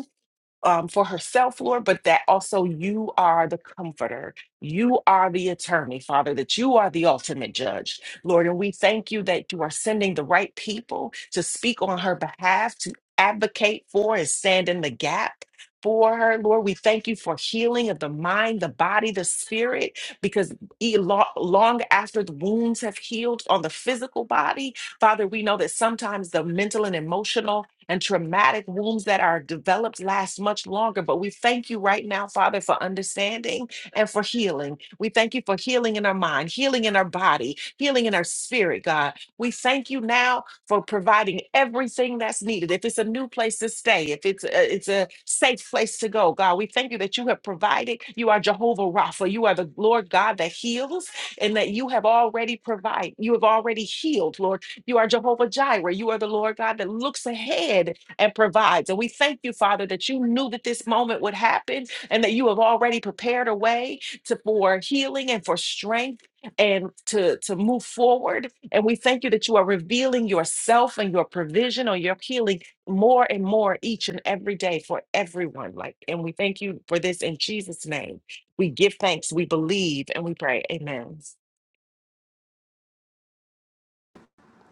Speaker 13: um, for herself, Lord, but that also you are the comforter. You are the attorney, Father, that you are the ultimate judge, Lord. And we thank you that you are sending the right people to speak on her behalf, to advocate for and stand in the gap. For her, Lord, we thank you for healing of the mind, the body, the spirit, because e- lo- long after the wounds have healed on the physical body, Father, we know that sometimes the mental and emotional and traumatic wounds that are developed last much longer. But we thank you right now, Father, for understanding and for healing. We thank you for healing in our mind, healing in our body, healing in our spirit, God. We thank you now for providing everything that's needed. If it's a new place to stay, if it's a, it's a safe place to go, God, we thank you that you have provided. You are Jehovah Rapha. You are the Lord God that heals and that you have already provided. You have already healed, Lord you are Jehovah Jireh. You are the Lord God that looks ahead and provides. And we thank you, Father, that you knew that this moment would happen and that you have already prepared a way to, for healing and for strength and to, to move forward. And we thank you that you are revealing yourself and your provision or your healing more and more each and every day for everyone. Like, and we thank you for this in Jesus' name. We give thanks, we believe, and we pray. Amen.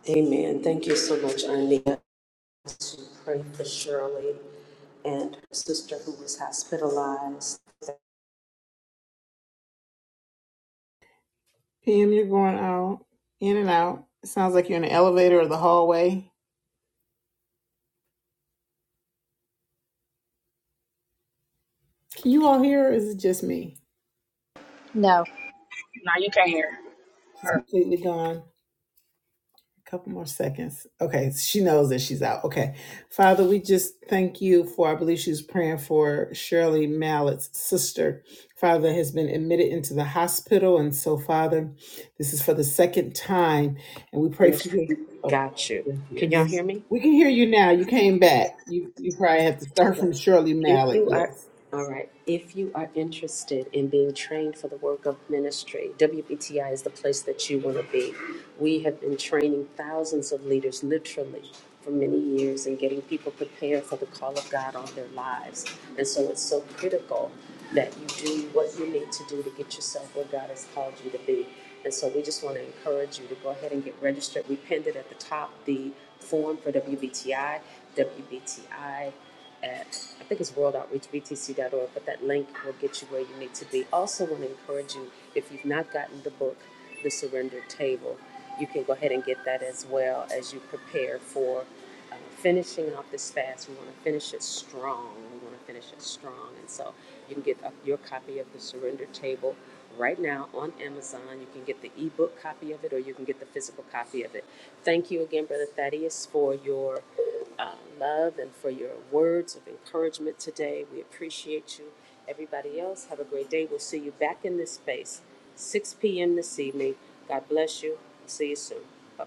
Speaker 2: Amen. Thank you so much, Anita, to pray for Shirley and her sister who was hospitalized. The
Speaker 1: PM, you're going out, in and out. It sounds like you're in the elevator or the hallway. Can you all hear, or is it just me?
Speaker 3: No.
Speaker 11: Now you can't hear.
Speaker 1: Just completely gone. A couple more seconds. Okay, she knows that she's out. Okay. Father, we just thank you for, I believe she's praying for Shirley Mallett's sister. Father has been admitted into the hospital. And so, Father, this is for the second time. And we pray for
Speaker 2: ministry
Speaker 1: you. Oh,
Speaker 2: got you. Can y'all
Speaker 1: yes.
Speaker 2: hear me?
Speaker 1: We can hear you now. You came back. You you probably had to start from Shirley
Speaker 2: If
Speaker 1: Mallett.
Speaker 2: you are,
Speaker 1: Yes.
Speaker 2: all right, if you are interested in being trained for the work of ministry, WBTI is the place that you want to be. We have been training thousands of leaders literally for many years and getting people prepared for the call of God on their lives. And so it's so critical that you do what you need to do to get yourself where God has called you to be. And so we just want to encourage you to go ahead and get registered. We pinned it at the top, the form for WBTI, WBTI I think it's worldoutreachbtc.org, but that link will get you where you need to be. Also, want to encourage you if you've not gotten the book, The Surrender Table, you can go ahead and get that as well as you prepare for uh, finishing off this fast. We want to finish it strong. We want to finish it strong. And so you can get uh, your copy of The Surrender Table right now on Amazon. You can get the ebook copy of it or you can get the physical copy of it. Thank you again, Brother Thaddeus, for your um, love and for your words of encouragement today. We appreciate you. Everybody else, have a great day. We'll see you back in this space, 6 p.m. this evening. God bless you. See you soon. Bye bye.